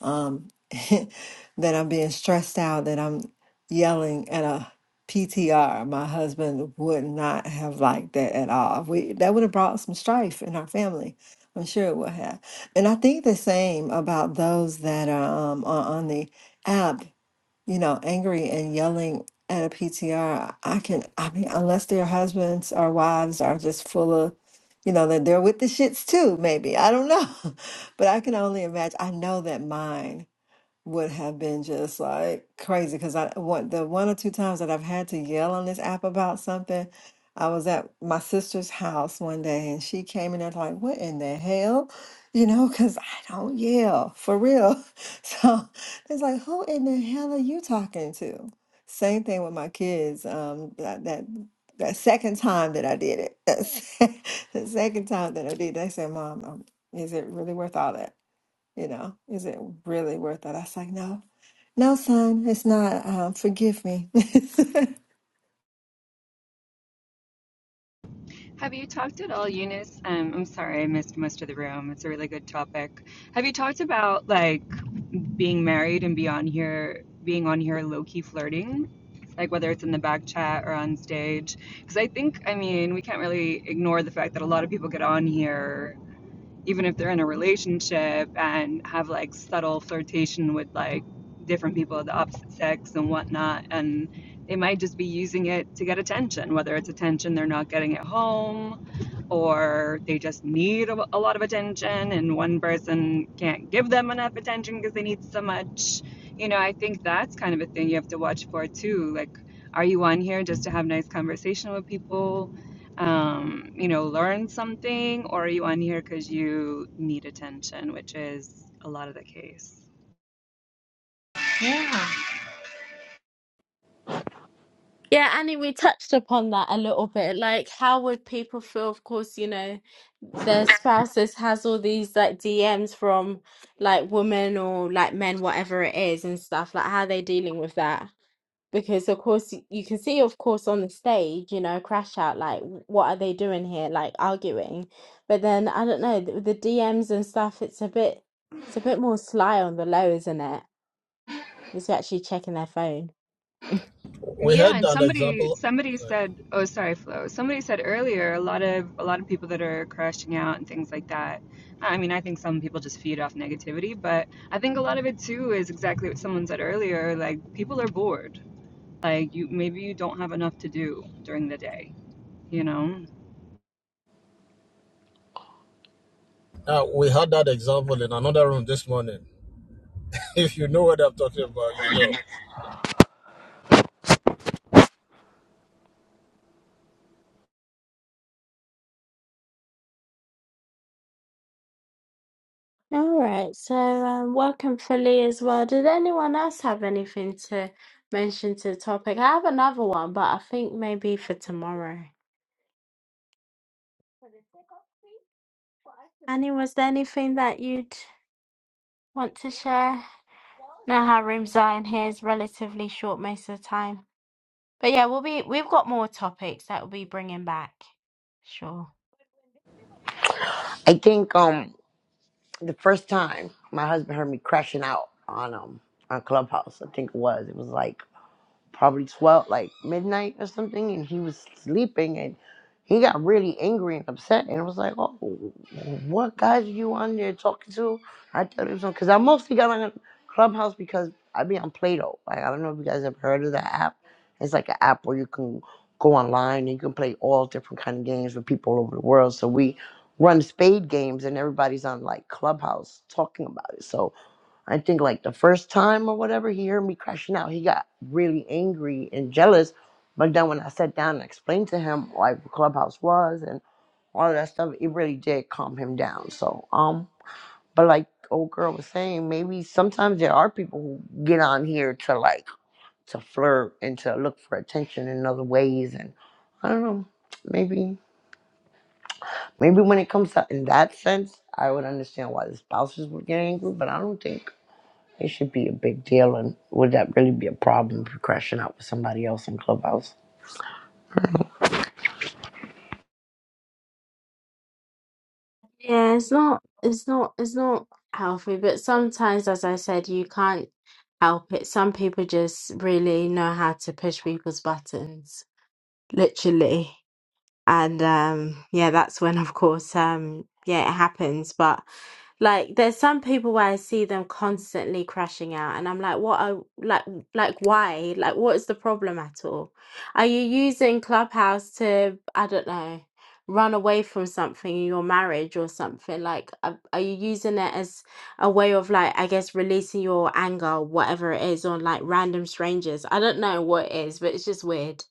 S26: Um, [LAUGHS] that I'm being stressed out, that I'm yelling at a PTR. My husband would not have liked that at all. We that would have brought some strife in our family. I'm sure it would have. And I think the same about those that are um, are on the app you know, angry and yelling at a PTR, I can, I mean, unless their husbands or wives are just full of, you know, that they're with the shits too, maybe. I don't know. [LAUGHS] But I can only imagine. I know that mine would have been just like crazy because I one the one or two times that I've had to yell on this app about something, I was at my sister's house one day and she came in there like, "What in the hell?" You know, because I don't yell for real. [LAUGHS] So it's like, who in the hell are you talking to? Same thing with my kids. Um, that that that second time that I did it, [LAUGHS] the second time that I did, they said, "Mom, um, is it really worth all that?" You know, is it really worth it? I was like, no, no, son, it's not. Um, forgive me. [LAUGHS]
S8: Have you talked at all, Eunice? Um, I'm sorry, I missed most of the room. It's a really good topic. Have you talked about like being married and be on here, being on here low key flirting, like whether it's in the back chat or on stage? Because I think, I mean, we can't really ignore the fact that a lot of people get on here even if they're in a relationship and have like subtle flirtation with like different people of the opposite sex and whatnot and they might just be using it to get attention whether it's attention they're not getting at home or they just need a, a lot of attention and one person can't give them enough attention because they need so much you know i think that's kind of a thing you have to watch for too like are you on here just to have nice conversation with people um, you know, learn something, or are you on here because you need attention, which is a lot of the case.
S22: Yeah.
S1: Yeah, Annie, we touched upon that a little bit. Like, how would people feel? Of course, you know, their spouses has all these like DMs from like women or like men, whatever it is, and stuff. Like, how they dealing with that? Because of course, y- you can see, of course, on the stage, you know, crash out. Like, w- what are they doing here? Like arguing. But then I don't know the, the DMs and stuff. It's a bit, it's a bit more sly on the low, isn't it? It's actually checking their phone.
S25: We
S8: Yeah,
S25: had
S8: and
S25: that
S8: somebody
S25: example.
S8: somebody
S25: Sorry.
S8: said, oh, sorry, Flo. Somebody said earlier, a lot of a lot of people that are crashing out and things like that. I mean, I think some people just feed off negativity, but I think a lot of it too is exactly what someone said earlier. Like people are bored. Like you, maybe you don't have enough to do during the day. You know,
S25: Uh, we had that example in another room this morning. [LAUGHS] If you know what I'm talking about, you know.
S1: All right, so um, welcome Philly as well. Did anyone else have anything to mention to the topic? I have another one, but I think maybe for tomorrow. Annie, was there anything that you'd want to share? Know how rooms are, in here is relatively short most of the time. But yeah, we'll be we've got more topics that we'll be bringing back. Sure.
S28: I think. Um. the first time my husband heard me crashing out on um on Clubhouse, I think it was. It was like probably 12 like midnight or something and he was sleeping and he got really angry and upset and I was like oh what guys are you on there talking to i thought it was on because i mostly got on clubhouse because i be on play-doh like i don't know if you guys have heard of that app it's like an app where you can go online and you can play all different kind of games with people all over the world so we run spade games and everybody's on like clubhouse talking about it so I think like the first time or whatever, he heard me crashing out. He got really angry and jealous. But then when I sat down and explained to him like what Clubhouse was and all of that stuff, it really did calm him down. So um, but like the old girl was saying, maybe sometimes there are people who get on here to like to flirt and to look for attention in other ways, and I don't know, maybe. Maybe when it comes to in that sense, I would understand why the spouses would get angry, but I don't think it should be a big deal. And would that really be a problem if you're crashing out with somebody else in Clubhouse?
S1: Yeah, it's not, it's not, it's not healthy, but sometimes, as I said, you can't help it. Some people just really know how to push people's buttons, literally. and um yeah that's when of course um yeah it happens but like there's some people where I see them constantly crashing out and I'm like what are like like why like what is the problem at all are you using Clubhouse to I don't know run away from something in your marriage or something like are, are you using it as a way of like I guess releasing your anger whatever it is on like random strangers I don't know what it is but it's just weird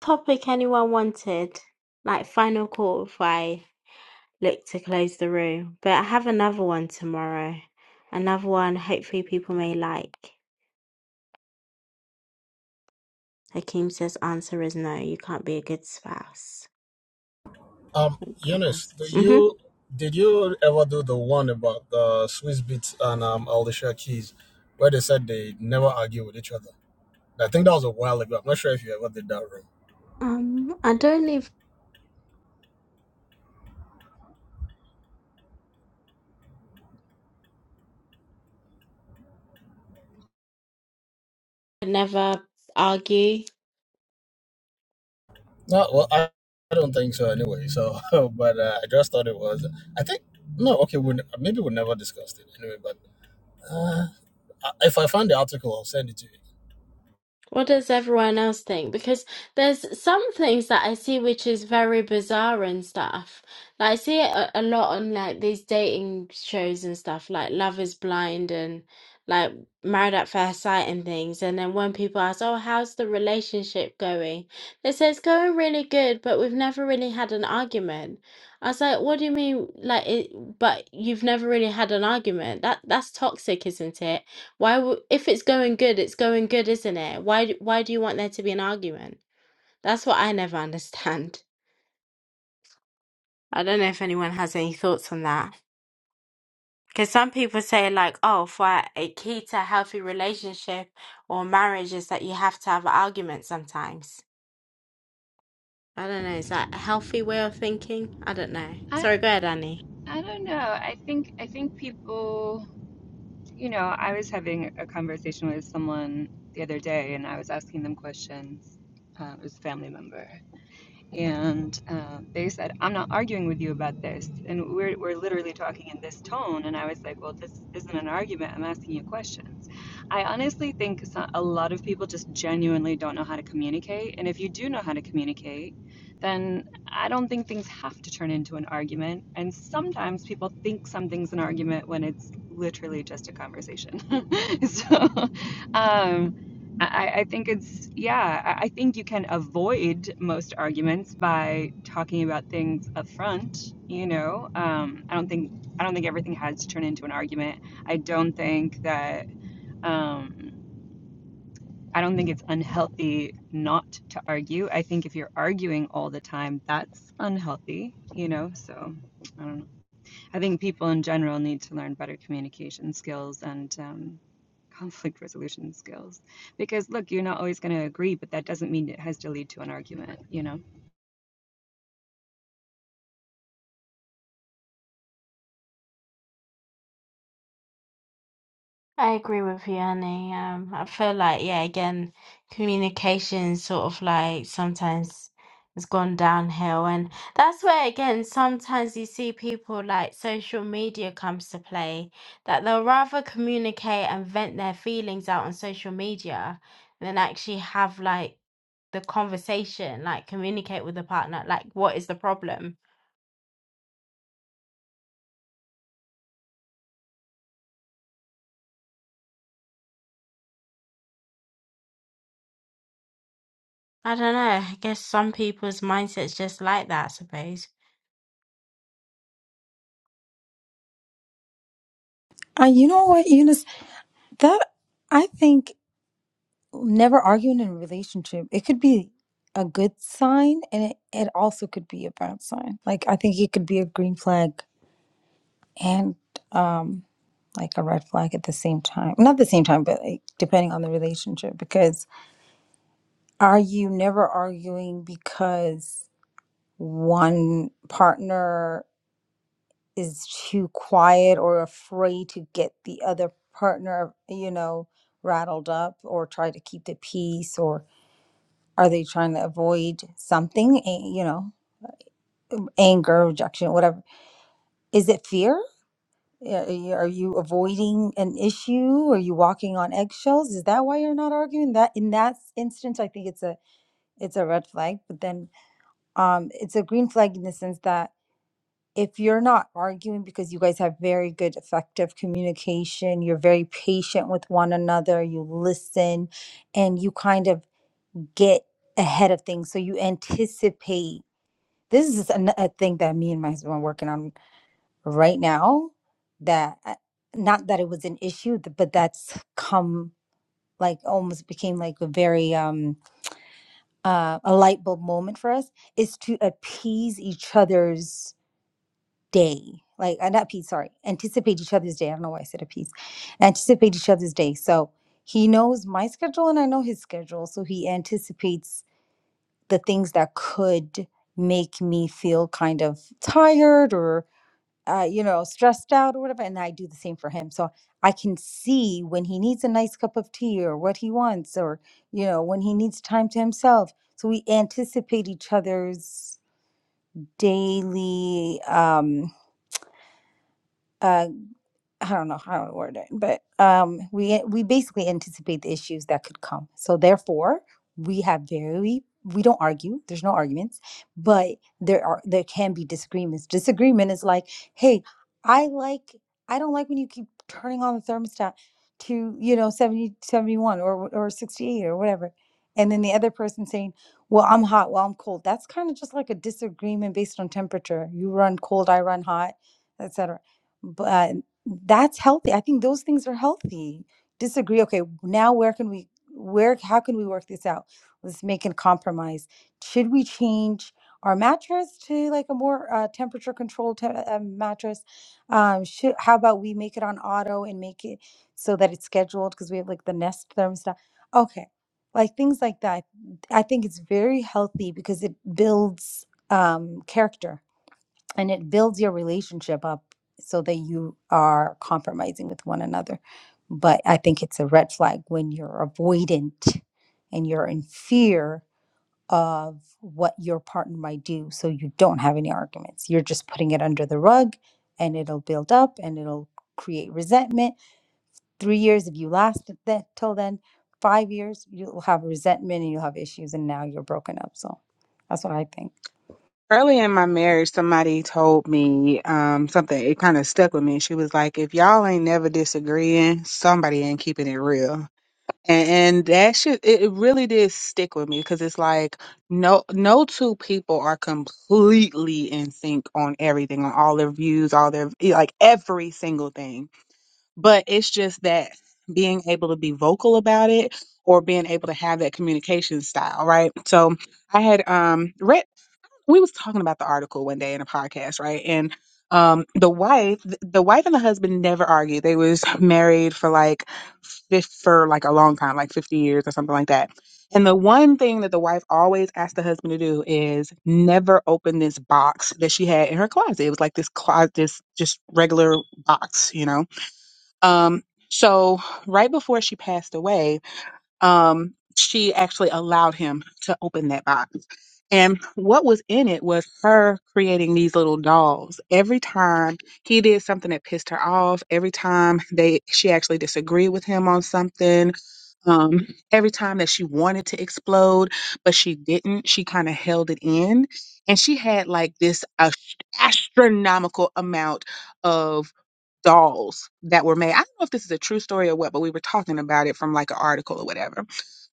S1: topic anyone wanted? Like final call if I look to close the room. But I have another one tomorrow. Another one hopefully people may like. Hakeem says answer is no, you can't be a good spouse.
S25: Um, Eunice,
S1: Clubhouse.
S25: do
S1: hmm
S25: you did you ever do the one about uh, Swiss Beats and um, Alicia Keys, where they said they never argue with each other? I think that was a while ago. I'm not sure if you ever did that room.
S1: Um I don't even never argue.
S25: No, well, I, I don't think so anyway. So, [LAUGHS] but uh, I just thought it was. I think no. Okay, we maybe we never discussed it anyway. But uh, I- if I find the article, I'll send it to you.
S1: What does everyone else think? Because there's some things that I see which is very bizarre and stuff. Like I see it a, a lot on like these dating shows and stuff, like Love is Blind and like Married at First Sight and things. And then when people ask, "Oh, how's the relationship going?" They say it's going really good, but we've never really had an argument. I was like, "What do you mean? Like, it, but you've never really had an argument? That that's toxic, isn't it?" Why would if it's going good, it's going good, isn't it? Why d- why do you want there to be an argument? That's what I never [LAUGHS] understand. I don't know if anyone has any thoughts on that. Because some people say like, oh, for a key to a healthy relationship or marriage is that you have to have an argument sometimes. I don't know. Is that a healthy way of thinking? I don't know.
S8: I
S1: Sorry, go ahead, Annie.
S8: I don't know. I think I think people. You know, I was having a conversation with someone the other day and I was asking them questions. Uh, it was a family member. And uh, they said, I'm not arguing with you about this. And we're, we're literally talking in this tone. And I was like, well, this isn't an argument. I'm asking you questions. I honestly think so- a lot of people just genuinely don't know how to communicate. And if you do know how to communicate, then I don't think things have to turn into an argument. And sometimes people think something's an argument when it's literally just a conversation. [LAUGHS] so, um, I, I think it's, yeah, I think you can avoid most arguments by talking about things up front, you know. Um, I don't think I don't think everything has to turn into an argument. I don't think that um, I don't think it's unhealthy not to argue. I think if you're arguing all the time, that's unhealthy, you know. So I don't know. I think people in general need to learn better communication skills and um, conflict resolution skills. Because look, you're not always going to agree, but that doesn't mean it has to lead to an argument, you know?
S1: I agree with you, Annie. Um, I feel like, yeah, again, communication sort of like sometimes has gone downhill. And that's where, again, sometimes you see people like social media comes to play, that they'll rather communicate and vent their feelings out on social media than actually have like the conversation, like communicate with the partner, like what is the problem? I don't know. I guess some people's mindsets just like that, I suppose.
S20: Uh, you know what, Eunice? That I think never arguing in a relationship, it could be a good sign and it, it also could be a bad sign. Like I think it could be a green flag and um like a red flag at the same time. Not the same time, but like depending on the relationship because are you never arguing because one partner is too quiet or afraid to get the other partner, you know, rattled up or try to keep the peace or Are they trying to avoid something, a- you know, anger, rejection, whatever? Is it fear? Yeah, y- Are you avoiding an issue? Are you walking on eggshells? Is that why you're not arguing? That in that s- instance, I think it's a it's a red flag. But then, um, it's a green flag in the sense that if you're not arguing because you guys have very good effective communication, you're very patient with one another, you listen, and you kind of get ahead of things, so you anticipate this is an, a thing that me and my husband are working on right now that uh, not that it was an issue but that's come like almost became like a very um uh, a light bulb moment for us is to appease each other's day like uh, not appease sorry anticipate each other's day i don't know why i said appease anticipate each other's day so he knows my schedule and i know his schedule so he anticipates the things that could make me feel kind of tired or. uh, you know, stressed out or whatever. And I do the same for him. So I can see when he needs a nice cup of tea or what he wants or, you know, when he needs time to himself. So we anticipate each other's daily um, uh, I don't know how to word it, but um, we we basically anticipate the issues that could come. So therefore, we have very we don't argue. There's no arguments, but there are there can be disagreements. Disagreement is like, hey, I like I don't like when you keep turning on the thermostat to you know 70 71 or or sixty eight or whatever, and then the other person saying, well, I'm hot, well, I'm cold. That's kind of just like a disagreement based on temperature. You run cold, I run hot, etc that's healthy i think those things are healthy disagree okay now where can we where how can we work this out let's make a compromise should we change our mattress to like a more uh, temperature controlled te- uh, mattress um should how about we make it on auto and make it so that it's scheduled because we have like the nest thermostat okay like things like that i think it's very healthy because it builds um character and it builds your relationship up so that you are compromising with one another. But I think it's a red flag when you're avoidant and you're in fear of what your partner might do. So you don't have any arguments. You're just putting it under the rug and it'll build up and it'll create resentment three years if you last it till then five years you'll have resentment and you'll have issues and now you're broken up so that's what i think
S9: Early in my marriage, somebody told me um, something. It kind of stuck with me. She was like, "If y'all ain't never disagreeing, somebody ain't keeping it real." And, and that shit, it, it really did stick with me because it's like no, no two people are completely in sync on everything, on all their views, all their eh, like every single thing. But it's just that being able to be vocal about it or being able to have that communication style, right? So I had um read we was talking about the article one day in a podcast, right? And um the wife the wife and the husband never argued. They was married for like fif- for like a long time, like 50 years or something like that. And the one thing that the wife always asked the husband to do is never open this box that she had in her closet. It was like this closet this just regular box, you know. Um so right before she passed away, um, she actually allowed him to open that box. And what was in it was her creating these little dolls. Every time he did something that pissed her off, every time they she actually disagreed with him on something, um, every time that she wanted to explode but she didn't, she kind of held it in, and she had like this ast- astronomical amount of dolls that were made. I don't know if this is a true story or what, but we were talking about it from like an article or whatever.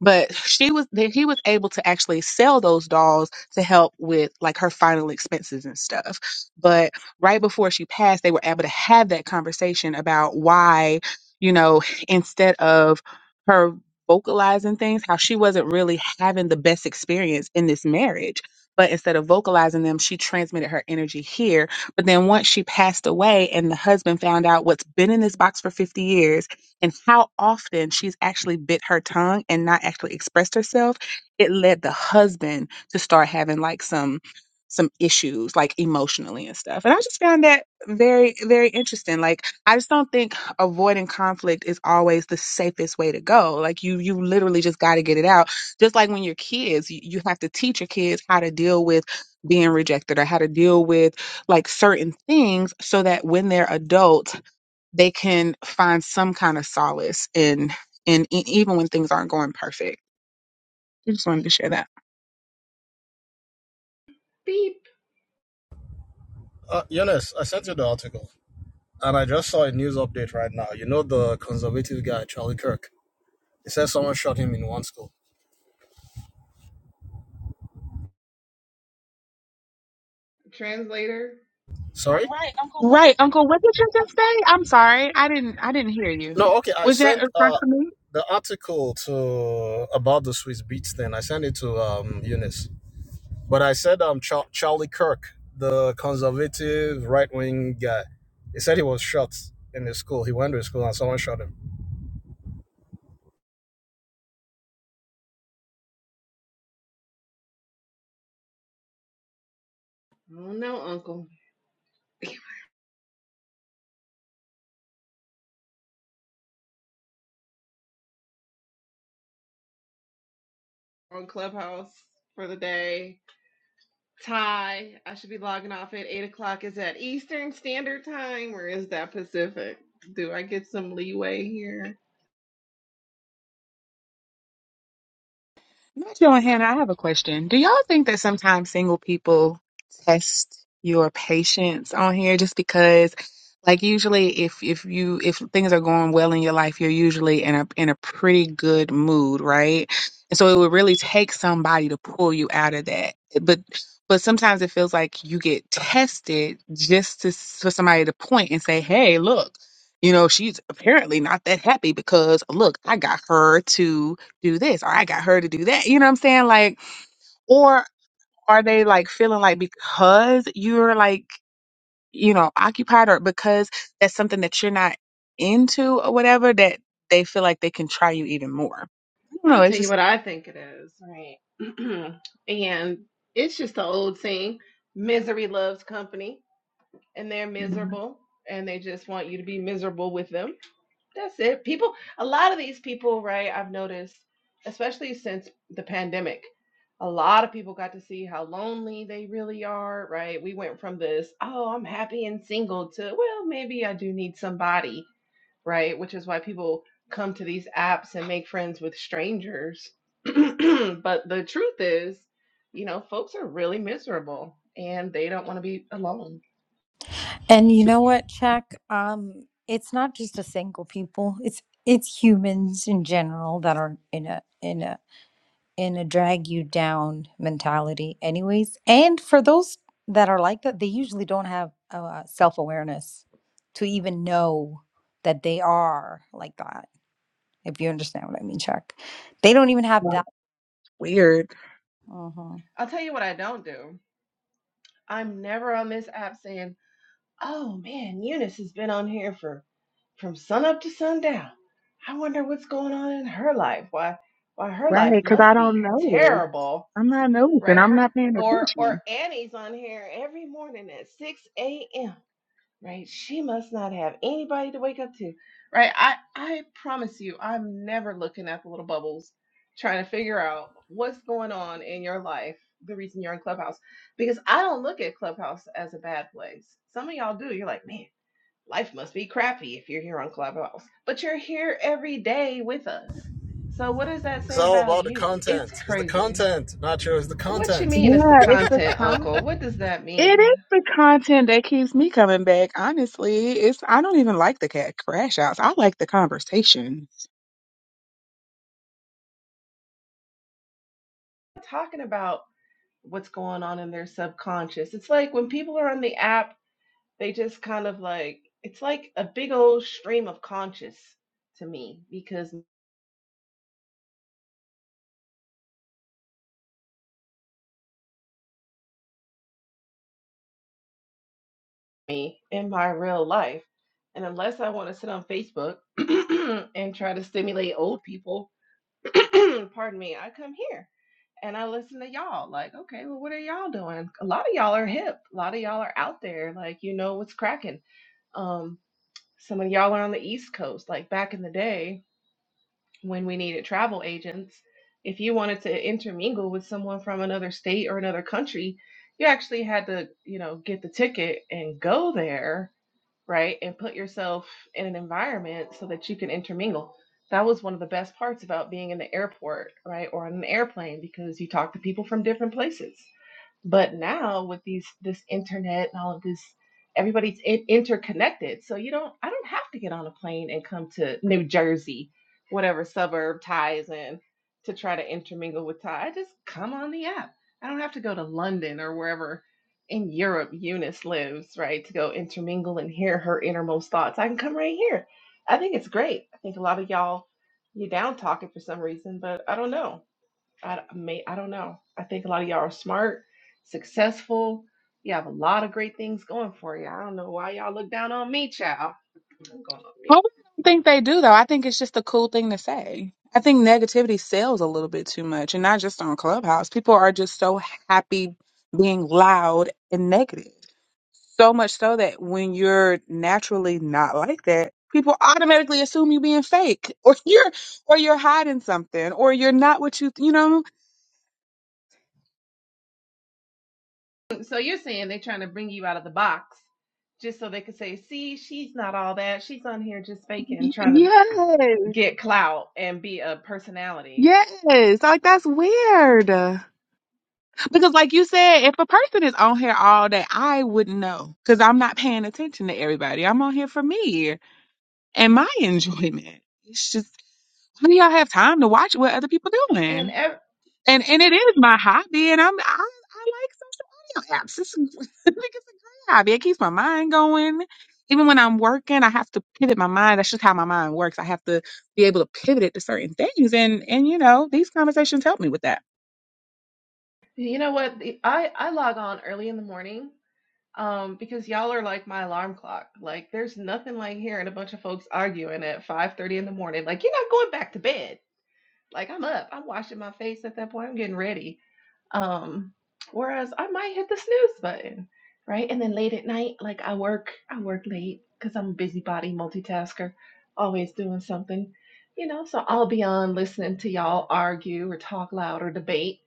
S9: But she was that he was able to actually sell those dolls to help with like her final expenses and stuff. But right before she passed, they were able to have that conversation about why, you know, instead of her vocalizing things, how she wasn't really having the best experience in this marriage. But instead of vocalizing them, she transmitted her energy here but then once she passed away and the husband found out what's been in this box for 50 years and how often she's actually bit her tongue and not actually expressed herself, it led the husband to start having like some some issues like emotionally and stuff. And I just found that very very interesting. Like I just don't think avoiding conflict is always the safest way to go. Like you you literally just got to get it out. Just like when you're kids, you, you have to teach your kids how to deal with being rejected or how to deal with like certain things so that when they're adult they can find some kind of solace in in e- even when things aren't going perfect i just wanted to share that
S11: Beep.
S25: Uh, Eunice, I sent you the article, and I just saw a news update right now. You know the conservative guy Charlie Kirk. It says someone shot him in one school.
S11: Translator.
S25: Sorry?
S9: right uncle what did you just say i'm sorry i didn't i didn't hear you
S25: No, okay. I
S9: was that a
S25: sent
S9: response
S25: uh
S9: to me?
S25: the article to about the Swiss Beats thing. I sent it to um Eunice. But I said um Char- Charlie Kirk, the conservative right wing guy. He said he was shot in his school. He went to his school and someone shot him.
S11: Oh no, uncle. [LAUGHS] On Clubhouse for the day. Ty, I should be logging off at 8 o'clock. Is that Eastern Standard Time or is that Pacific? Do I get some leeway here?
S9: Joe and Hannah, I have a question. Do y'all think that sometimes single people test your patience on here just because like usually if if you if things are going well in your life, you're usually in a in a pretty good mood, right? And so it would really take somebody to pull you out of that. But but sometimes it feels like you get tested just to for somebody to point and say, "Hey, look, you know, she's apparently not that happy because look, I got her to." do this or I got her to do that. You know what I'm saying? Like, or are they like feeling like because you're like, you know, occupied or because that's something that you're not into or whatever that they feel like they can try you even more? I don't know.
S11: I'll
S9: It's
S11: tell you
S9: just
S11: what I think it is. Right. [CLEARS THROAT] and it's just the old saying misery loves company, and they're miserable, and they just want you to be miserable with them That's it. People, a lot of these people, right? I've noticed, especially since the pandemic, a lot of people got to see how lonely they really are, right? We went from this, oh, I'm happy and single to, well, maybe I do need somebody, right? Which is why people come to these apps and make friends with strangers. [CLEARS THROAT] But the truth is, you know, folks are really miserable and they don't want to be alone.
S20: and you know what chuck um it's not just a single people it's it's humans in general that are in a in a in a drag you down mentality anyways and for those that are like that they usually don't have uh, self-awareness to even know that they are like that if you understand what i mean chuck they don't even have
S9: like,
S20: that
S9: weird.
S20: Mm-hmm.
S11: I'll tell you what I don't do. I'm never on this app saying, Oh man, Eunice has been on here for from sun up to sundown. I wonder what's going on in her life. Why why her life
S9: Right. Cause I
S11: must
S9: don't
S11: be
S9: notice.
S11: terrible,
S9: I'm not noticing.
S11: right?
S9: I'm
S11: Her
S9: not paying
S11: or or
S9: attention.
S11: Annie's on here every morning at 6 a.m. Right? She must not have anybody to wake up to. Right? I I promise you, I'm never looking at the little bubbles trying to figure out what's going on in your life, the reason you're in Clubhouse. Because I don't look at Clubhouse as a bad place. Some of y'all do. You're like, man. Life must be crappy if you're here on Clubhouse, but you're here every day with us. So what does that
S25: It's
S11: say
S25: all
S11: about
S25: about the
S11: you? It's
S25: content. It's the
S11: crazy.
S25: content, Nacho. It's the
S11: What you
S25: content.
S11: mean it's the
S9: Yeah. It's the
S11: content,
S9: time.
S11: Uncle? What does that
S9: It
S11: mean?
S9: is the content that keeps me coming back. Honestly, it's I don't even like the cat crash outs. I like the conversation.
S11: Talking about what's going on in their subconscious. It's like when people are on the app, they just kind of like it's like a big old stream of conscious to me because me in my real life, and unless I want to sit on Facebook [CLEARS THROAT] and try to stimulate old people [CLEARS THROAT] pardon me, I come here and I listen to y'all. Like, okay, well, what are y'all doing? A lot of y'all are hip. A lot of y'all are out there. Like, you know what's cracking. Um, some of y'all are on the East Coast. Like back in the day when we needed travel agents, if you wanted to intermingle with someone from another state or another country, you actually had to, you know, get the ticket and go there right? And put yourself in an environment so that you can intermingle. That was one of the best parts about being in the airport, right? Or on an airplane because you talk to people from different places. But now with these this internet and all of this, everybody's in- interconnected. So you don't I don't have to get on a plane and come to New Jersey, whatever suburb Ty is in, to try to intermingle with Ty. I just come on the app. I don't have to go to London or wherever in Europe Eunice lives, right, to go intermingle and hear her innermost thoughts. I can come right here. I think it's great. I think a lot of y'all you're down talking for some reason, but I don't know. I may I don't know. I think a lot of y'all are smart, successful. You have a lot of great things going for you. I don't know why y'all look down on me, child. I'm going on
S9: I
S11: mute.
S9: really don't think they do though. I think it's just a cool thing to say. I think negativity sells a little bit too much, and not just on Clubhouse. People are just so happy being loud and negative. So much so that when you're naturally not like that, people automatically assume you're being fake, [LAUGHS] or you're, or you're hiding something, or you're not what you, you know.
S11: So you're saying they're trying to bring you out of the box just so they could say, see, she's not all that. She's on here just faking, trying to
S9: Y-
S11: get clout and be a personality.
S9: Yes, yes. Like that's weird. Because, like you said, if a person is on here all day, I wouldn't know because I'm not paying attention to everybody. I'm on here for me and my [LAUGHS] enjoyment. It's just, how do y'all have time to watch what other people
S11: And
S9: doing?
S11: ev-
S9: And and it is my hobby, and I'm I, I like email apps. It's, [LAUGHS] I it's a great hobby. [LAUGHS] It keeps my mind going. Even when I'm working, I have to pivot my mind. That's just how my mind works. I have to be able to pivot it to certain things. And and you know, these conversations help me with that.
S11: you know what? The- I I log on early in the morning um because y'all are like my alarm clock. Like there's nothing like hearing a bunch of folks arguing at 5:30 in the morning. Like you're not going back to bed. Like I'm up. I'm washing my face at that point. I'm getting ready. Um, whereas I might hit the snooze button, right? And then late at night, like I work, I work late because I'm a busybody multitasker, always doing something, you know. So I'll be on listening to y'all argue or talk loud or debate,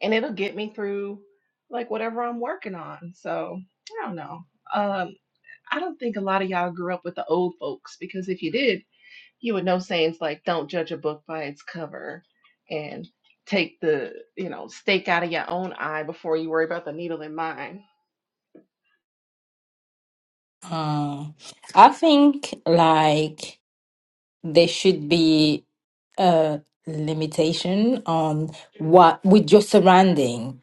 S11: and it'll get me through like whatever I'm working on. So I don't know. Um, I don't think a lot of y'all grew up with the old folks because if you did, you would know sayings like don't judge a book by its cover and take the you know stake out of your own eye before you worry about the needle in mine
S27: Um, I think like there should be a limitation on what with your surrounding.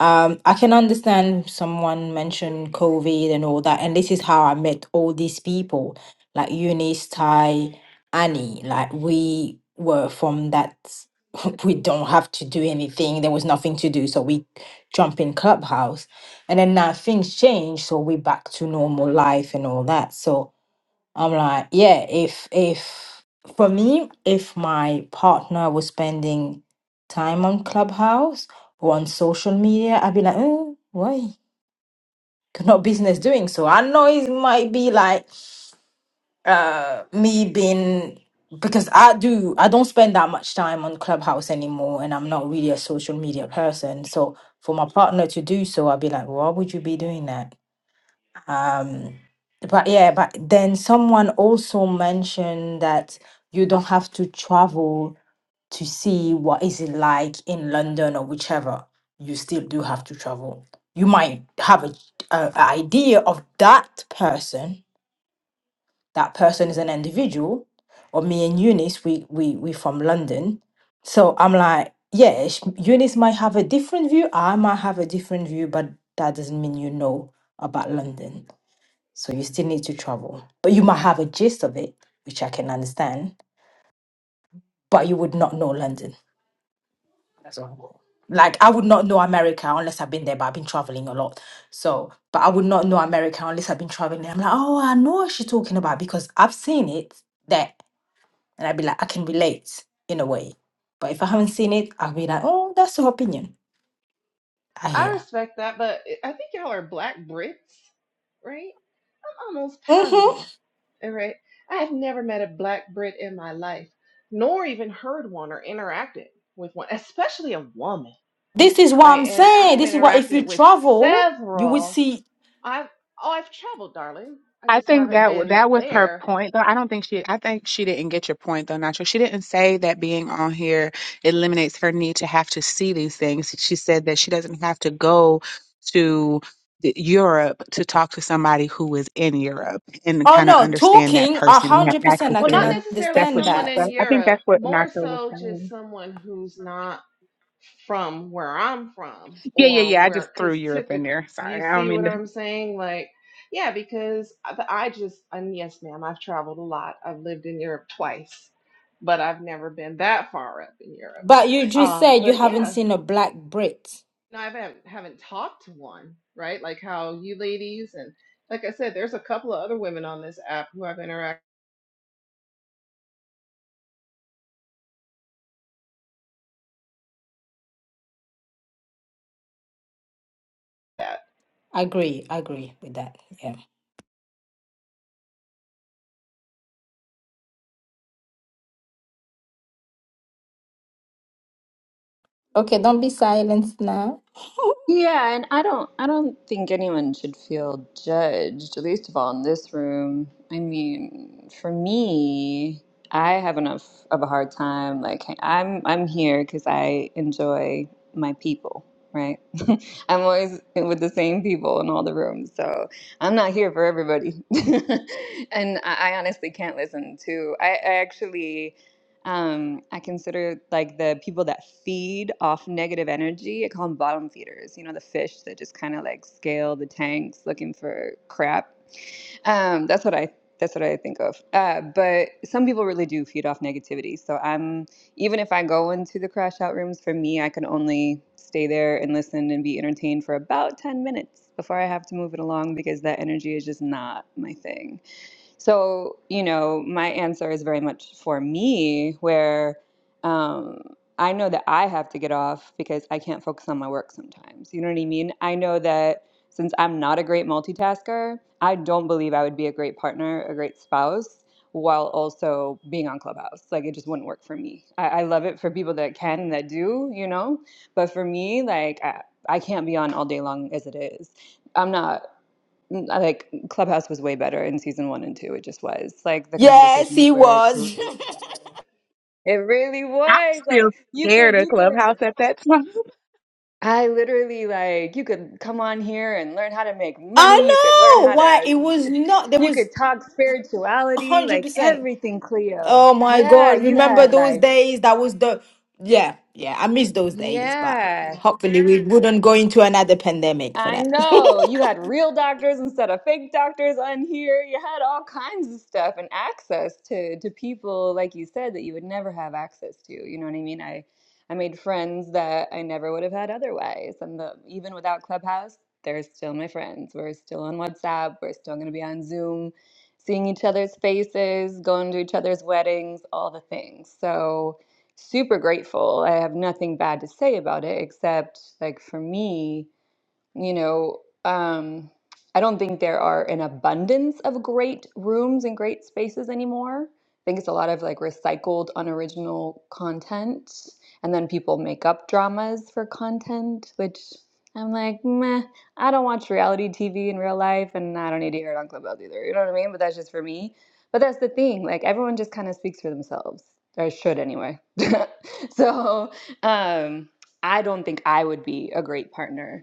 S27: Um, I can understand someone mentioned COVID and all that, and this is how I met all these people, like Eunice, Ty, Annie. Like we were from that. [LAUGHS] We don't have to do anything. There was nothing to do, so we jump in clubhouse, and then now things change, so we back to normal life and all that. So I'm like, yeah, if if for me, if my partner was spending time on Clubhouse or on social media, I'd be like, oh, why? [LAUGHS] Got no business doing so. I know it might be like uh me being because I do I don't spend that much time on Clubhouse anymore and I'm not really a social media person. So for my partner to do so, I'd be like, why would you be doing that? Um, but yeah, but then someone also mentioned that you don't have to travel to see what is it like in London or whichever. You still do have to travel. You might have a, a a idea of that person. That person is an individual, or me and Eunice, we we we from London. So I'm like, yeah, sh- Eunice might have a different view. I might have a different view, but that doesn't mean you know about London so you still need to travel. But you might have a gist of it, which I can understand, but you would not know London. That's all. Like I would not know America unless I've been there, but I've been traveling a lot. So, but I would not know America unless I've been traveling. I'm like, oh, I know what she's talking about because I've seen it there. And I'd be like, I can relate in a way. But if I haven't seen it, I'll be like, oh, that's her opinion. I
S11: i
S27: hear.
S11: respect that but eh, i think y'all are black brits right almost
S27: hmm
S11: positive. All right. I have never met a black Brit in my life, nor even heard one or interacted with one, especially a woman.
S27: This is what
S11: Right.
S27: I'm
S11: And
S27: saying.
S11: I've
S27: This is what if
S11: interacted
S27: you
S11: with
S27: travel, you would
S11: several.
S27: see
S11: I've oh, I've traveled, darling. I
S9: I
S11: just
S9: think
S11: haven't
S9: that w-
S11: been
S9: that was her
S11: there.
S9: point, though. I don't think she. I think she didn't get your point, though, Nacho. She didn't say that being on here eliminates her need to have to see these things. She said that she doesn't have to go to the- Europe to talk to somebody who is in Europe and
S27: Oh
S9: kind of
S27: no,
S9: understand that
S27: talking a
S9: person and
S27: hundred
S9: have
S27: percent.
S9: access
S27: I
S11: Well,
S9: to
S27: can
S11: not
S9: them.
S11: necessarily
S9: That's what
S27: understand
S9: she.
S11: someone in
S27: that,
S9: that- I think
S11: Europe,
S9: that's what
S11: more
S9: Nacho was
S11: so just
S9: saying.
S11: someone who's not from where I'm from
S9: Yeah, yeah,
S11: or
S9: yeah. I just
S11: where,
S9: threw
S11: because
S9: Europe in
S11: typically,
S9: there.
S11: you
S9: Sorry, I don't
S11: see
S9: mean
S11: what
S9: to.
S11: I'm
S9: [LAUGHS]
S11: saying? Like, yeah, because I I just, and yes, ma'am, I've traveled a lot. I've lived in Europe twice, but I've never been that far up in Europe.
S27: but you just
S11: Um,
S27: said you
S11: but
S27: haven't
S11: yeah,
S27: seen a black Brit.
S11: no, I haven't, haven't talked to one, right? Like how you ladies, and like I said, there's a couple of other women on this app who I've interacted with.
S27: I agree. I agree with that. Yeah. Okay, don't be silent now. [LAUGHS]
S8: Yeah, and I don't I don't think anyone should feel judged, least of all in this room. I mean, for me, I have enough of a hard time. Like hey, I'm I'm here because I enjoy my people, right? [LAUGHS] I'm always with the same people in all the rooms, so I'm not here for everybody. [LAUGHS] And I, I honestly can't listen to. I, I actually. Um, I consider like the people that feed off negative energy, I call them bottom feeders, you know, the fish that just kind of like scale the tanks looking for crap. Um, that's what I that's what I think of. Uh, but some people really do feed off negativity. So I'm even if I go into the crash out rooms, for me, I can only stay there and listen and be entertained for about 10 minutes before I have to move it along because that energy is just not my thing. So, you know, my answer is very much for me, where um, I know that I have to get off because I can't focus on my work sometimes. You know what I mean? I know that since I'm not a great multitasker, I don't believe I would be a great partner, a great spouse, while also being on Clubhouse. Like, it just wouldn't work for me. I, I love it for people that can and that do, you know? But for me, like, I, I can't be on all day long as it is. I'm not n- I like Clubhouse was way better in season one and two. It just was like the
S27: Yes,
S8: conversations
S27: he
S8: were
S27: was.
S8: great. It really
S9: I was
S8: was
S9: still
S8: like you
S9: scared
S8: could
S9: of
S8: you could
S9: Clubhouse at that time.
S8: I literally like you could come on here and learn how to make
S27: [LAUGHS] I
S8: money. You could learn
S27: know
S8: how
S27: why
S8: to
S27: it was not. There
S8: you could
S27: was
S8: talk
S27: a
S8: spirituality
S27: hundred
S8: like
S27: percent.
S8: everything Cleo.
S27: Oh my
S8: Yeah,
S27: god!
S8: you
S27: Remember
S8: had
S27: those
S8: like
S27: days? That was the yeah, yeah. I miss those days, but
S8: yeah.
S27: hopefully we wouldn't go into another pandemic for
S8: I
S27: that.
S8: know you had real doctors instead of fake doctors on here. You had all kinds of stuff and access to to people like you said that you would never have access to. You know what I mean? I I made friends that I never would have had otherwise. And the, even without Clubhouse, they're still my friends. We're still on WhatsApp. We're still going to be on Zoom, seeing each other's faces, going to each other's weddings, all the things. So super grateful. I have nothing bad to say about it except like for me you know, um, I don't think there are an abundance of great rooms and great spaces anymore. I think it's a lot of like recycled, unoriginal content, and then people make up dramas for content, which I'm like, meh, I don't watch reality TV in real life, and I don't need to hear it on Clubhouse either. You know what I mean? But that's just for me. But that's the thing, like everyone just kind of speaks for themselves, or should anyway. [LAUGHS] so, um, I don't think I would be a great partner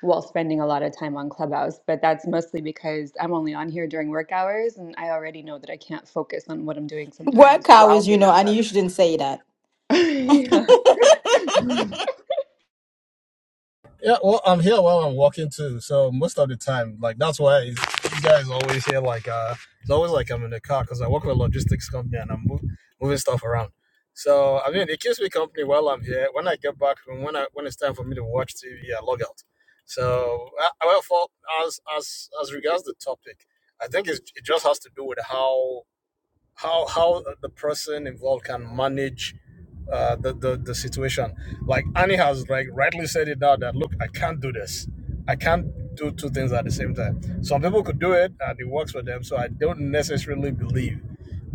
S8: while spending a lot of time on Clubhouse, but that's mostly because I'm only on here during work hours and I already know that I can't focus on what I'm doing
S27: [LAUGHS]
S8: sometimes
S27: Work
S8: while
S27: hours, you
S8: being
S27: know,
S8: on
S27: and you
S8: Clubhouse. [LAUGHS]
S27: shouldn't say that.
S8: Yeah.
S25: Yeah, well, I'm here while I'm walking too. So most of the time, like that's why you guys always hear like uh, it's always like I'm in the car because I work with a logistics company and I'm move, moving stuff around. So I mean, it keeps me company while I'm here. When I get back from when I when it's time for me to watch TV, I log out. So uh, well, for as as as regards the topic, I think it's, it just has to do with how how how the person involved can manage uh, the, the the situation. Like Annie has like rightly said it now that look, I can't do this. I can't do two things at the same time. Some people could do it and it works for them, so I don't necessarily believe.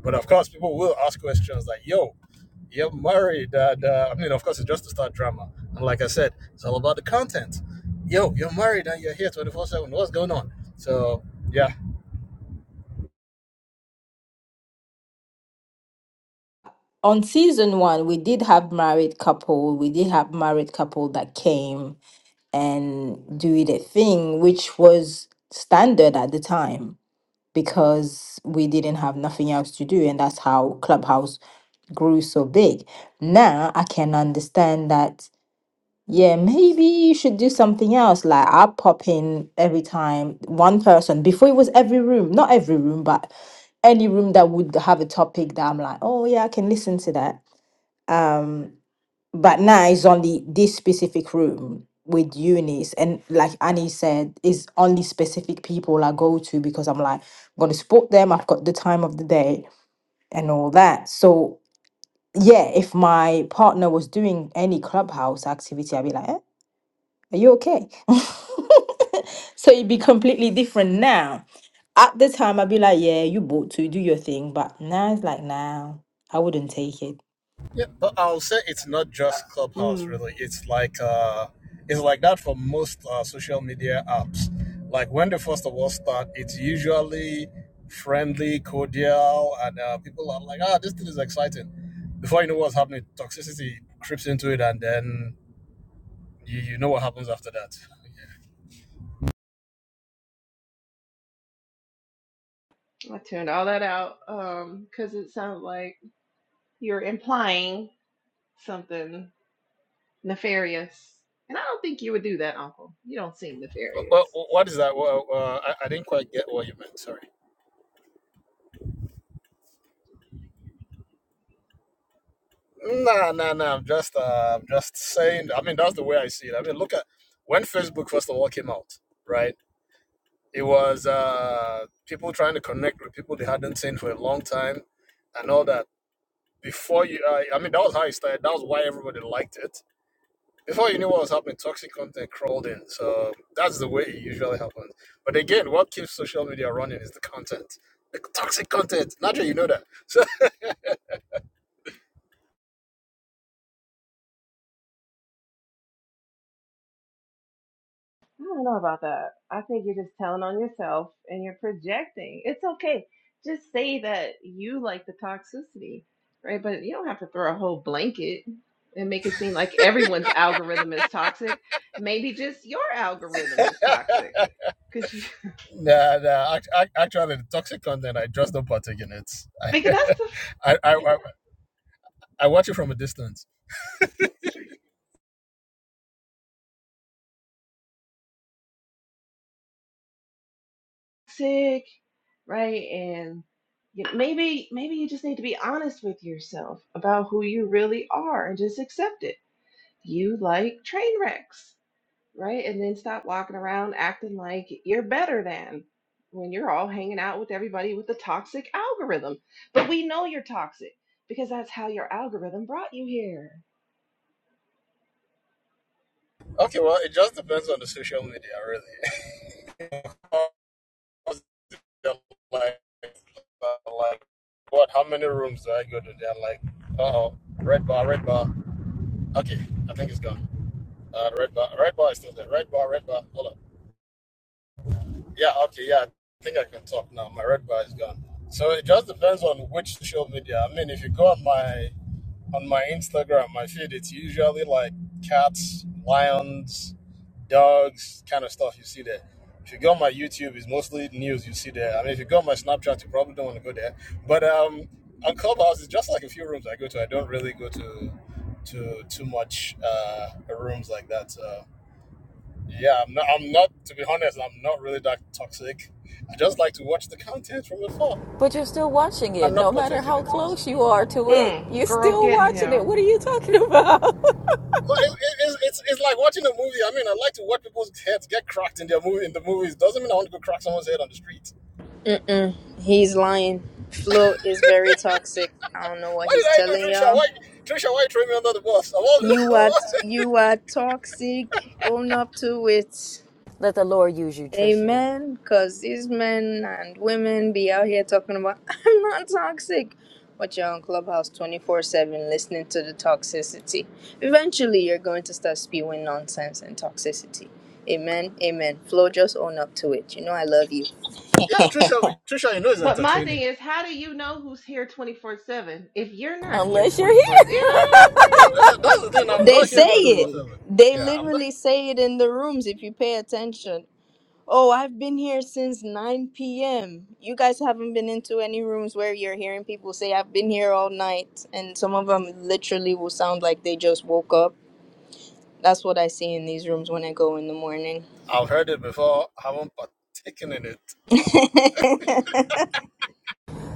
S25: But of course, people will ask questions like, "Yo, you're married?" And, uh, I mean, of course, it's just to start drama. And like I said, it's all about the content. Yo, you're married and you're here twenty four seven. What's going on? So yeah,
S27: on season one, we did have married couple. We did have married couple that came and do the thing, which was standard at the time because we didn't have nothing else to do, and that's how Clubhouse grew so big. Now I can understand that. Yeah, maybe you should do something else. Like I pop in every time one person. Before it was every room, not every room, but any room that would have a topic that I'm like, oh yeah, I can listen to that um but now it's only this specific room with unis and like annie said it's only specific people i go to because i'm like i'm going to support them i've got the time of the day and all that so yeah if my partner was doing any clubhouse activity i'd be like eh, are you okay [LAUGHS] so it'd be completely different now at the time i'd be like yeah you bought to do your thing but now it's like now nah, i wouldn't take it
S25: Yeah, but I'll say it's not just Clubhouse,
S11: Mm,
S25: really. It's like uh, it's like that for most uh, social media apps. Like when they first of all start, it's usually friendly, cordial, and uh, people are like, "Ah, this thing is exciting." Before you know what's happening, toxicity creeps into it, and then you, you know what happens after that. [LAUGHS]
S11: I tuned all that out um, because it sounded like you're implying something Nefarious. And I don't think you would do that, Uncle. You don't seem nefarious.
S25: Well, what
S11: So,
S25: is that? Well, uh, I, I didn't quite get what you meant. Sorry. Nah, nah, nah. I'm just, uh, I'm just saying. I mean, that's the way I see it. I mean, look at when Facebook first of all came out, right? It was uh, people trying to connect with people they hadn't seen for a long time, and all that. Before you, uh, I mean, that was how it started. That was why everybody liked it. Before you knew what was happening, toxic content crawled in. So that's the way it usually happens. But again, what keeps social media running is the content, the toxic content. Naturally, you know that. So
S11: I don't know about that. I think you're just telling on yourself and you're projecting. It's okay. Just say that you like the toxicity, right? But you don't have to throw a whole blanket and make it seem like everyone's algorithm is toxic. Maybe just your algorithm is toxic because you [LAUGHS]
S25: Nah, nah. Actually, the toxic content, I just don't partake in it. [LAUGHS] I,
S11: think that's the
S25: I, I, I watch it from a distance.
S11: toxic, right? And you maybe maybe you just need to be honest with yourself about who you really are and just accept it. You like train wrecks, right? And then stop walking around acting like you're better than when you're all hanging out with everybody with the toxic algorithm. But we know you're toxic because that's how your algorithm brought you here.
S25: Okay, well, it just depends on the social media, really. [LAUGHS] like, uh, like, what? How many rooms do I go to? They're like, uh oh, red bar, red bar. Okay, I think it's gone. Uh, red bar, red bar is still there. Red bar, red bar. Hold on. Yeah, okay, yeah. I think I can talk now. My red bar is gone. So it just depends on which social media. I mean, if you go on my on my Instagram, my feed, it's usually like cats, lions, dogs, kind of stuff you see there. If you go on my YouTube, it's mostly news you see there. I mean, if you go on my Snapchat, you probably don't want to go there. But um, on Clubhouse, it's just like a few rooms I go to. I don't really go to to too much uh, rooms like that. So yeah, I'm not. I'm not. To be honest, I'm not really that toxic. I just like to watch the content from afar
S29: But you're still watching
S25: and
S29: it.
S25: not
S29: No matter
S25: partake in
S29: how close you are to it,
S11: Mm,
S29: you're
S25: it.
S11: girl,
S29: still
S11: get
S29: watching it.
S11: him.
S29: What are you talking [LAUGHS] about?
S25: But it, it, it's, it's it's like watching a movie. I mean, I like to watch people's heads get cracked in their movie in the movies. Doesn't mean I want to go crack someone's head on the street.
S13: Mm-mm. He's lying. Flow is very toxic. I don't know what
S25: Why did
S13: he's
S25: I do
S13: telling
S25: Trisha?
S13: y'all.
S25: Why Trisha? Why throw me under the bus? I
S13: You are
S25: want,
S13: you are toxic. Own up to it.
S29: Let the Lord use you, Trisha.
S13: Amen. Because these men and women be out here talking about, [LAUGHS] I'm not toxic. But you're on Clubhouse 24 7 listening to the toxicity. Eventually, you're going to start spewing nonsense and toxicity. Amen. Amen. Flo, just own up to it. You know, I love you.
S25: [LAUGHS] yeah, Trisha. Trisha, you know is
S11: But my thing
S25: entertaining.
S11: is, how do you know who's here 24 7 if you're not here
S29: Unless you're
S11: 24
S29: here.
S11: You know what
S25: What? That, that's the
S11: I'm saying?
S25: thing.
S11: Like, what are
S25: I'm
S13: They
S11: we
S25: not here
S13: say
S25: twenty four
S13: it.
S11: doing?
S25: seven.
S13: They
S25: Yeah, I'm not.
S13: literally say it in the rooms if you pay attention. Oh, I've been here since 9 p.m. You guys haven't been into any rooms where you're hearing people say, I've been here all night. And some of them literally will sound like they just woke up. That's what I see in these rooms when I go in the morning.
S25: I've heard it before. I haven't partaken in it.
S13: [LAUGHS]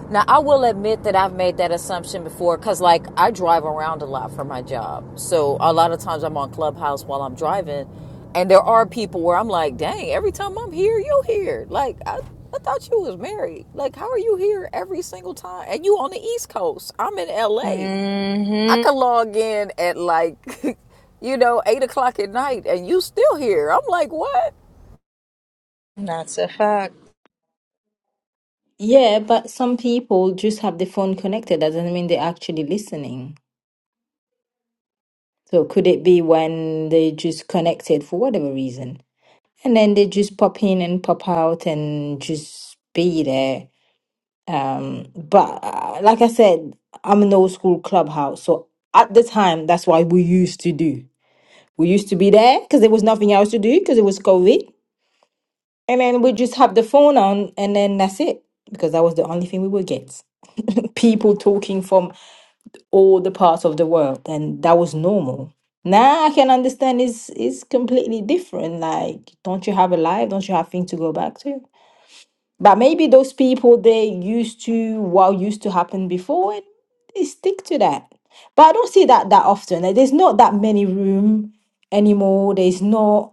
S29: Now, I will admit that I've made that assumption before because, like, I drive around a lot for my job. So, a lot of times I'm on Clubhouse while I'm driving. And there are people where I'm like, dang, every time I'm here, you're here. Like, I, I thought you was married. Like, how are you here every single time? And you on the East Coast. I'm in LA. I
S13: hmm
S29: could log in at like, [LAUGHS] you know, eight o'clock at night and you still here. I'm like, what?
S13: That's a fact.
S27: Yeah, but some people just have the phone connected. That doesn't mean they're actually listening. So could it be when they just connected for whatever reason? And then they just pop in and pop out and just be there. Um, but uh, like I said, I'm an old school clubhouse. So at the time, that's what we used to do. We used to be there because there was nothing else to do because it was COVID. And then we just have the phone on and then that's it because that was the only thing we would get. [LAUGHS] people talking from all the parts of the world and that was normal now i can understand it's it's completely different like don't you have a life don't you have things to go back to but maybe those people they used to what used to happen before and they stick to that but i don't see that that often like, there's not that many room anymore there's not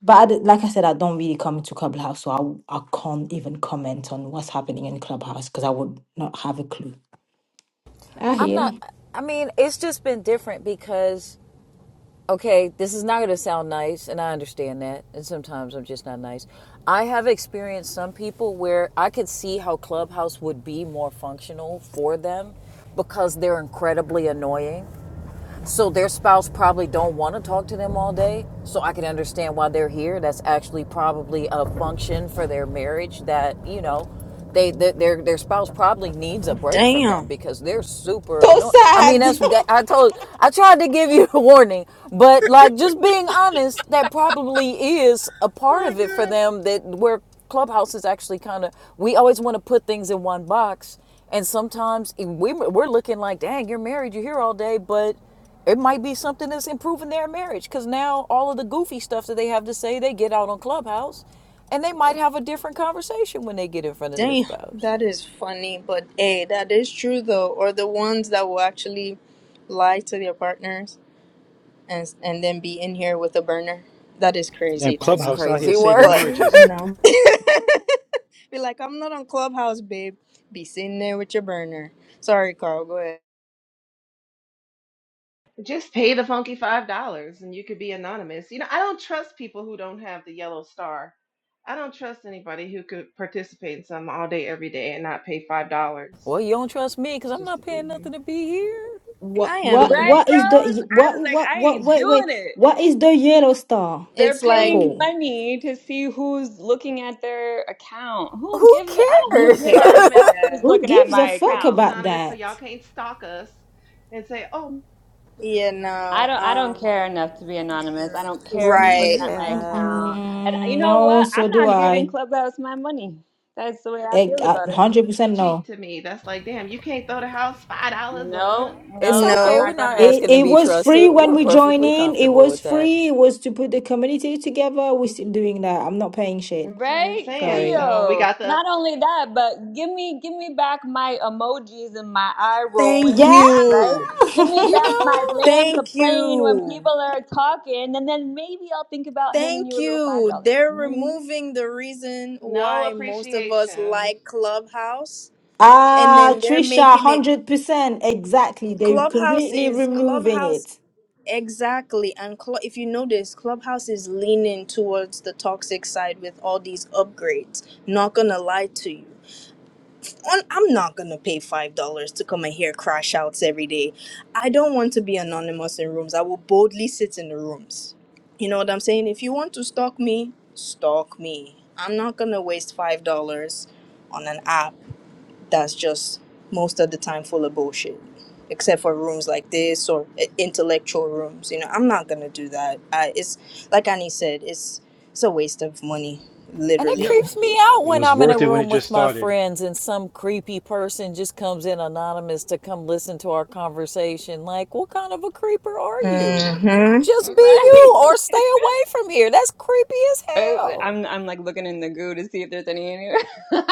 S27: but I d like i said i don't really come to clubhouse so I I w- I can't even comment on what's happening in clubhouse because i would not have a clue i
S29: I'm
S27: hear
S29: not, I mean, it's just been different because, okay, this is not going to sound nice and I understand that. And sometimes I'm just not nice. I have experienced some people where I could see how Clubhouse would be more functional for them because they're incredibly annoying So their spouse probably don't want to talk to them all day. So I can understand why they're here. That's actually probably a function for their marriage that, you know, they, their their their spouse probably needs a break from them
S13: Damn.
S29: because they're super
S27: so
S29: annoying. I mean, that's
S27: sad
S29: that
S27: [LAUGHS]
S29: I told I tried to give [LAUGHS] you a warning, but like just being honest, that probably is a
S25: Oh
S29: part
S25: my
S29: of it for
S25: god.
S29: them that where Clubhouse is actually kind of we always want to put things in one box and sometimes eh, we, we're looking like, dang, you're married, you're here all day, but it might be something that's improving their marriage because now all of the goofy stuff that they have to say, they get out on Clubhouse and they might have a different conversation when they get in front of their
S13: Damn.
S29: spouse.
S13: That is funny, but hey, that is true though. Or the ones that will actually lie to their partners and and then be in here with a burner. That is
S10: Damn,
S13: crazy to
S29: That's
S13: me.
S10: Clubhouse out here
S29: crazy
S10: saving
S29: work. [LAUGHS]
S13: But
S10: marriages.
S13: you know, [LAUGHS] be like, I'm not on Clubhouse, babe. Be sitting there with your burner. Sorry, Carl. Go ahead.
S11: Just pay the funky $5 and you could be anonymous. You know, I don't trust people who don't have the yellow star. I don't trust anybody who could participate in something all day, every day, and not pay $5
S29: Well, you don't trust me because I'm
S11: just
S29: not
S11: to be
S29: paying nothing
S11: here.
S29: to be here.
S27: What
S13: I
S27: what
S13: am.
S8: Right,
S27: what is the
S8: Rose? I
S27: what
S8: was like,
S27: what
S8: I
S27: what
S8: ain't
S27: wait
S8: doing
S27: wait
S8: it.
S27: what is the yellow star
S8: They're
S13: It's
S11: So look,
S13: like
S8: paying
S27: for?
S8: money to see who's looking at their account. Who
S29: Who
S8: gives a I don't
S13: who
S8: give
S29: cares?
S8: a
S13: cares?
S11: anonymous,
S8: fuck who's
S13: Yeah.
S27: Who
S8: looking at
S27: gives
S11: to
S27: a
S8: my
S27: fuck
S11: rooms
S8: account.
S27: about
S11: anonymous, so y'all
S27: that?
S11: can't stalk us and say, oh,
S13: Yeah.
S8: I
S13: No.
S8: don't I don't
S13: Um.
S8: care enough to be anonymous. I don't
S29: [LAUGHS]
S8: care who's looking
S13: Right.
S8: at my
S29: Yeah.
S8: account. And you
S27: Mm-mm,
S8: know
S27: no,
S8: what?
S27: so
S8: I'm
S27: do
S8: not giving
S27: I.
S8: Clubhouse my money. That's the way I
S27: Eh,
S8: feel about
S27: a
S8: it.
S27: Hundred percent
S11: cheat
S27: no.
S11: to me. That's like, damn, you can't throw the house $5 a month.
S8: No,
S29: It's
S8: no, I'm
S29: okay.
S13: No.
S29: We're
S8: not
S29: not
S8: gonna.
S27: It
S29: asking to
S27: it
S29: be
S27: was free
S29: trusted.
S27: when
S29: We're
S27: we join
S29: perfectly
S27: in. It
S29: comfortable with
S27: was
S29: that.
S27: free. It was to put the community together. We're still doing that. I'm not paying shit.
S11: That's what I'm
S8: Right,
S11: saying.
S27: Sorry.
S11: So we
S8: Cleo.
S11: got the
S8: Not only that, but give me give me back my emojis and my eye
S13: Thank
S8: rolling,
S27: Yeah.
S8: right?
S13: you.
S8: Give me
S29: You
S8: back
S27: [LAUGHS]
S8: my
S29: know?
S8: land the
S13: Thank
S8: plane when
S13: you.
S8: people are talking, and then maybe I'll think about handing
S13: Thank
S8: you a little five
S13: you.
S8: dollars.
S13: They're
S8: You know what I mean?
S13: removing the reason
S11: no
S13: why most of us
S11: appreciation.
S13: like Clubhouse, and
S27: Ah,
S13: then they're
S27: Trisha,
S13: making it.
S27: hundred percent exactly. They're
S13: Clubhouse
S27: completely
S13: is
S27: removing
S13: Clubhouse
S27: it.
S13: Exactly. And Cl- if you notice, Clubhouse is leaning towards the toxic side with all these upgrades. Not gonna lie to you. On, I'm not gonna pay $5 to come and hear crash outs every day. I don't want to be anonymous in rooms. I will boldly sit in the rooms. You know what I'm saying? If you want to stalk me, stalk me. I'm not gonna waste $5 on an app that's just most of the time full of bullshit except for rooms like this or i- intellectual rooms you know i'm not gonna do that I, it's like annie said it's it's a waste of money
S29: And it
S25: Yeah.
S13: literally
S29: creeps me out
S10: It
S29: when
S10: was
S29: I'm in a
S10: worth it when it
S29: room
S10: just
S29: with my
S10: started.
S29: friends and some creepy person just comes in anonymous to come listen to our conversation. Like, what kind of a creeper are you?
S13: hmm
S29: Just
S8: [LAUGHS]
S29: be
S8: Right?
S29: you or stay away from here. That's creepy as
S8: Oh,
S29: hell.
S8: I'm I'm like looking in the goo to see if there's any in here. [LAUGHS]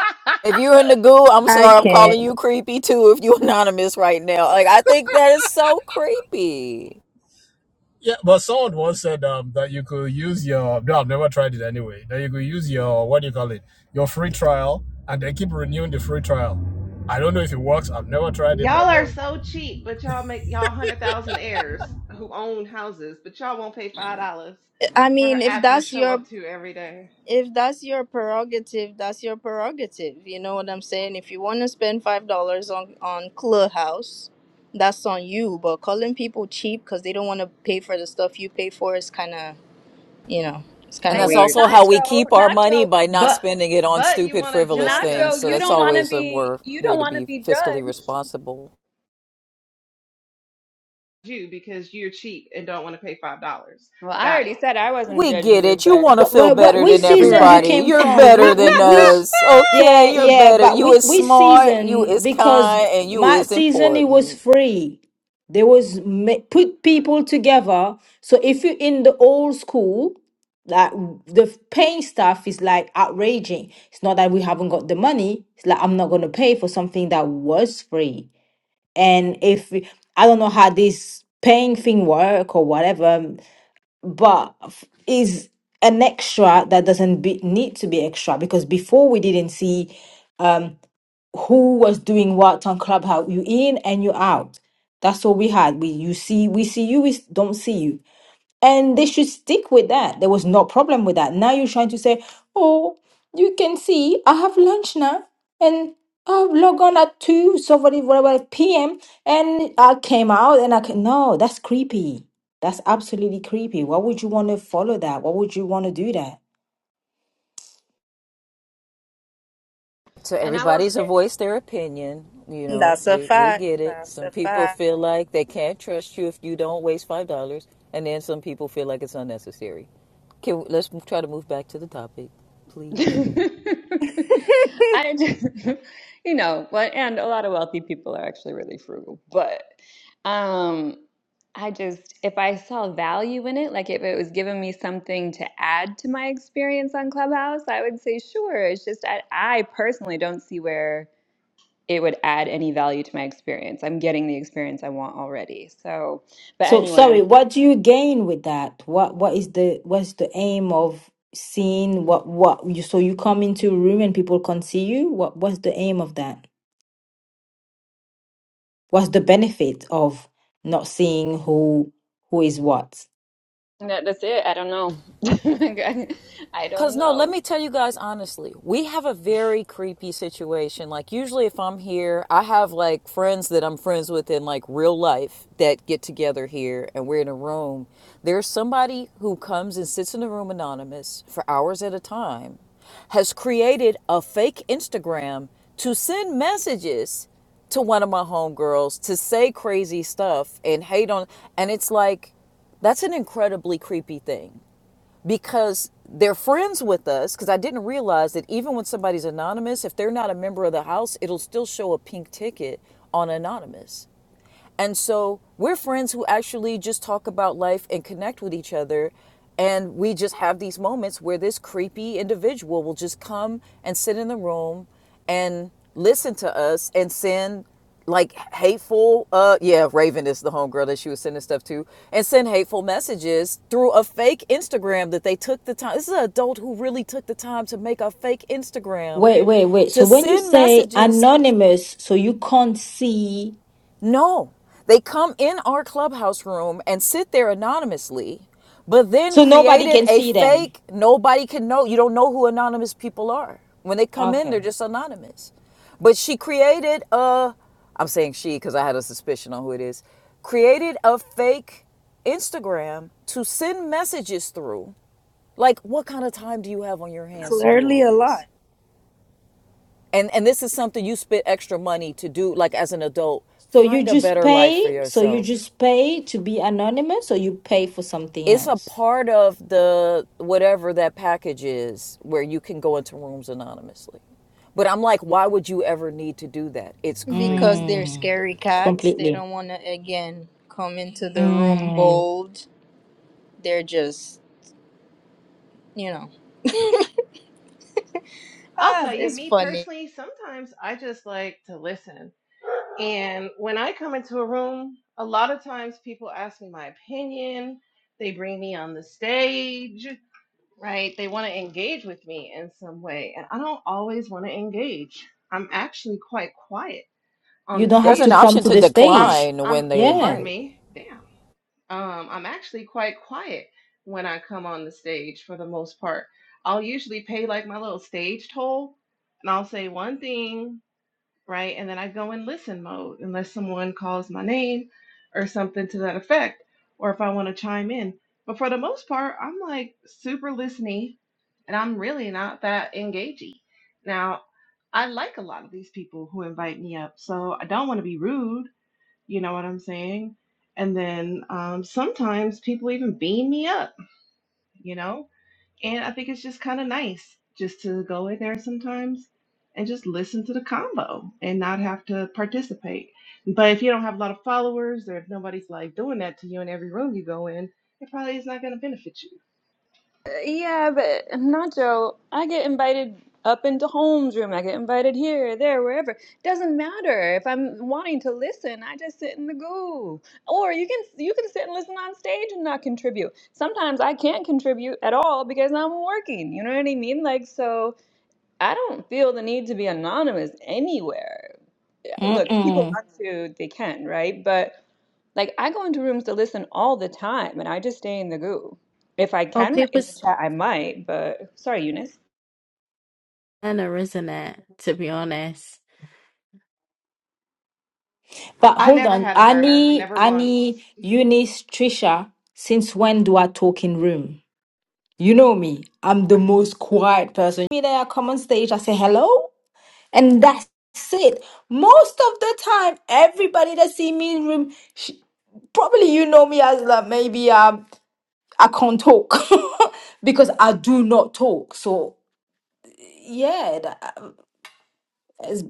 S29: If you're in the goo, I'm
S13: I
S29: sorry, I'm
S13: can
S29: calling you creepy too if you are [LAUGHS] anonymous right now. Like, I think that is so creepy.
S25: Yeah, but someone once said um, that you could use your. No, I've never tried it anyway. That you could use your what do you call it? Your free trial, and then keep renewing the free trial. I don't know if it works. I've never tried it, but
S11: Y'all are
S25: hey.
S11: so cheap, but y'all make y'all hundred thousand heirs who own houses, but y'all won't pay five dollars
S13: i
S11: for her
S13: mean if
S11: app you
S13: that's
S11: show
S13: your
S11: up to every day.
S13: if that's your prerogative that's your prerogative you know what i'm saying if you want to spend five dollars on on clubhouse that's on you but calling people cheap because they don't want to pay for the stuff you pay for is kind of you know it's kind
S29: And
S13: of
S8: I
S29: that's
S8: know,
S13: weird
S29: also how we
S8: Nacho,
S29: keep our money
S8: Nacho,
S29: by not
S11: But
S29: spending it on
S11: but you
S29: stupid,
S11: want to
S29: frivolous
S11: judge us
S29: things.
S8: Nacho.
S29: So
S8: You
S11: because
S29: that's
S11: we
S8: don't want to
S11: don't
S29: always a
S8: be
S29: wor-
S8: you
S29: way
S8: don't
S29: to
S8: want to
S29: be
S8: be
S29: fiscally
S8: judged.
S29: responsible.
S11: you because you're cheap and don't want to pay five dollars.
S8: Well, I
S11: Got
S8: already
S11: it.
S8: said I wasn't
S29: We
S8: judging
S29: get
S8: you,
S29: it. You
S8: but
S29: want to
S27: What,
S29: feel
S27: what, what,
S29: better
S27: which
S29: than
S27: season you
S13: Right.
S29: everybody.
S27: came
S29: You're
S27: from? We,
S29: better
S27: we,
S29: than
S27: we, sh-
S29: us. Okay,
S27: yeah,
S29: you're
S27: yeah,
S29: better.
S27: but
S29: You
S27: we,
S29: is
S27: we
S29: smart, you
S27: season
S29: is
S27: because
S29: kind, and you
S27: my
S29: is
S27: season it was
S29: important.
S27: free. There was ma- put people together. So if you're in the old school, like the paying stuff is like outraging. It's not that we haven't got the money. It's like I'm not gonna pay for something that was free. And if I don't know how this paying thing work or whatever, but f- is an extra that doesn't be, need to be extra because before we didn't see who was doing what on Clubhouse. You in and you out. That's all we had. We you see we see you, we don't see you and they should stick with that. There was no problem with that. Now you're trying to say, oh, you can see I have lunch now and I log on at 2, so whatever whatever p.m. and I came out and I can, no, that's creepy. That's absolutely creepy. Why would you want to follow that? Why would you want to do that?
S29: So
S8: and I will
S29: everybody's a
S8: say
S29: voice their opinion. You know,
S13: That's a
S29: we, we
S13: fact.
S29: get it.
S13: That's
S29: Some
S13: a
S29: people
S13: fact.
S29: feel like they can't trust you if you don't waste five dollars, and then some people feel like it's unnecessary. Can let's try to move back to the topic,
S8: [LAUGHS]
S29: please.
S8: I just, [LAUGHS] you know, but and a lot of wealthy people are actually really frugal, but um I just if I saw value in it, like if it was giving me something to add to my experience on Clubhouse, I would say sure. It's just I, I personally don't see where it would add any value to my experience. I'm getting the experience I want already. So, but
S27: So
S8: anyway,
S27: sorry, what do you gain with that? What what is the what's the aim of seeing what what you so you come into a room and people can see you? What what's the aim of that? What's the benefit of not seeing who who is what?
S8: that, that's it. I don't know. [LAUGHS] I
S29: Cause
S8: don't
S29: no, let
S8: know.
S29: me tell you guys honestly, we have a very creepy situation. Like usually if I'm here, I have like friends that I'm friends with in like real life that get together here and we're in a room. There's somebody who comes and sits in the room anonymous for hours at a time, has created a fake Instagram to send messages to one of my homegirls to say crazy stuff and hate on and it's like that's an incredibly creepy thing because they're friends with us because i didn't realize that even when somebody's anonymous if they're not a member of the house it'll still show a pink ticket on anonymous and so we're friends who actually just talk about life and connect with each other. And we just have these moments where this creepy individual will just come and sit in the room and listen to us and send like hateful uh yeah raven is the homegirl that she was sending stuff to and send hateful messages through a fake instagram that they took the time this is an adult who really took the time to make a fake instagram
S27: Wait, wait, wait. So
S29: to
S27: when you
S29: send
S27: say
S29: messages
S27: anonymous, so you can't see,
S29: no, they come in our clubhouse room and sit there anonymously, but then
S27: so nobody
S29: created
S27: can
S29: a
S27: see them.
S29: fake, nobody can know. You don't know who anonymous people are. When they come in, they're
S27: Okay.
S29: just anonymous. But she created a, I'm saying she because I had a suspicion on who it is, created a fake Instagram to send messages through. Like, what kind of time do you have on your hands to do all
S13: Clearly a
S29: this?
S13: lot.
S29: and and this is something you spend extra money to do like as an adult
S27: So you
S29: find a
S27: just
S29: better life for
S27: pay, so you
S29: yourself
S27: just pay to be anonymous, or you pay for something
S29: it's a
S27: else?
S29: part of the whatever that package is where you can go into rooms anonymously but i'm like why would you ever need to do that it's
S13: Because
S29: creepy
S13: they're
S27: Mm,
S13: scary cats. They
S27: completely.
S13: don't want to, again, come into the room
S27: Mm,
S13: bold. They're just, you know. [LAUGHS]
S11: I'll
S13: ah,
S11: tell you,
S13: it's
S11: me
S13: funny.
S11: personally, sometimes I just like to listen. And when I come into a room, a lot of times people ask me my opinion. They bring me on the stage, right? They want to engage with me in some way. And I don't always want to engage. I'm actually quite quiet on
S27: you
S11: the
S27: don't
S29: there's
S27: have
S29: an
S27: to
S11: stage.
S27: come
S29: option
S27: to
S29: to
S27: the
S11: I'm,
S27: stage.
S29: decline
S11: I'm,
S29: when they
S27: Yeah.
S11: pardon
S29: invite
S11: me, damn. Um, I'm actually quite quiet when I come on the stage for the most part. I'll usually pay like my little stage toll and I'll say one thing right? And then I go in listen mode unless someone calls my name or something to that effect, or if I want to chime in. But for the most part, I'm like super listening and I'm really not that engagey. Now, I like a lot of these people who invite me up, so I don't want to be rude, you know what I'm saying? And then um, sometimes people even beam me up, you know? And I think it's just kind of nice just to go in there sometimes and just listen to the combo and not have to participate. But if you don't have a lot of followers or if nobody's like doing that to you in every room you go in, it probably is not going to benefit you.
S8: Yeah, but Nacho, I get invited up into Holmes' room. I get invited here, there, wherever. Doesn't matter if I'm wanting to listen. I just sit in the goo. Or you can you can sit and listen on stage and not contribute. Sometimes I can't contribute at all because I'm working. You know what I mean? Like so, I don't feel the need to be anonymous anywhere. Look, if
S27: Mm-mm.
S8: people want to, they can, right? But like I go into rooms to listen all the time and I just stay in the goo. If I
S1: Or
S8: can write
S1: people
S8: in the chat, I might, but sorry, Eunice.
S1: Anna, isn't it? To be honest.
S27: But
S11: I
S27: hold
S11: never
S27: on,
S11: had a burner,
S27: Annie,
S11: never once.
S27: Annie, Eunice, Trisha, since when do I talk in room? You know me, I'm the most quiet person. Me there, I come on stage, I say hello, and that's it. Most of the time, everybody that see me in room, she, probably you know me as like maybe um I can't talk [LAUGHS] because I do not talk. So yeah, that is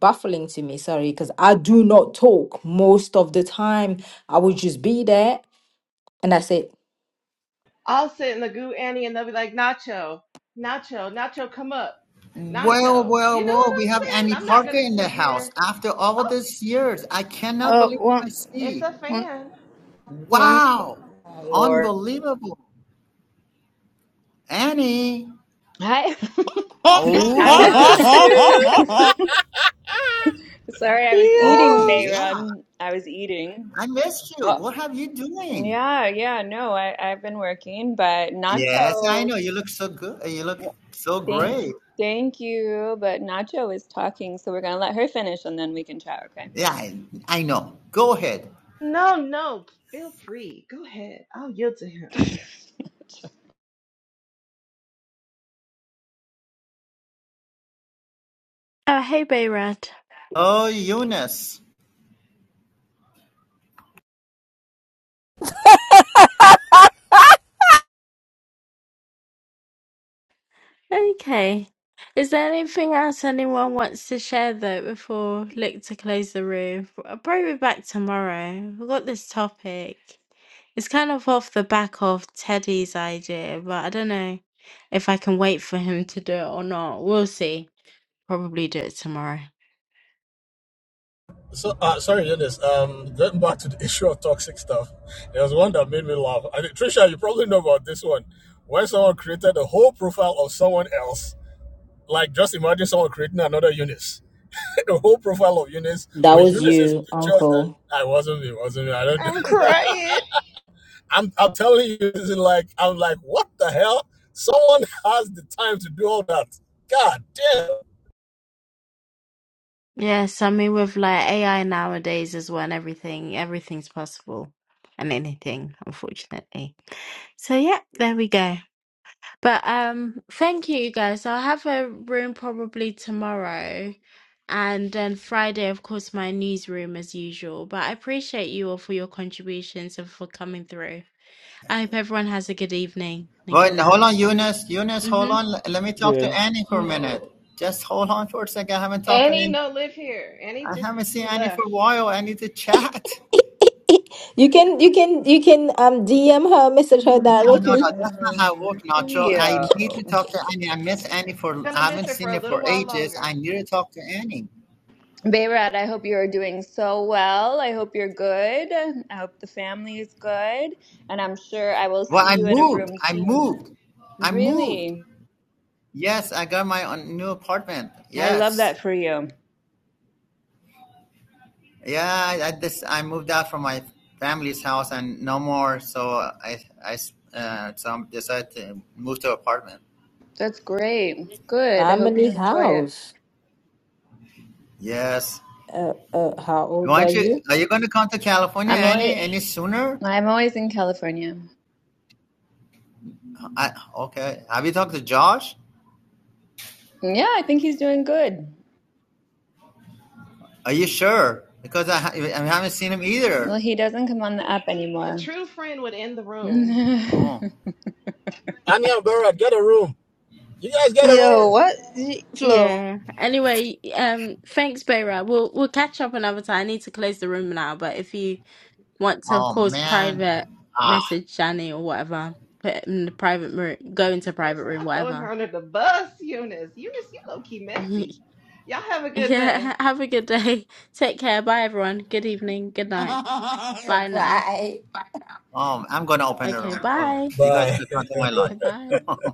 S27: baffling to me. Sorry, because I do not talk most of the time. I would just be there And I said,
S11: I'll sit in the goo Annie and they'll be like, Nacho, Nacho, Nacho, come up.
S30: Well,
S11: Nacho.
S30: well,
S11: You know what
S30: well, we have
S11: I'm saying?
S30: Annie
S11: I'm not
S30: Parker
S11: going to
S30: in the
S11: sit
S30: house
S11: here.
S30: after all
S11: Oh,
S30: these years. I cannot
S11: oh,
S13: Oh,
S30: believe what
S13: one,
S30: I
S11: it's
S30: see.
S11: a
S13: one,
S11: fan.
S13: one.
S30: Wow.
S13: Oh, Lord.
S30: Unbelievable. Annie.
S8: Hi. [LAUGHS] I'm
S30: Oh,
S25: ah
S30: that's
S25: shit.
S8: [LAUGHS] sorry,
S13: [LAUGHS]
S8: I was
S30: oh
S8: eating,
S13: Yo,
S30: yeah.
S8: Bayron. I was eating.
S30: I missed you.
S8: Oh,
S30: What have you doing?
S8: yeah, yeah, no, I, I've been working, but
S30: Yes, I
S8: Nacho,
S30: know. You look so good. You look so
S8: thank
S30: great.
S8: thank you. But Nacho is talking, so we're gonna let her finish and then we can chat, okay?
S30: Yeah, I, I know. Go ahead.
S11: No, no, feel free. Go ahead. I'll yield to him.
S1: Oh, hey, Bayrad.
S30: Oh, Eunice.
S1: Okay. Is there anything else anyone wants to share though before look to close the room? I'll probably be back tomorrow. We've got this topic. It's kind of off the back of Teddy's idea, but I don't know if I can wait for him to do it or not. We'll see. Probably do it tomorrow.
S25: So uh, sorry, Eunice. Um, going back to the [LAUGHS] issue of toxic stuff, there was one that made me laugh. I think, Trisha, you probably know about this one. When someone created a whole profile of someone else, like just imagine someone creating another Eunice [LAUGHS] the whole profile of Eunice
S27: That
S25: with
S27: was
S25: Eunice's
S27: you,
S25: pictures. And
S27: Uncle.
S25: I wasn't. It wasn't. me, I don't.
S13: I'm crying.
S25: [LAUGHS] I'm. I'm telling you, this is like. I'm like, what the hell? Someone has the time to do all that. God damn.
S1: Yes, I mean with like AI nowadays as well and everything, everything's possible and anything, unfortunately. So yeah, there we go. But um thank you you guys. I'll have a room probably tomorrow and then Friday of course my newsroom as usual. But I appreciate you all for your contributions and for coming through. I hope everyone has a good evening and
S30: Well,
S1: good
S30: hold
S1: night.
S30: on, Eunice. Eunice, hold
S1: hmm
S30: on. L- Let me talk to
S10: Yeah.
S30: Annie for a minute. Just hold on for a second. I haven't talked to
S11: Annie
S30: Annie.
S11: no live here. Annie
S30: I
S11: just
S30: haven't seen
S11: she
S30: Annie for
S11: left.
S30: a while. I need to chat.
S27: You can you can you can um DM her, message her
S30: No, no,
S27: directly.
S30: no. That's not how it
S8: Mm,
S30: works, Nacho. I need
S8: Theo.
S30: to talk to Annie. I miss Annie for,
S11: Gonna
S30: I
S11: miss
S30: haven't
S11: her for
S30: seen
S11: a
S30: her
S11: little
S30: for
S11: while
S30: ages. I
S11: longer.
S30: need to talk to Annie.
S8: Bayrat, I hope you're doing so well. I hope you're good. I hope the family is good. And I'm sure I will
S30: Well,
S8: see
S30: I
S8: you in a
S30: moved.
S8: room
S30: I
S8: soon.
S30: moved. I moved.
S8: Really?
S30: Yes, I got my own new apartment.
S8: I love that
S30: Yes.
S8: for you.
S30: Yeah, I this I moved out from my family's house and no more. So I I uh, so decided to move to an apartment.
S8: That's great. Good. I hope you
S27: Family
S8: enjoy it.
S27: house.
S30: Yes.
S27: Uh, uh, how old
S30: Why
S27: are
S30: don't you?
S27: you?
S30: Are you going to come to California
S8: I'm always,
S30: any any sooner?
S8: I'm always in California.
S30: I, okay. Have you talked to Josh?
S8: Yeah, I think he's doing good.
S30: Are you sure? Because I, ha- I haven't seen him either.
S8: Well, he doesn't come on the app
S11: A
S8: anymore.
S11: true friend would end the room.
S8: [LAUGHS]
S30: Oh,
S25: Anya and Barrett, get a room. You guys get a
S13: Yo,
S25: room.
S13: what? Flo,
S1: Yeah. Anyway, um, thanks, Beira. We'll we'll catch up another time. I need to close the room now, but if you want to, of
S30: oh
S1: course,
S30: man.
S1: private
S30: Ah,
S1: message Shani or whatever, put it in the private room, go into private room,
S11: Stop throwing her
S1: whatever.
S11: under the bus, Eunice. Eunice, you low key
S1: [LAUGHS]
S11: messy. Y'all have a good day.
S1: Yeah. Have a good day. Take care. Bye, everyone. Good evening. Good night. Bye now.
S27: Why?
S30: oh, I'm going to open the
S1: Okay.
S30: room. Hold on.
S1: Bye.
S30: You guys
S25: Bye. [LAUGHS]
S30: click onto my
S1: Okay. Bye.
S30: line. [LAUGHS]